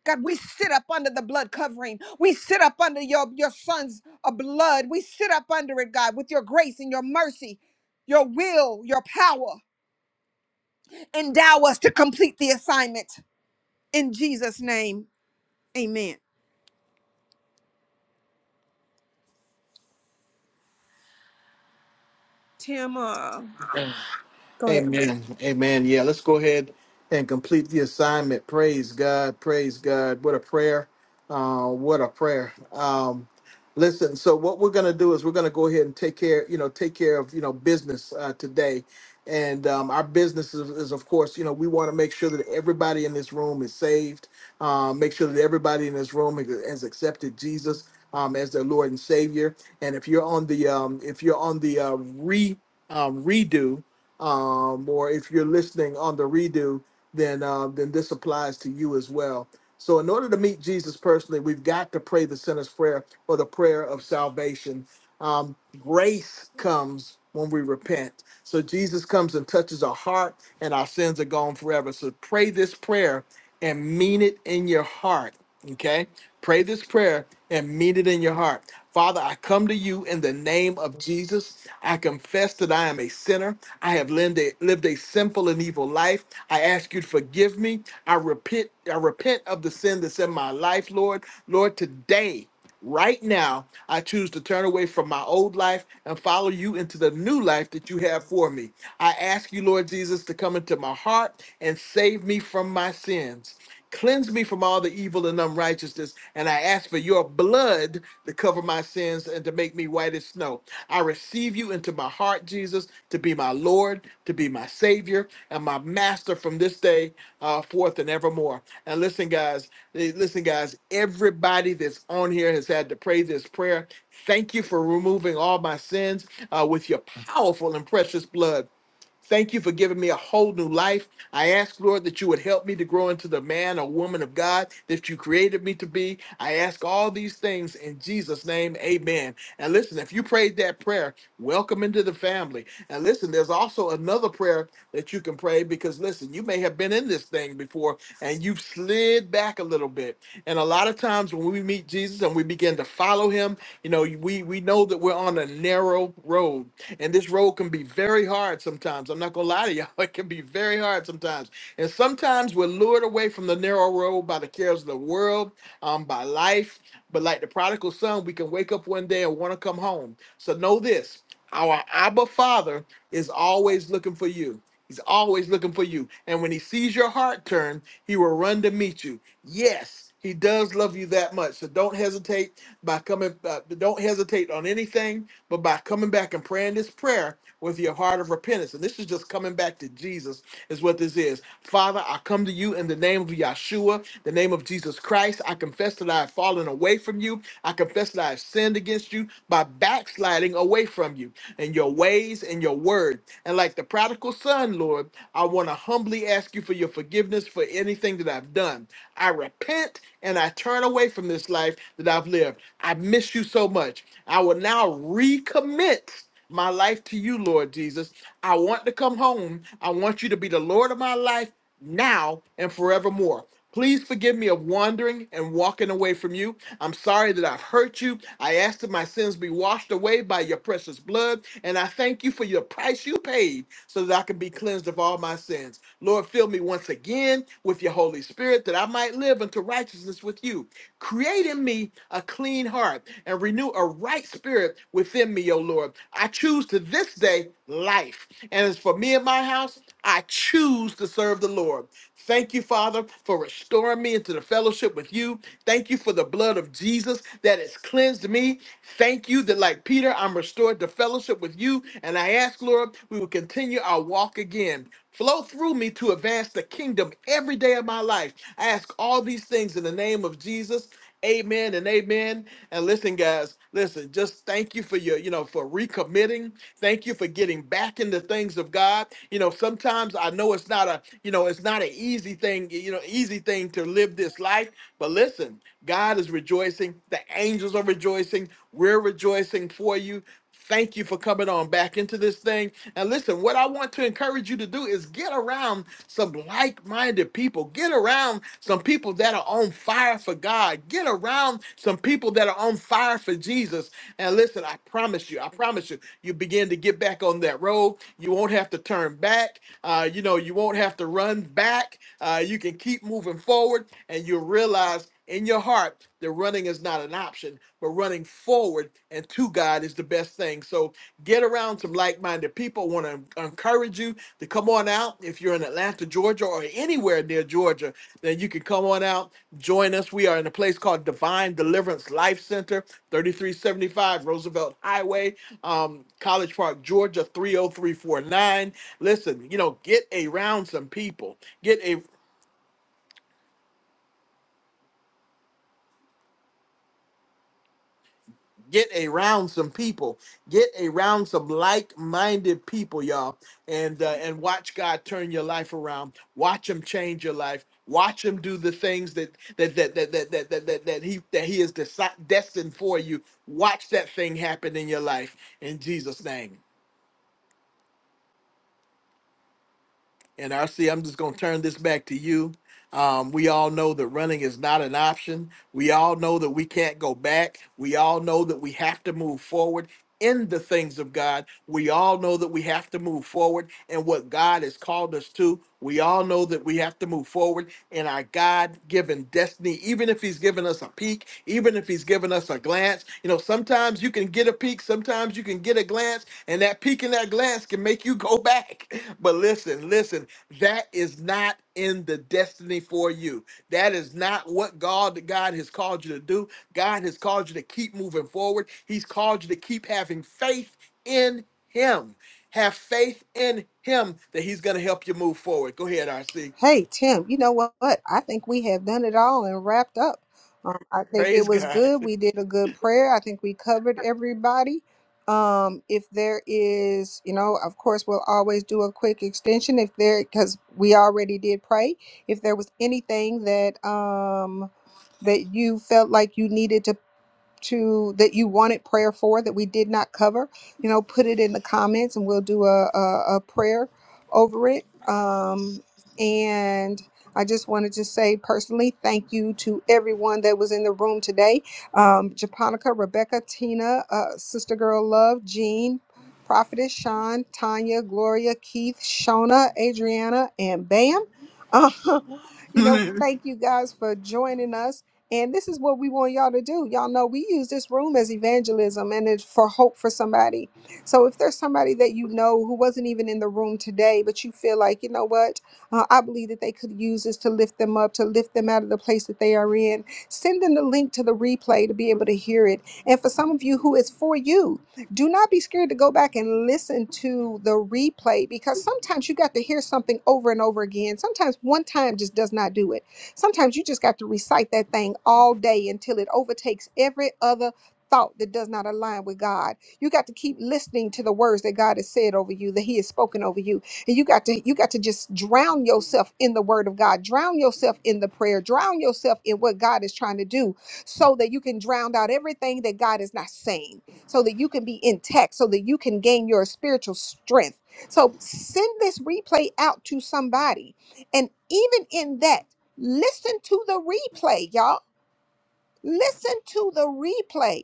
God, we sit up under the blood covering. We sit up under your, your son's uh, blood. We sit up under it, God, with your grace and your mercy, your will, your power. Endow us to complete the assignment. In Jesus' name, amen. Tim, uh, go ahead.
Amen. Amen. Yeah, let's go ahead and complete the assignment. Praise God. Praise God. What a prayer. Uh, what a prayer. Um, listen, so what we're going to do is we're going to go ahead and take care, you know, take care of, you know, business uh, today. And um, our business is, is, of course, you know, we want to make sure that everybody in this room is saved. Uh, make sure that everybody in this room has accepted Jesus um, as their Lord and Savior. And if you're on the, um, if you're on the uh, re, um, redo, um, or if you're listening on the redo, then uh, then this applies to you as well. So, in order to meet Jesus personally, we've got to pray the sinner's prayer or the prayer of salvation. Um, grace comes when we repent. So Jesus comes and touches our heart, and our sins are gone forever. So pray this prayer and mean it in your heart. Okay, pray this prayer and mean it in your heart. Father, I come to you in the name of Jesus. I confess that I am a sinner. I have lived a, lived a sinful and evil life. I ask you to forgive me. I repent. I repent of the sin that's in my life, Lord. Lord, today, right now, I choose to turn away from my old life and follow you into the new life that you have for me. I ask you, Lord Jesus, to come into my heart and save me from my sins. Cleanse me from all the evil and unrighteousness, and I ask for your blood to cover my sins and to make me white as snow. I receive you into my heart, Jesus, to be my Lord, to be my Savior, and my Master from this day uh, forth and evermore. And listen, guys, eh, listen, guys, everybody that's on here has had to pray this prayer. Thank you for removing all my sins uh, with your powerful and precious blood. Thank you for giving me a whole new life. I ask, Lord, that you would help me to grow into the man or woman of God that you created me to be. I ask all these things in Jesus' name. Amen. And listen, if you prayed that prayer, welcome into the family. And listen, there's also another prayer that you can pray because, listen, you may have been in this thing before and you've slid back a little bit. And a lot of times when we meet Jesus and we begin to follow him, you know, we, we know that we're on a narrow road and this road can be very hard sometimes. I'm not gonna lie to y'all, it can be very hard sometimes. And sometimes we're lured away from the narrow road by the cares of the world, um, by life. But like the prodigal son, we can wake up one day and want to come home. So know this our Abba Father is always looking for you. He's always looking for you. And when he sees your heart turn, he will run to meet you. Yes, he does love you that much. So don't hesitate by coming. Uh, don't hesitate on anything but by coming back and praying this prayer with your heart of repentance. And this is just coming back to Jesus, is what this is. Father, I come to you in the name of Yahshua, the name of Jesus Christ. I confess that I have fallen away from you. I confess that I have sinned against you by backsliding away from you and your ways and your word. And like the prodigal son, Lord, I want to humbly ask you for your forgiveness for anything that I've done. I repent and I turn away from this life that I've lived. I miss you so much. I will now recommit my life to you, Lord Jesus. I want to come home. I want you to be the Lord of my life now and forevermore. Please forgive me of wandering and walking away from you. I'm sorry that I've hurt you. I ask that my sins be washed away by your precious blood, and I thank you for your price you paid so that I can be cleansed of all my sins. Lord, fill me once again with your Holy Spirit that I might live unto righteousness with you. Create in me a clean heart and renew a right spirit within me, O Lord. I choose to this day life and as for me and my house, I choose to serve the Lord. Thank you, Father, for restoring me into the fellowship with you. Thank you for the blood of Jesus that has cleansed me. Thank you that, like Peter, I'm restored to fellowship with you. And I ask, Lord, we will continue our walk again. Flow through me to advance the kingdom every day of my life. I ask all these things in the name of Jesus. Amen and amen. And listen, guys, listen, just thank you for your, you know, for recommitting. Thank you for getting back in the things of God. You know, sometimes I know it's not a, you know, it's not an easy thing, you know, easy thing to live this life. But listen, God is rejoicing. The angels are rejoicing. We're rejoicing for you. Thank you for coming on back into this thing. And listen, what I want to encourage you to do is get around some like minded people. Get around some people that are on fire for God. Get around some people that are on fire for Jesus. And listen, I promise you, I promise you you begin to get back on that road. You won't have to turn back. Uh, you know, you won't have to run back. Uh, you can keep moving forward, and you'll realize in your heart that running is not an option, but running forward and to God is the best thing. So get around some like minded people. want to encourage you to come on out. If you're in Atlanta, Georgia, or anywhere near Georgia, then you can come on out, join us. We are in a place called Divine Deliverance Life Center, 3375 Roosevelt Highway um, College Park, Georgia 30349. Listen, you know, get around some people. Get a get around some people. Get around some like-minded people, y'all, and uh, and watch God turn your life around. Watch Him change your life. Watch Him do the things that that that that that that that, that, that He that He is desi- destined for you. Watch that thing happen in your life in Jesus' name. And RC, I'm just going to turn this back to you. Um, we all know that running is not an option. We all know that we can't go back. We all know that we have to move forward in the things of God. We all know that we have to move forward in what God has called us to. We all know that we have to move forward in our God given destiny, even if He's given us a peek, even if He's given us a glance. You know, sometimes you can get a peek, sometimes you can get a glance, and that peek and that glance can make you go back. But listen, listen, that is not in the destiny for you that is not what god god has called you to do god has called you to keep moving forward he's called you to keep having faith in him have faith in him that he's going to help you move forward go ahead rc
Hey, Tim, you know what? what? I think we have done it all and wrapped up. Um, I think it
praise
was
god
good. We did a good prayer. I think we covered everybody. Um, if there is, you know, of course, we'll always do a quick extension if there, because we already did pray. If there was anything that, um, that you felt like you needed to to that you wanted prayer for that we did not cover, you know, put it in the comments and we'll do a, a, a prayer over it. Um, and I just wanted to say personally, thank you to everyone that was in the room today. Um, Japonica, Rebecca, Tina, uh, Sister Girl Love, Jean, Prophetess Sean, Tanya, Gloria, Keith, Shona, Adriana, and Bam. Uh, you know, thank you guys for joining us. And this is what we want y'all to do. Y'all know we use this room as evangelism and it's for hope for somebody. So if there's somebody that you know who wasn't even in the room today, but you feel like, you know what, uh, I believe that they could use this to lift them up, to lift them out of the place that they are in, send them the link to the replay to be able to hear it. And for some of you who it's for you, do not be scared to go back and listen to the replay because sometimes you got to hear something over and over again. Sometimes one time just does not do it. Sometimes you just got to recite that thing all day until it overtakes every other thought that does not align with God. You got to keep listening to the words that God has said over you, that he has spoken over you. And you got to you got to just drown yourself in the word of God. Drown yourself in the prayer. Drown yourself in what God is trying to do so that you can drown out everything that God is not saying. So that you can be intact, so that you can gain your spiritual strength. So send this replay out to somebody. And even in that Listen to the replay, y'all. Listen to the replay.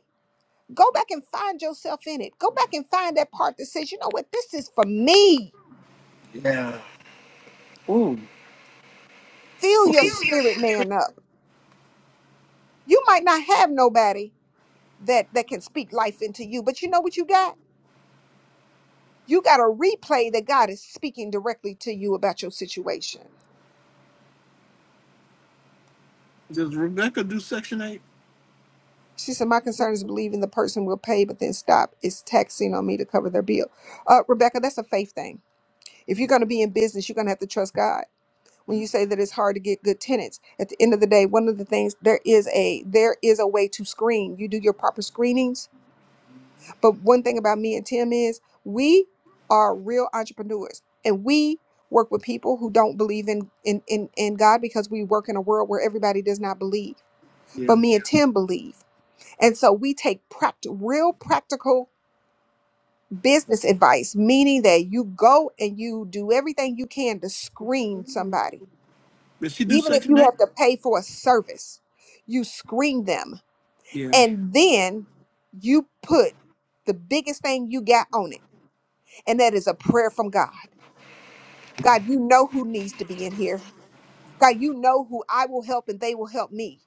Go back and find yourself in it. Go back and find that part that says, you know what, this is for me.
yeah.
Fill your spirit man up. You might not have nobody that that can speak life into you, but you know what you got? You got a replay that God is speaking directly to you about your situation.
Does Rebecca do Section 8?
She said, My concern is believing the person will pay, but then stop. It's taxing on me to cover their bill. Uh, Rebecca, that's a faith thing. If you're going to be in business, you're going to have to trust God. when you say that it's hard to get good tenants at the end of the day one of the things there is a there is a way to screen you do your proper screenings but one thing about me and tim is we are real entrepreneurs and we work with people who don't believe in in in, in god because we work in a world where everybody does not believe but
Yeah.
me and tim believe and so we take pract real practical business advice meaning that you go and you do everything you can to screen somebody
Does she do
Even if
Section
you
8?
have to pay for a service, you screen them
Yeah.
and then you put the biggest thing you got on it. And that is a prayer from God. God, you know who needs to be in here. God, you know who I will help and they will help me.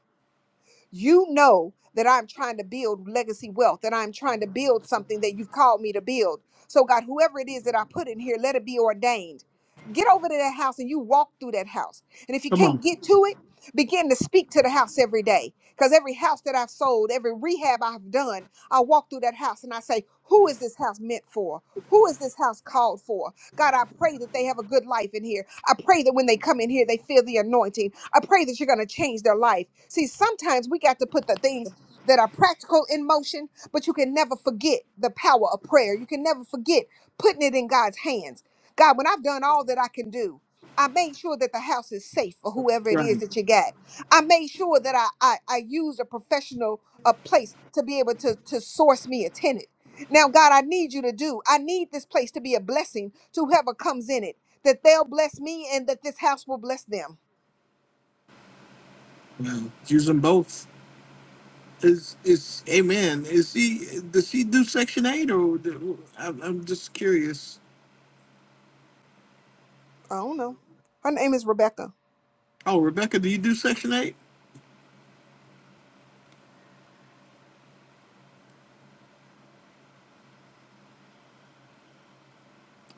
You know that I'm trying to build legacy wealth, that I'm trying to build something that you've called me to build. So, God, whoever it is that I put in here, let it be ordained. Get over to that house and you walk through that house. And if you
Come on.
can't get to it, begin to speak to the house every day. Because every house that I've sold, every rehab I've done, I walk through that house and I say, Who is this house meant for? Who is this house called for? God, I pray that they have a good life in here. I pray that when they come in here, they feel the anointing. I pray that you're going to change their life. See, sometimes we got to put the things that are practical in motion, but you can never forget the power of prayer. You can never forget putting it in God's hands. God, when I've done all that I can do, I made sure that the house is safe for whoever it is
Right.
that you got. I made sure that I I, I used a professional a place to be able to to source me a tenant. Now, God, I need you to do. I need this place to be a blessing to whoever comes in it, that they'll bless me and that this house will bless them.
Yeah. Use them both. Is is Amen? Is he does he do Section Eight or do, I'm I'm just curious.
I don't know. Her name is Rebecca,
Oh, Rebecca, do you do Section Eight?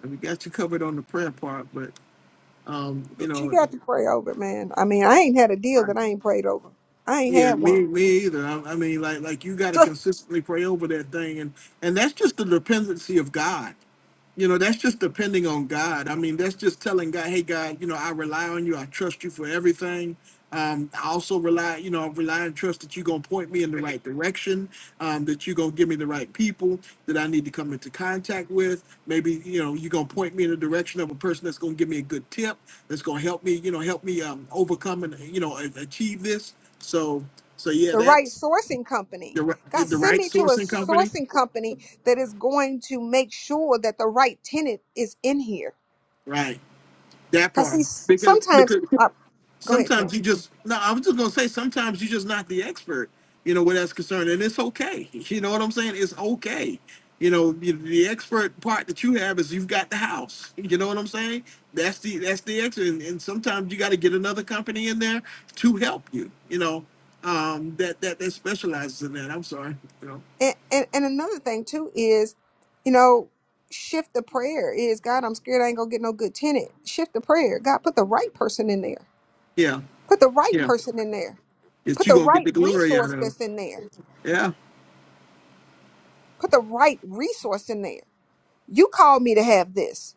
We got you covered on the prayer part, but um, you
but she
know,
got to pray over, it, man. I mean, I ain't had a deal that I ain't prayed over. I ain't
yeah,
had
me
one.
me either. I, I mean, like like you got to consistently pray over that thing, and and that's just the dependency of God. You know, that's just depending on God. I mean, that's just telling God, hey, God, you know, I rely on you. I trust you for everything. Um, I also rely, you know, I rely and trust that you're going to point me in the right direction, um, that you're going to give me the right people that I need to come into contact with. Maybe, you know, you're going to point me in the direction of a person that's going to give me a good tip, that's going to help me, you know, help me um, overcome and, you know, a- achieve this. So, so yeah,
The right
that's
sourcing company.
the, ri-
God,
the
send
right
me to a
sourcing company.
sourcing company that is going to make sure that the right tenant is in here.
Right. That
Because
part.
see, s-
Because,
sometimes,
because
uh, go ahead,
sometimes
Tim.
you just no i was just going to say sometimes you're just not the expert you know where that's concerned and it's okay you know what i'm saying it's okay you know the the expert part that you have is you've got the house you know what i'm saying that's the that's the expert and, and sometimes you got to get another company in there to help you you know um that that that specializes in that i'm sorry you know
And, and and another thing too is, you know, shift the prayer is God. I'm scared I ain't gonna get no good tenant. Shift the prayer. God, put the right person in there.
yeah
Put the right
yeah
person in there.
it's
Put
you
the
gonna get
right
the glory out
resource
of it
that's in there.
yeah
Put the right resource in there. You called me to have this.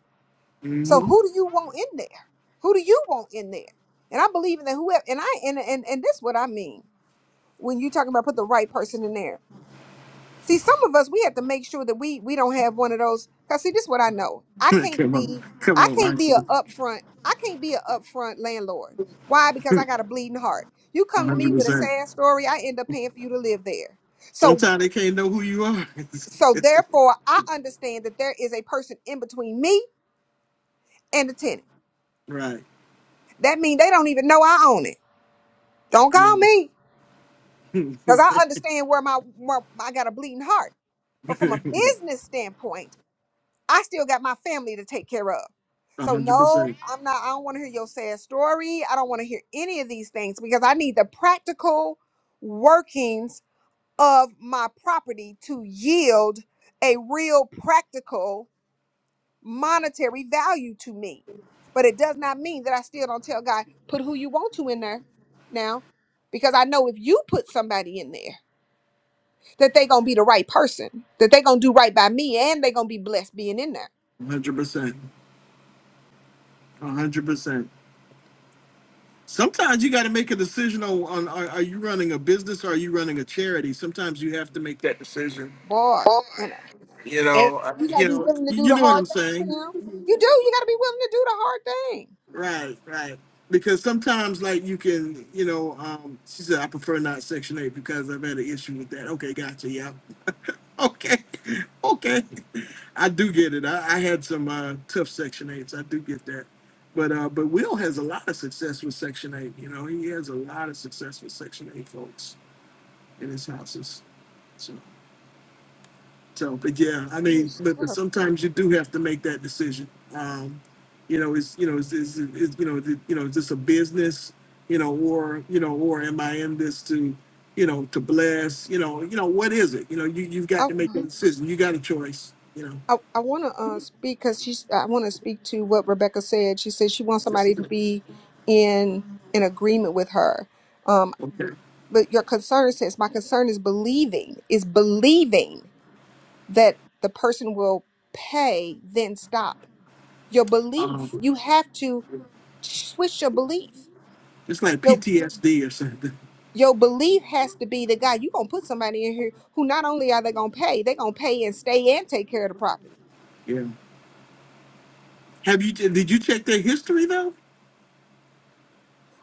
So
hmm
who do you want in there? Who do you want in there? And I believe in that whoever and I and and, and this is what I mean when you talking about put the right person in there. See, some of us we have to make sure that we we don't have one of those. Cause see, this is what I know. I can't
come on
be
come
I
on i
can't be
see
a upfront I can't be a upfront landlord. Why? Because I got a bleeding heart. You come to me with a
100%
sad story, I end up paying for you to live there. So
Sometimes they can't know who you are.
so therefore, I understand that there is a person in between me and the tenant.
right.
That means they don't even know I own it. Don't
Yeah.
call me because I understand where my where I got a bleeding heart. But from a business standpoint. I still got my family to take care of.
one
So
hundred
no,
percent.
I'm not I don't want to hear your sad story. I don't want to hear any of these things because I need the practical workings of my property to yield a real practical monetary value to me. But it does not mean that I still don't tell God, put who you want to in there now. Because I know if you put somebody in there that they gonna be the right person, that they gonna do right by me, and they gonna be blessed being in there.
one hundred percent. one hundred percent. Sometimes you got to make a decision on, on are, are you running a business or are you running a charity? Sometimes you have to make that decision.
Boy. And
You
and
know, uh,
you got to
you
be
know,
willing to do
you
the
know what I'm
hard thing, Tim.
saying?
You do. You got to be willing to do the hard thing.
Right, right. Because sometimes, like, you can, you know, um, she said, I prefer not Section 8 because I've had an issue with that. Okay, gotcha. Yeah, Okay. Okay. I do get it. I, I had some uh, tough Section Eights. I do get that. But uh, but Will has a lot of success with Section Eight. You know, he has a lot of success with Section Eight folks in his houses. so. So, but yeah, I
Let me
mean,
see.
but, but
What
sometimes you do have to make that decision. Um, you know, is you know, is is, is you know, is, it- you know, is this a business? You know, or you know, or am I in this to, you know, to bless? You know, you know, what is it? You know, you you've got
her-
to make a decision. You got a choice. You know,
I, I want to uh, speak because she's. I want to speak to what Rebecca said. She said she wants
Just-
somebody to be in in agreement with her. Um,
okay,
but your concern says my concern is believing is believing that the person will pay. Then stop your belief.
um,
You have to switch your belief.
it's like
Your
PTSD or something.
your belief has to be that God, you gonna put somebody in here who not only are they gonna pay, they gonna pay and stay and take care of the property.
Yeah. Have you did you check their history though?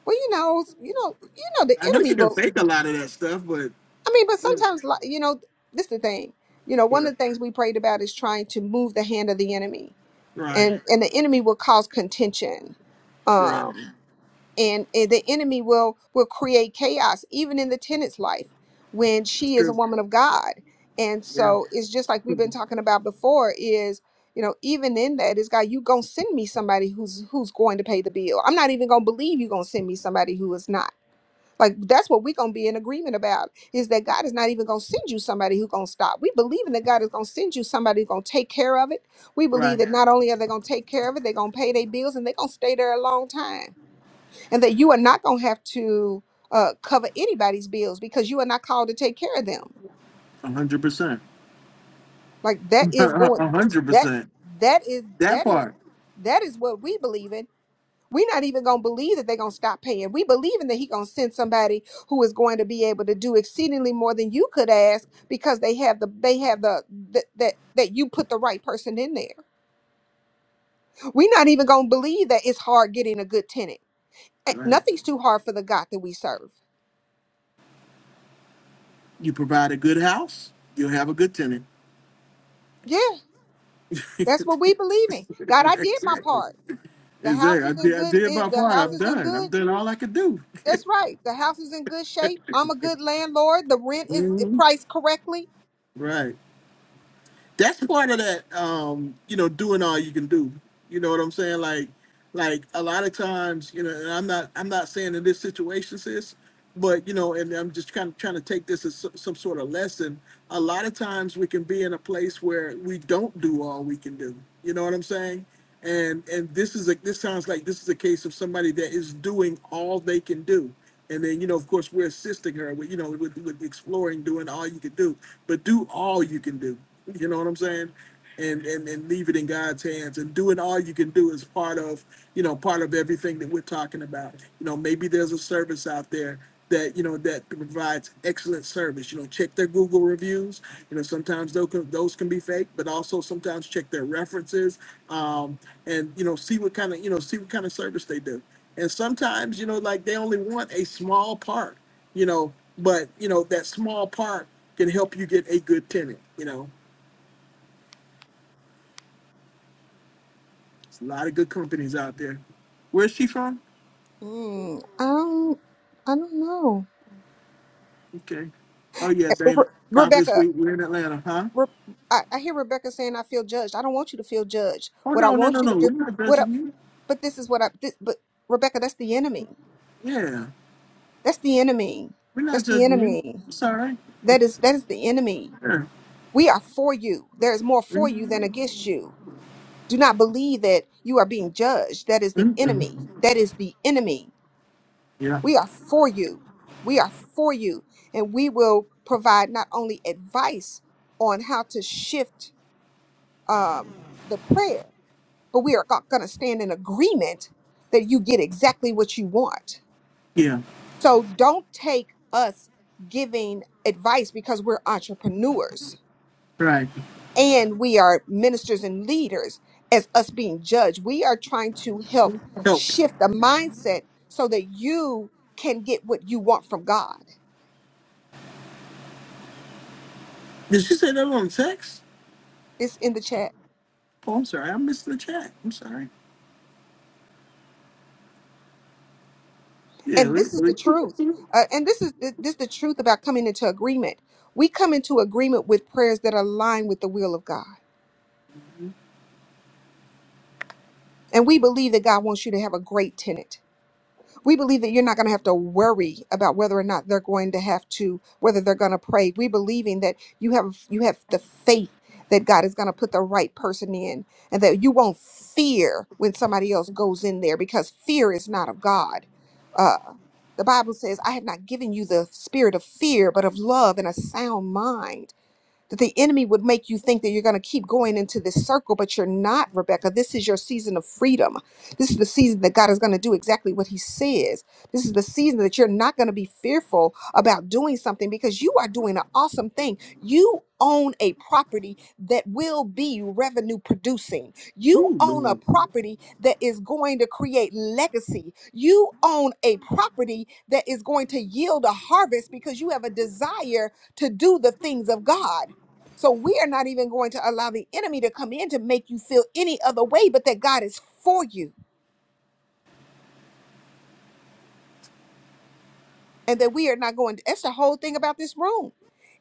Well, you know, you know, you know, the
I know you
enemy
can
will.
fake a lot of that stuff, but,
I mean, but
yeah,
sometimes, li- you know, this is the thing. You know, one
but
of the things we prayed about is trying to move the hand of the enemy,
right,
and and the enemy will cause contention,
right,
um, and, and the enemy will will create chaos even in the tenant's life when
that's
she is a
true.
woman of God, and
Yeah.
so it's just like we've been talking about before is. You know, even in that is God, you gonna send me somebody who's who's going to pay the bill. I'm not even gonna believe you gonna send me somebody who is not like that's what we're gonna be in agreement about is that God is not even gonna send you somebody who's gonna stop. We believe in that God is gonna send you somebody who's gonna take care of it. We
Right.
believe that not only are they gonna take care of it, they're gonna pay their bills and they're gonna stay there a long time. And that you are not gonna have to uh, cover anybody's bills because you are not called to take care of them.
A hundred percent.
Like that is
A
going
hundred
that
percent.
that is
That
that is
part.
that is what we believe in We're not even going to believe that they're going to stop paying. We believing that he going to send somebody who is going to be able to do exceedingly more than you could ask because they have the they have the that that that you put the right person in there. We're not even going to believe that it's hard getting a good tenant. Eh,
Right.
Nothing's too hard for the God that we serve.
You provide a good house, you'll have a good tenant.
Yeah, that's what we
exactly.
believe in. God, I did my part. The house
Exactly. I
is in
did, I
good.
did
Is
my
the
part.
house
I'm
is in
done. I've
good?
done all I could do.
That's right. The house is in good shape. I'm a good landlord. The rent is eh,
Mhm.
priced correctly.
Right. that's part of that um you know doing all you can do you know what i'm saying like like a lot of times you know and i'm not i'm not saying in this situation sis but you know and i'm just kind of trying to take this as so- some sort of lesson a lot of times we can be in a place where we don't do all we can do you know what i'm saying and and this is a this sounds like this is a case of somebody that is doing all they can do and then, you know, of course, we're assisting her with, you know, with, with exploring, doing all you can do, but do all you can do. You know what I'm saying? And, and and leave it in God's hands. And doing all you can do is part of, you know, part of everything that we're talking about. You know, maybe there's a service out there that you know that provides excellent service. You know, check their Google reviews. You know, sometimes those can, those can be fake, but also sometimes check their references, um, and you know, see what kind of you know see what kind of service they do. And sometimes you know, like they only want a small part, you know, but you know that small part can help you get a good tenant. You know, there's a lot of good companies out there. Where's she from?
Mm, um, I don't know.
Okay. Oh yeah,
Eh, Re-
Dana. Confidence
Rebecca,
Week. We're in Atlanta, huh?
Re- I, I hear Rebecca saying I feel judged. I don't want you to feel judged.
Oh
What I
no, no,
want
no,
you to
no.
do,
We're not
what? I,
judging you.
but this is what I. This, but Rebecca, that's the enemy.
Yeah.
That's the enemy.
We're not
That's the
judging you.
enemy.
It's all right.
That is
It's
that is the enemy.
fair.
We are for you. There is more for
Mm,
you than against you. Do not believe that you are being judged. That is the
mm, mm.
enemy. That is the enemy.
Yeah.
We are for you. We are for you. And we will provide not only advice on how to shift um, the prayer, but we are going to stand in agreement that you get exactly what you want.
Yeah.
So don't take us giving advice because we're entrepreneurs
Right.
and we are ministers and leaders as us being judged. We are trying to help
Help.
shift the mindset so that you can get what you want from God
Did she say that on text?
It's in the chat.
Oh, I'm sorry. I missed the chat. I'm sorry. Yeah.
And
We,
this is
we,
the truth.
ooh,
Uh, and this is th- this is the truth about coming into agreement. We come into agreement with prayers that align with the will of God. And we believe that God wants you to have a great tenant. We believe that you're not going to have to worry about whether or not they're going to have to, whether they're going to pray. We believing that you have you have the faith that God is going to put the right person in and that you won't fear when somebody else goes in there because fear is not of God. Uh, the Bible says, I have not given you the spirit of fear, but of love and a sound mind that the enemy would make you think that you're going to keep going into this circle, but you're not, Rebecca. This is your season of freedom. This is the season that God is going to do exactly what He says. This is the season that you're not going to be fearful about doing something because you are doing an awesome thing. You own a property that will be revenue producing, you own a
Lord.
property that is going to create legacy, you own a property that is going to yield a harvest because you have a desire to do the things of God. So we are not even going to allow the enemy to come in to make you feel any other way, but that God is for you and that we are not going. That's the whole thing about this room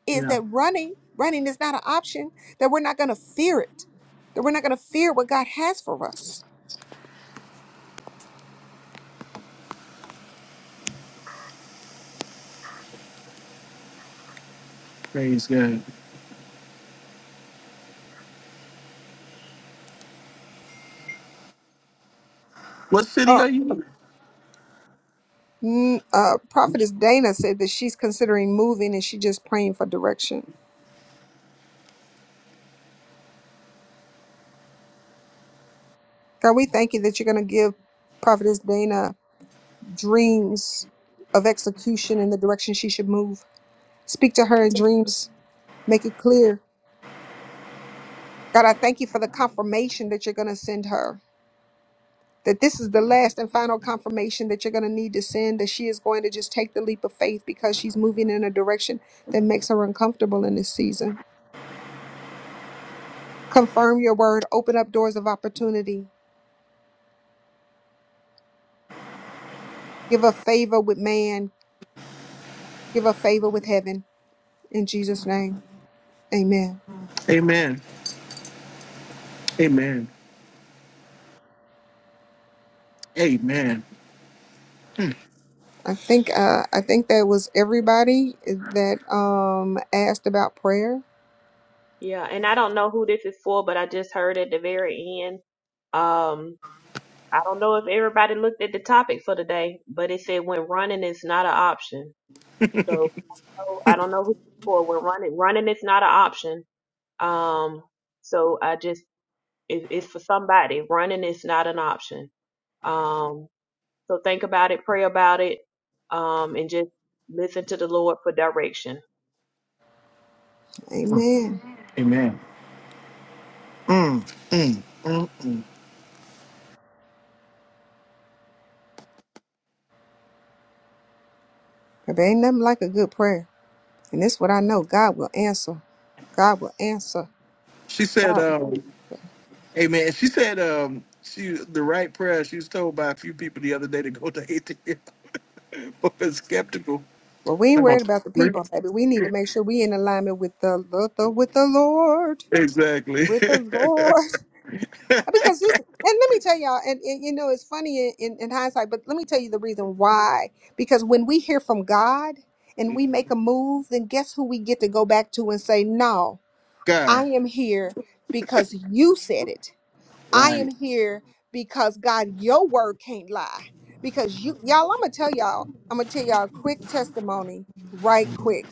is
Yeah.
that running, running is not an option, that we're not going to fear it, that we're not going to fear what God has for us.
Praise God. What city
Oh,
are you in?
mm, uh, Prophetess Dana said that she's considering moving and she just praying for direction. God, we thank you that you're going to give Prophetess Dana dreams of execution in the direction she should move. Speak to her in dreams Make it clear. God, I thank you for the confirmation that you're going to send her. That this is the last and final confirmation that you're going to need to send, that she is going to just take the leap of faith because she's moving in a direction that makes her uncomfortable in this season. Confirm your word, open up doors of opportunity, give a favor with man, give a favor with heaven. In Jesus' name, amen.
Amen. Amen. Amen.
I think uh, I think that was everybody eh, that um, asked about prayer.
Yeah, and I don't know who this is for, but I just heard at the very end. Um, I don't know if everybody looked at the topic for today, but it said when running is not an option. So oh, I don't know who it's for when running running is not an option. Um, so I just it, it's for somebody. Running is not an option. Um, So think about it, pray about it, um, and just listen to the Lord for direction.
Amen.
Amen.
there ain't nothing like a good prayer, and this what I know: God will answer. God will answer.
She said,
God.
um, Amen. She said, um, she the right prayer. She was told by a few people the other day to go to atheist or skeptical.
Well, we ain't
Oh,
worried about the people, baby. We need to make sure we in alignment with the, the, the with the Lord,
Exactly.
with the Lord. Because this, and let me tell y'all, and, and you know, it's funny in, in, in hindsight, but let me tell you the reason why. Because when we hear from God and we make a move, then guess who we get to go back to and say, "No,
God.
I am here because you said it. I am
Right.
here because God, your word can't lie. Because you, y'all, I'm gonna tell y'all, I'm gonna tell y'all a quick testimony, right quick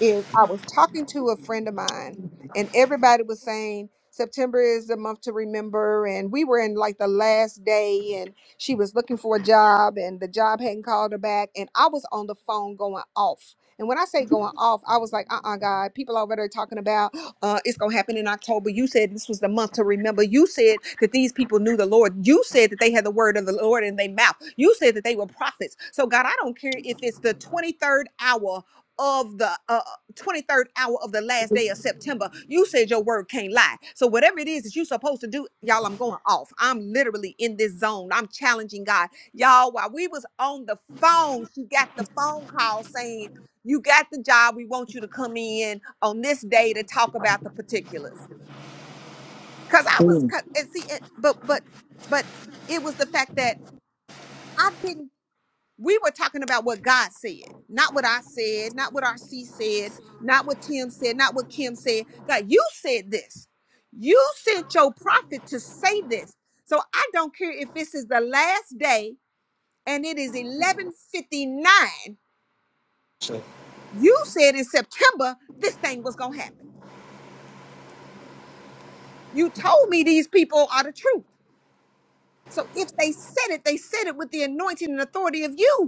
is I was talking to a friend of mine, and everybody was saying September is the month to remember. And we were in like the last day, and she was looking for a job, and the job hadn't called her back. And I was on the phone going off. And when I say going off, I was like, uh uh God, people over there talking about uh, it's going to happen in October. You said this was the month to remember. You said that these people knew the Lord. You said that they had the word of the Lord in their mouth. You said that they were prophets. So, God, I don't care if it's the 23rd hour of the uh, 23rd hour of the last day of September. You said your word can't lie. So whatever it is that you're supposed to do, y'all, I'm going off. I'm literally in this zone. I'm challenging God. Y'all, while we was on the phone, she got the phone call saying, you got the job. We want you to come in on this day to talk about the particulars. Cause I was,
Mm.
'cause- and see, it, but, but, but it was the fact that I didn't we were talking about what God said, not what I said, not what RC said, not what Tim said, not what Kim said. God, you said this. You sent your prophet to say this. So I don't care if this is the last day and it is 11:59. You said in September this thing was going to happen. You told me these people are the truth. So if they said it, they said it with the anointing and authority of you.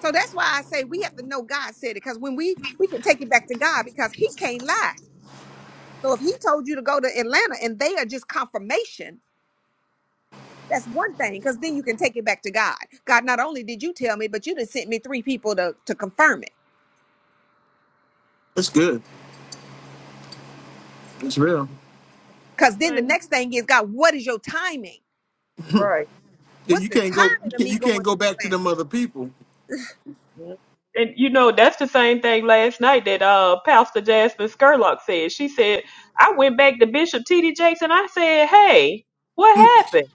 So that's why I say we have to know God said it because when we we can take it back to God because He can't lie. So if He told you to go to Atlanta and they are just confirmation, that's one thing because then you can take it back to God. God, not only did you tell me, but you done sent me three people to to confirm it.
That's good. That's real.
Because then the
Same.
next thing is God, what is your timing?
Right.
Yeah,
What's
You
the
can't go.
timing of me
You can't
going
go
to
back to
Atlanta?
them other people.
And you know, that's the same thing last night that uh Pastor Jasmine Skerlock said. She said, I went back to Bishop T D Jakes and I said, Hey, what happened?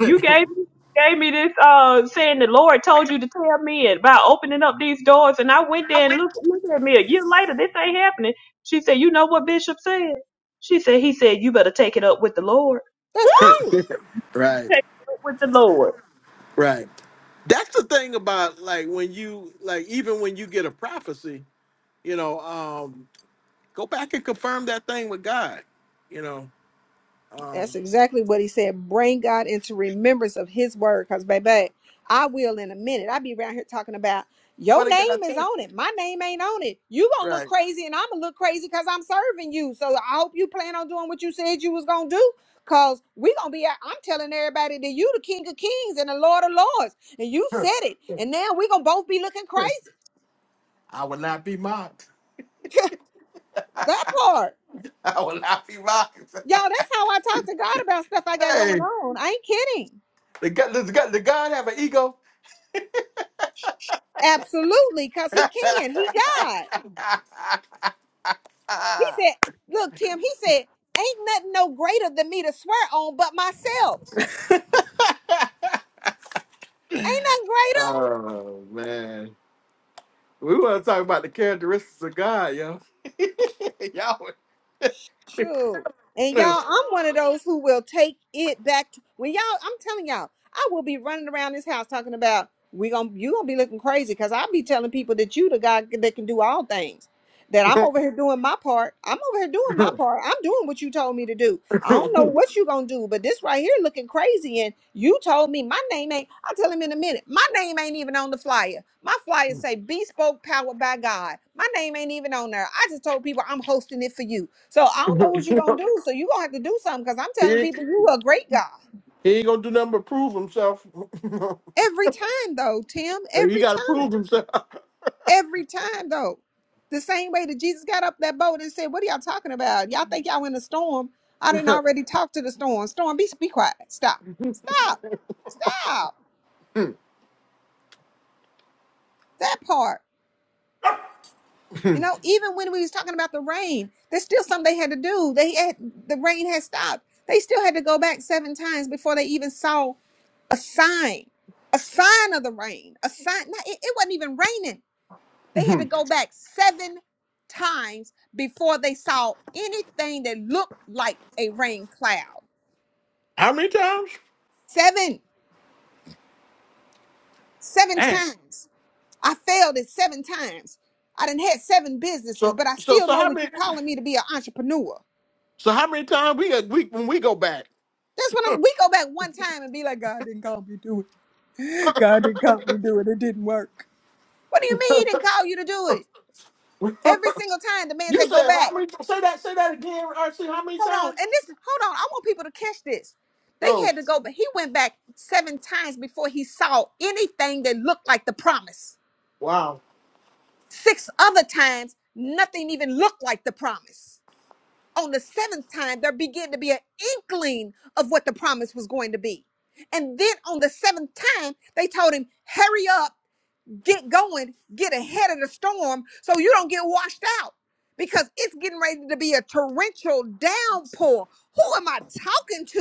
You gave me gave me this uh saying the Lord told you to tell me about opening up these doors and I went there and look look at me a year later, this ain't happening. She said, You know what Bishop said? She said, He said, You better take it up with the Lord.
That's right.
Right.
Take it up with the Lord.
Right. That's the thing about like when you like even when you get a prophecy, you know, um, go back and confirm that thing with God. You know, um,
That's exactly what he said. Bring God into remembrance of his word. Because, baby, I will in a minute. I'll be around here talking about your name is on it. My name ain't on it. You gonna look
right?
crazy and I'm gonna look crazy because I'm serving you. So I hope you plan on doing what you said you was gonna do. Cause we gonna be out. I'm telling everybody that you the King of Kings and the Lord of Lords. And you said it. And now we gonna both be looking crazy.
I will not be mocked.
that part.
I will not be mocked.
Y'all, that's how I talk to God about stuff I got going
Hey,
on. I ain't kidding.
the God, does God, does God have an ego?
Absolutely, because he can. He God. He said, look, Tim, he said, ain't nothing no greater than me to swear on but myself. Ain't nothing greater.
oh man. We want to talk about the characteristics of God, yo. Y'all,
True. And y'all,
was-
I'm one of those who will take it back to when y'all, I'm telling y'all, I will be running around this house talking about we gonna you gonna be looking crazy because I'll be telling people that you the God that can do all things. That I'm over here doing my part. I'm over here doing my part. I'm doing what you told me to do. I don't know what you gonna do, but this right here looking crazy. And you told me my name ain't. I'll tell him in a minute. My name ain't even on the flyer. My flyer say bespoke powered by God. My name ain't even on there. I just told people I'm hosting it for you. So I don't know what you gonna do. So you gonna have to do something because I'm
he,
telling
ain't-
people you a great God.
he ain't gonna do nothing but prove himself. so
Every time though, Tim,
he
every
got to
time.
prove himself.
Every time though. The same way that Jesus got up that boat and said, What are y'all talking about? Y'all think y'all in a storm. I didn't already talk to the storm. Storm, be be quiet. Stop. Stop. Stop. That part. You know, even when we was talking about the rain, there's still something they had to do. They had the rain had stopped. They still had to go back seven times before they even saw a sign. A sign of the rain. A sign. Now, it it wasn't even raining. They had to go back seven times before they saw anything that looked like a rain cloud.
How many times?
Seven, seven
Dang.
times. I failed it seven times. I done had seven businesses,
So,
but I
so,
still
so
know
how
that you're
many?
calling me to be an entrepreneur.
So how many times we got we when we go back?
That's when I'm, we go back one time and be like, God didn't call me to do it. God didn't call me to do it. It didn't work. What do you mean he didn't call you to do it?
you
Every single time the man said, go
said how
back.
many? Say that. Say that again, RC. How many
Hold on.
times?
And this hold on. I want people to catch this. They
Oh,
had to go, but he went back seven times before he saw anything that looked like the promise.
wow.
Six other times, nothing even looked like the promise. On the seventh time, there began to be an inkling of what the promise was going to be. And then on the seventh time, they told him, hurry up get going, get ahead of the storm so you don't get washed out because it's getting ready to be a torrential downpour. Who am I talking to?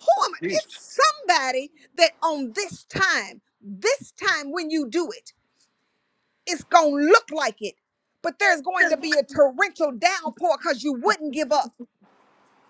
Who am I? It's somebody that on this time, this time when you do it, it's going to look like it, but there's going to be a torrential downpour because you wouldn't give up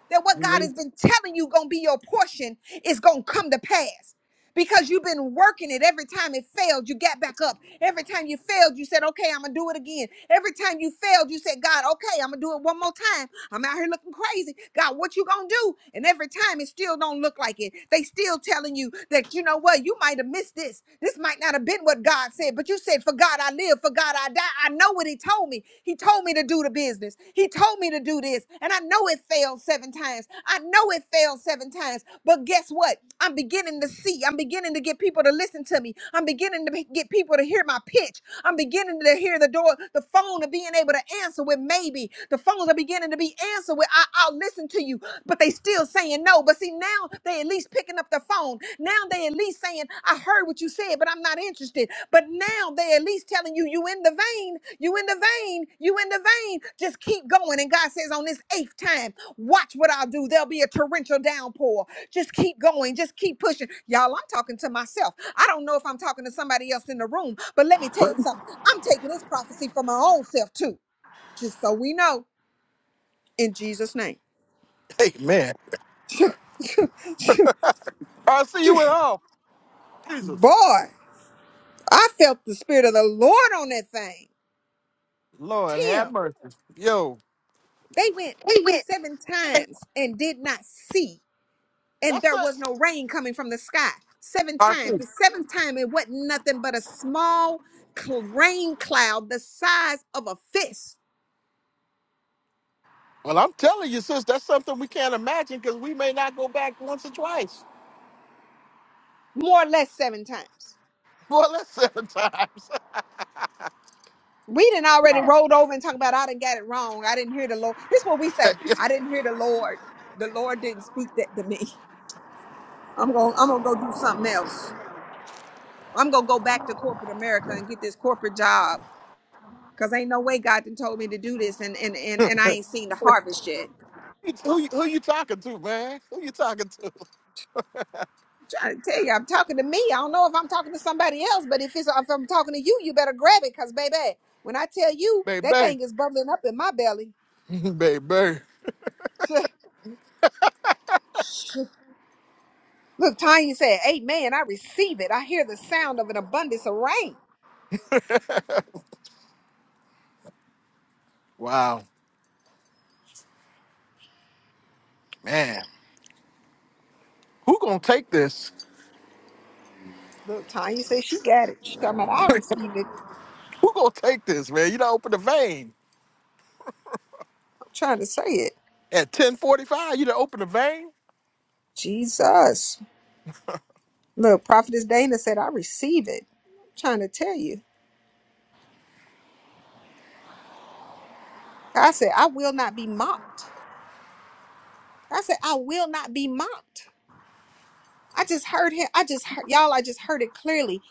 that what God has been telling you gonna be your portion is gonna come to pass. Because you've been working it every time it failed, you got back up. Every time you failed, you said, Okay, I'm gonna do it again. Every time you failed, you said, God, okay, I'm gonna do it one more time. I'm out here looking crazy. God, what you gonna do? And every time it still don't look like it. They still telling you that you know what, you might have missed this. This might not have been what God said, but you said, For God I live, for God I die. I know what He told me. He told me to do the business. He told me to do this. And I know it failed seven times. I know it failed seven times. But guess what? I'm beginning to see. I'm beginning to get people to listen to me. I'm beginning to be- get people to hear my pitch. I'm beginning to hear the door, the phone of being able to answer with maybe. The phones are beginning to be answered with, I, I'll listen to you, but they still saying no. But see, now they at least picking up the phone. Now they at least saying, I heard what you said, but I'm not interested. But now they at least telling you, you in the vein, you in the vein, you in the vein. Just keep going. And God says, on this eighth time, watch what I'll do. There'll be a torrential downpour. Just keep going. Just keep pushing. Y'all, I'm talking to myself. I don't know if I'm talking to somebody else in the room, but let me tell you something. I'm taking this prophecy for my own self too, just so we know in Jesus' name.
Hey man, RC, you went off. Jesus,
Boy, I felt the spirit of the Lord on that thing.
Lord have
Tim,
mercy. Yo,
they went
He went.
seven times and did not see, and
that's
there was
it.
no rain coming from the sky. Seven times.
RC.
The seventh time, it wasn't nothing but a small cl- rain cloud the size of a fist,
Well, I'm telling you, sis, that's something we can't imagine because we may not go back once or twice.
more or less seven times.
Well, that's seven times.
We didn't already rolled over and talk about I didn't get it wrong. I didn't hear the Lord. This is what we say.
Yes.
I didn't hear the Lord. The Lord didn't speak that to me. I'm going. to I'm gonna go do something else. I'm gonna go back to corporate America and get this corporate job. Cause ain't no way God done told me to do this, and and and, and I ain't seen the harvest yet.
who, you- who you talking to, man? Who you talking to?
Trying to tell you, I'm talking to me. I don't know if I'm talking to somebody else, but if it's if I'm talking to you, you better grab it, cause baby, when I tell you that
Baby.
thing is bubbling up in my belly.
Baby.
Look, Tanya said, "Amen." I receive it. I hear the sound of an abundance of rain.
Wow. Man. Who gonna take this?
Look, Tanya said she got it. She talking about I received it.
Who gonna take this, man? You done open the vein.
I'm trying to say it.
At 1045, you done open the vein?
Jesus. Look, Prophetess Dana said, I receive it. I'm trying to tell you. I said, I will not be mocked. I said, I will not be mocked. I just heard him. I just heard, y'all, I just heard it clearly.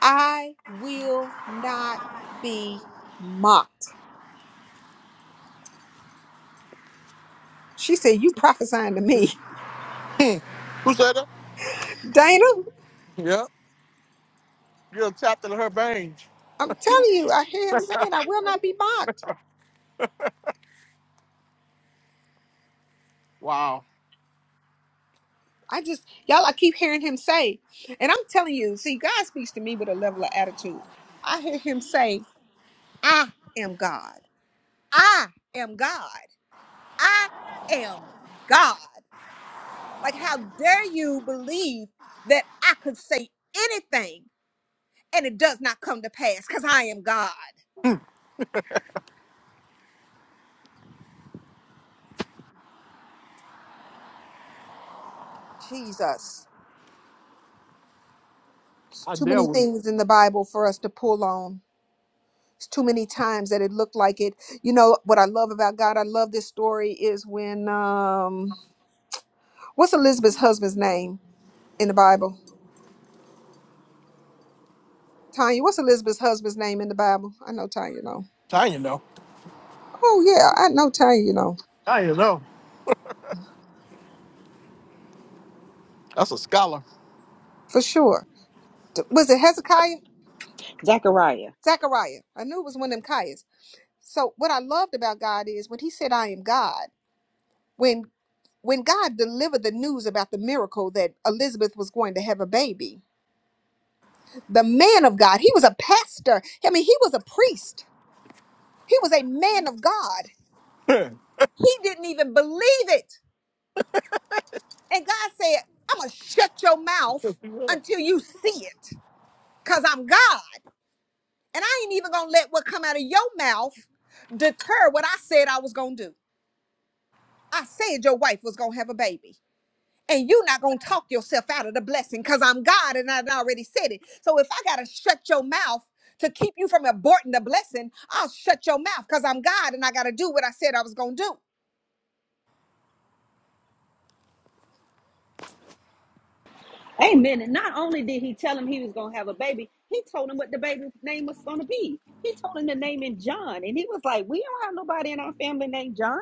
I will not be mocked. She said, You prophesying to me.
Hmm. Who said that?
Dana,
Yeah. You done tapped into her veins.
I'm telling you, I hear him saying, I will not be mocked.
Wow.
I just, y'all, I keep hearing him say, and I'm telling you, see, God speaks to me with a level of attitude. I hear him say, I am God. I am God. I am God. Like, how dare you believe that I could say anything and it does not come to pass because I am God? Jesus. It's
I
too many
deal with
things in the Bible for us to pull on. It's too many times that it looked like it. You know what I love about God? I love this story is when um what's Elizabeth's husband's name in the Bible? Tanya, what's Elizabeth's husband's name in the Bible? I know Tanya know.
Tanya, though.
Oh yeah, I know Tanya, you know,
That's a scholar.
for sure. was it Hezekiah?
Zechariah.
Zechariah. I knew it was one of them Kaias. So what I loved about God is when he said, I am God, when when God delivered the news about the miracle that Elizabeth was going to have a baby, the man of God, he was a pastor. I mean, he was a priest. He was a man of God. He didn't even believe it. And God said, I'm going to shut your mouth until you see it because I'm God. And I ain't even going to let what come out of your mouth deter what I said I was going to do. I said your wife was gonna have a baby. And you're not gonna talk yourself out of the blessing because I'm God and I done already said it. So if I gotta shut your mouth to keep you from aborting the blessing, I'll shut your mouth because I'm God and I gotta do what I said I was gonna do.
Amen. And not only did he tell him he was going to have a baby, he told him what the baby's name was going to be. He told him the name in John, and he was like, "We don't have nobody in our family named John."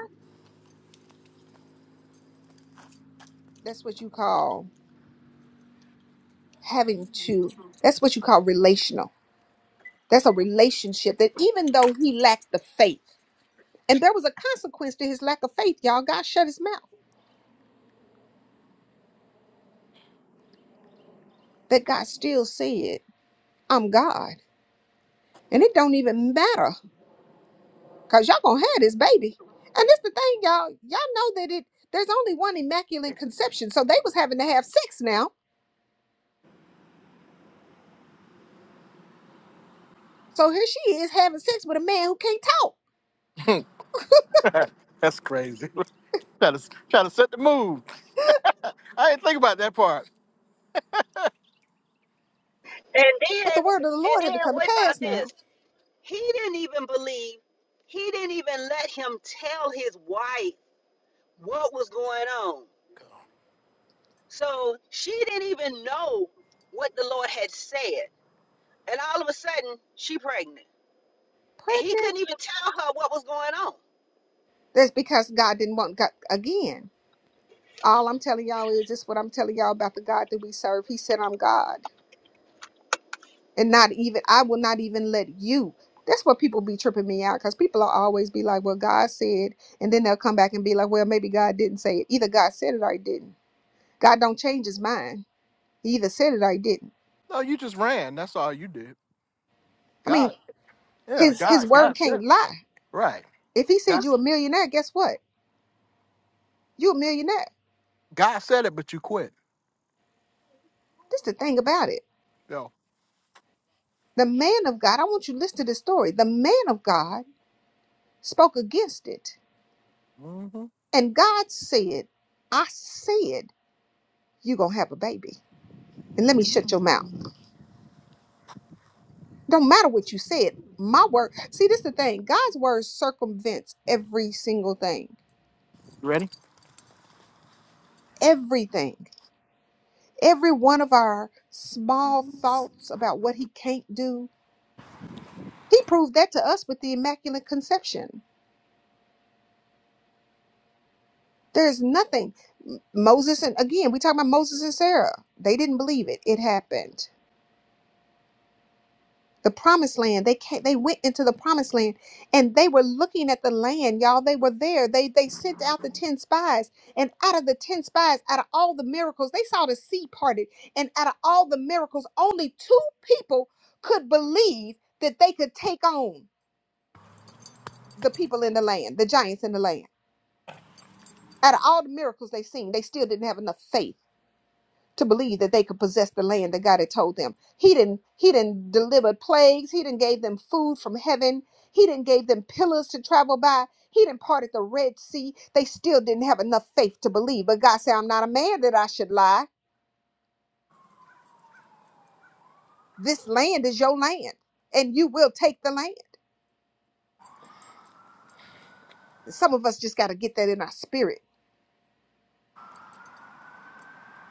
That's what you call having to, that's what you call relational. That's a relationship that even though he lacked the faith, and there was a consequence to his lack of faith, y'all, God shut his mouth. That God still said, I'm God. And it don't even matter Cause y'all gonna have this baby. And this the thing, y'all. Y'all know that it there's only one immaculate conception. So they was having to have sex now. So here she is having sex with a man who can't talk.
That's crazy. try to try to set the move. I didn't think about that part.
But the word of the Lord had to come to pass now.
Yes. He didn't even believe, he didn't even let him tell his wife what was going on. So she didn't even know what the Lord had said. And all of a sudden, she pregnant. And he couldn't
Pregnant.
even tell her what was going on.
That's because God didn't want God again. All I'm telling y'all is this what I'm telling y'all about the God that we serve. He said, I'm God. And not even I will not even let you. That's what people be tripping me out because people will always be like, Well, God said, and then they'll come back and be like, Well, maybe God didn't say it. Either God said it or he didn't God don't change his mind. He either said it or he didn't.
No, you just ran. That's all you did.
I mean,
God, yeah,
his
God,
his
God.
word can't lie.
right.
If he said
God,
you a millionaire, guess what? You a millionaire.
God said it, but you quit.
That's the thing about it.
Yo,
The man of God, I want you to listen to this story. The man of God spoke against it.
hmm
And God said, I said you're gonna have a baby. And let me shut your mouth. Don't matter what you said. My word. See, this is the thing. God's word circumvents every single thing. Everything. Every one of our small thoughts about what he can't do, he proved that to us with the Immaculate Conception. There's nothing. M- Moses, and again, we talk about Moses and Sarah. They didn't believe it. It happened. The promised land, they came, they went into the promised land and they were looking at the land, y'all. They were there. They they sent out the 10 spies. And out of the 10 spies, out of all the miracles, they saw the sea parted. And out of all the miracles, only two people could believe that they could take on. the people in the land, the giants in the land. Out of all the miracles they seen, they still didn't have enough faith to believe that they could possess the land that God had told them. He didn't he didn't deliver plagues, he didn't gave them food from heaven, he didn't gave them pillars to travel by, he didn't parted the Red Sea. They still didn't have enough faith to believe. But God said, I'm not a man that I should lie. This land is your land, and you will take the land. Some of us just got to get that in our spirit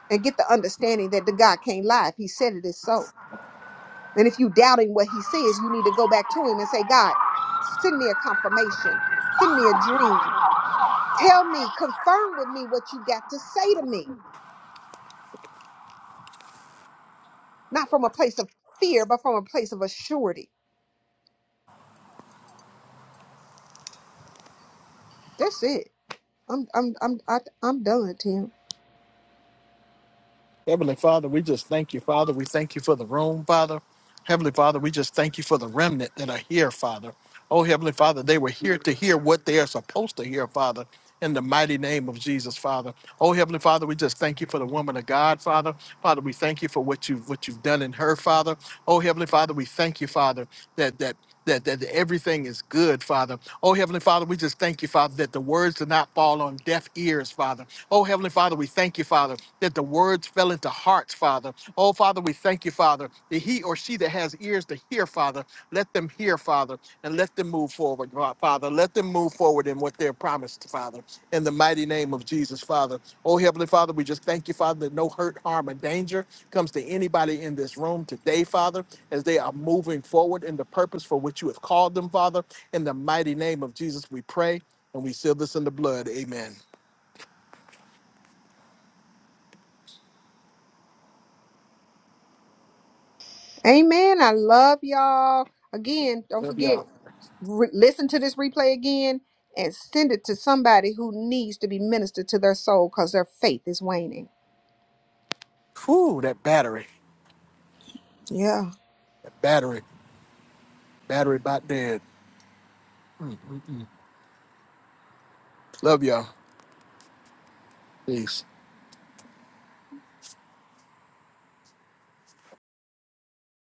and get the understanding that the God can't lie. If he said it is so. And if you doubting what he says, you need to go back to him and say, God, send me a confirmation, send me a dream. Tell me, confirm with me what you got to say to me. Not from a place of fear, but from a place of assurity. That's it. I'm I'm I'm I, I'm done, Tim.
Heavenly Father, we just thank you, Father. We thank you for the room, Father. Heavenly Father, we just thank you for the remnant that are here, Father. Oh, Heavenly Father, they were here to hear what they are supposed to hear, Father, in the mighty name of Jesus, Father. Oh, Heavenly Father, we just thank you for the woman of God, Father. Father, we thank you for what you've what you've done in her, Father. Oh, Heavenly Father, we thank you, Father, that that that, that everything is good, Father. Oh, Heavenly Father, we just thank you, Father, that the words did not fall on deaf ears, Father. Oh, Heavenly Father, we thank you, Father, that the words fell into hearts, Father. Oh, Father, we thank you, Father, that he or she that has ears to hear, Father, let them hear, Father, and let them move forward, Father. Let them move forward in what they're promised, Father, in the mighty name of Jesus, Father. Oh, Heavenly Father, we just thank you, Father, that no hurt, harm, or danger comes to anybody in this room today, Father as they are moving forward in the purpose for which you have called them, Father. In the mighty name of Jesus, we pray and we seal this in the blood. Amen.
Amen. I love y'all. Again, don't
Love
forget,
y'all.
re- listen to this replay again and send it to somebody who needs to be ministered to their soul because their faith is waning.
Whew, that battery,
Yeah.
that battery, battery about dead. Love y'all. Peace.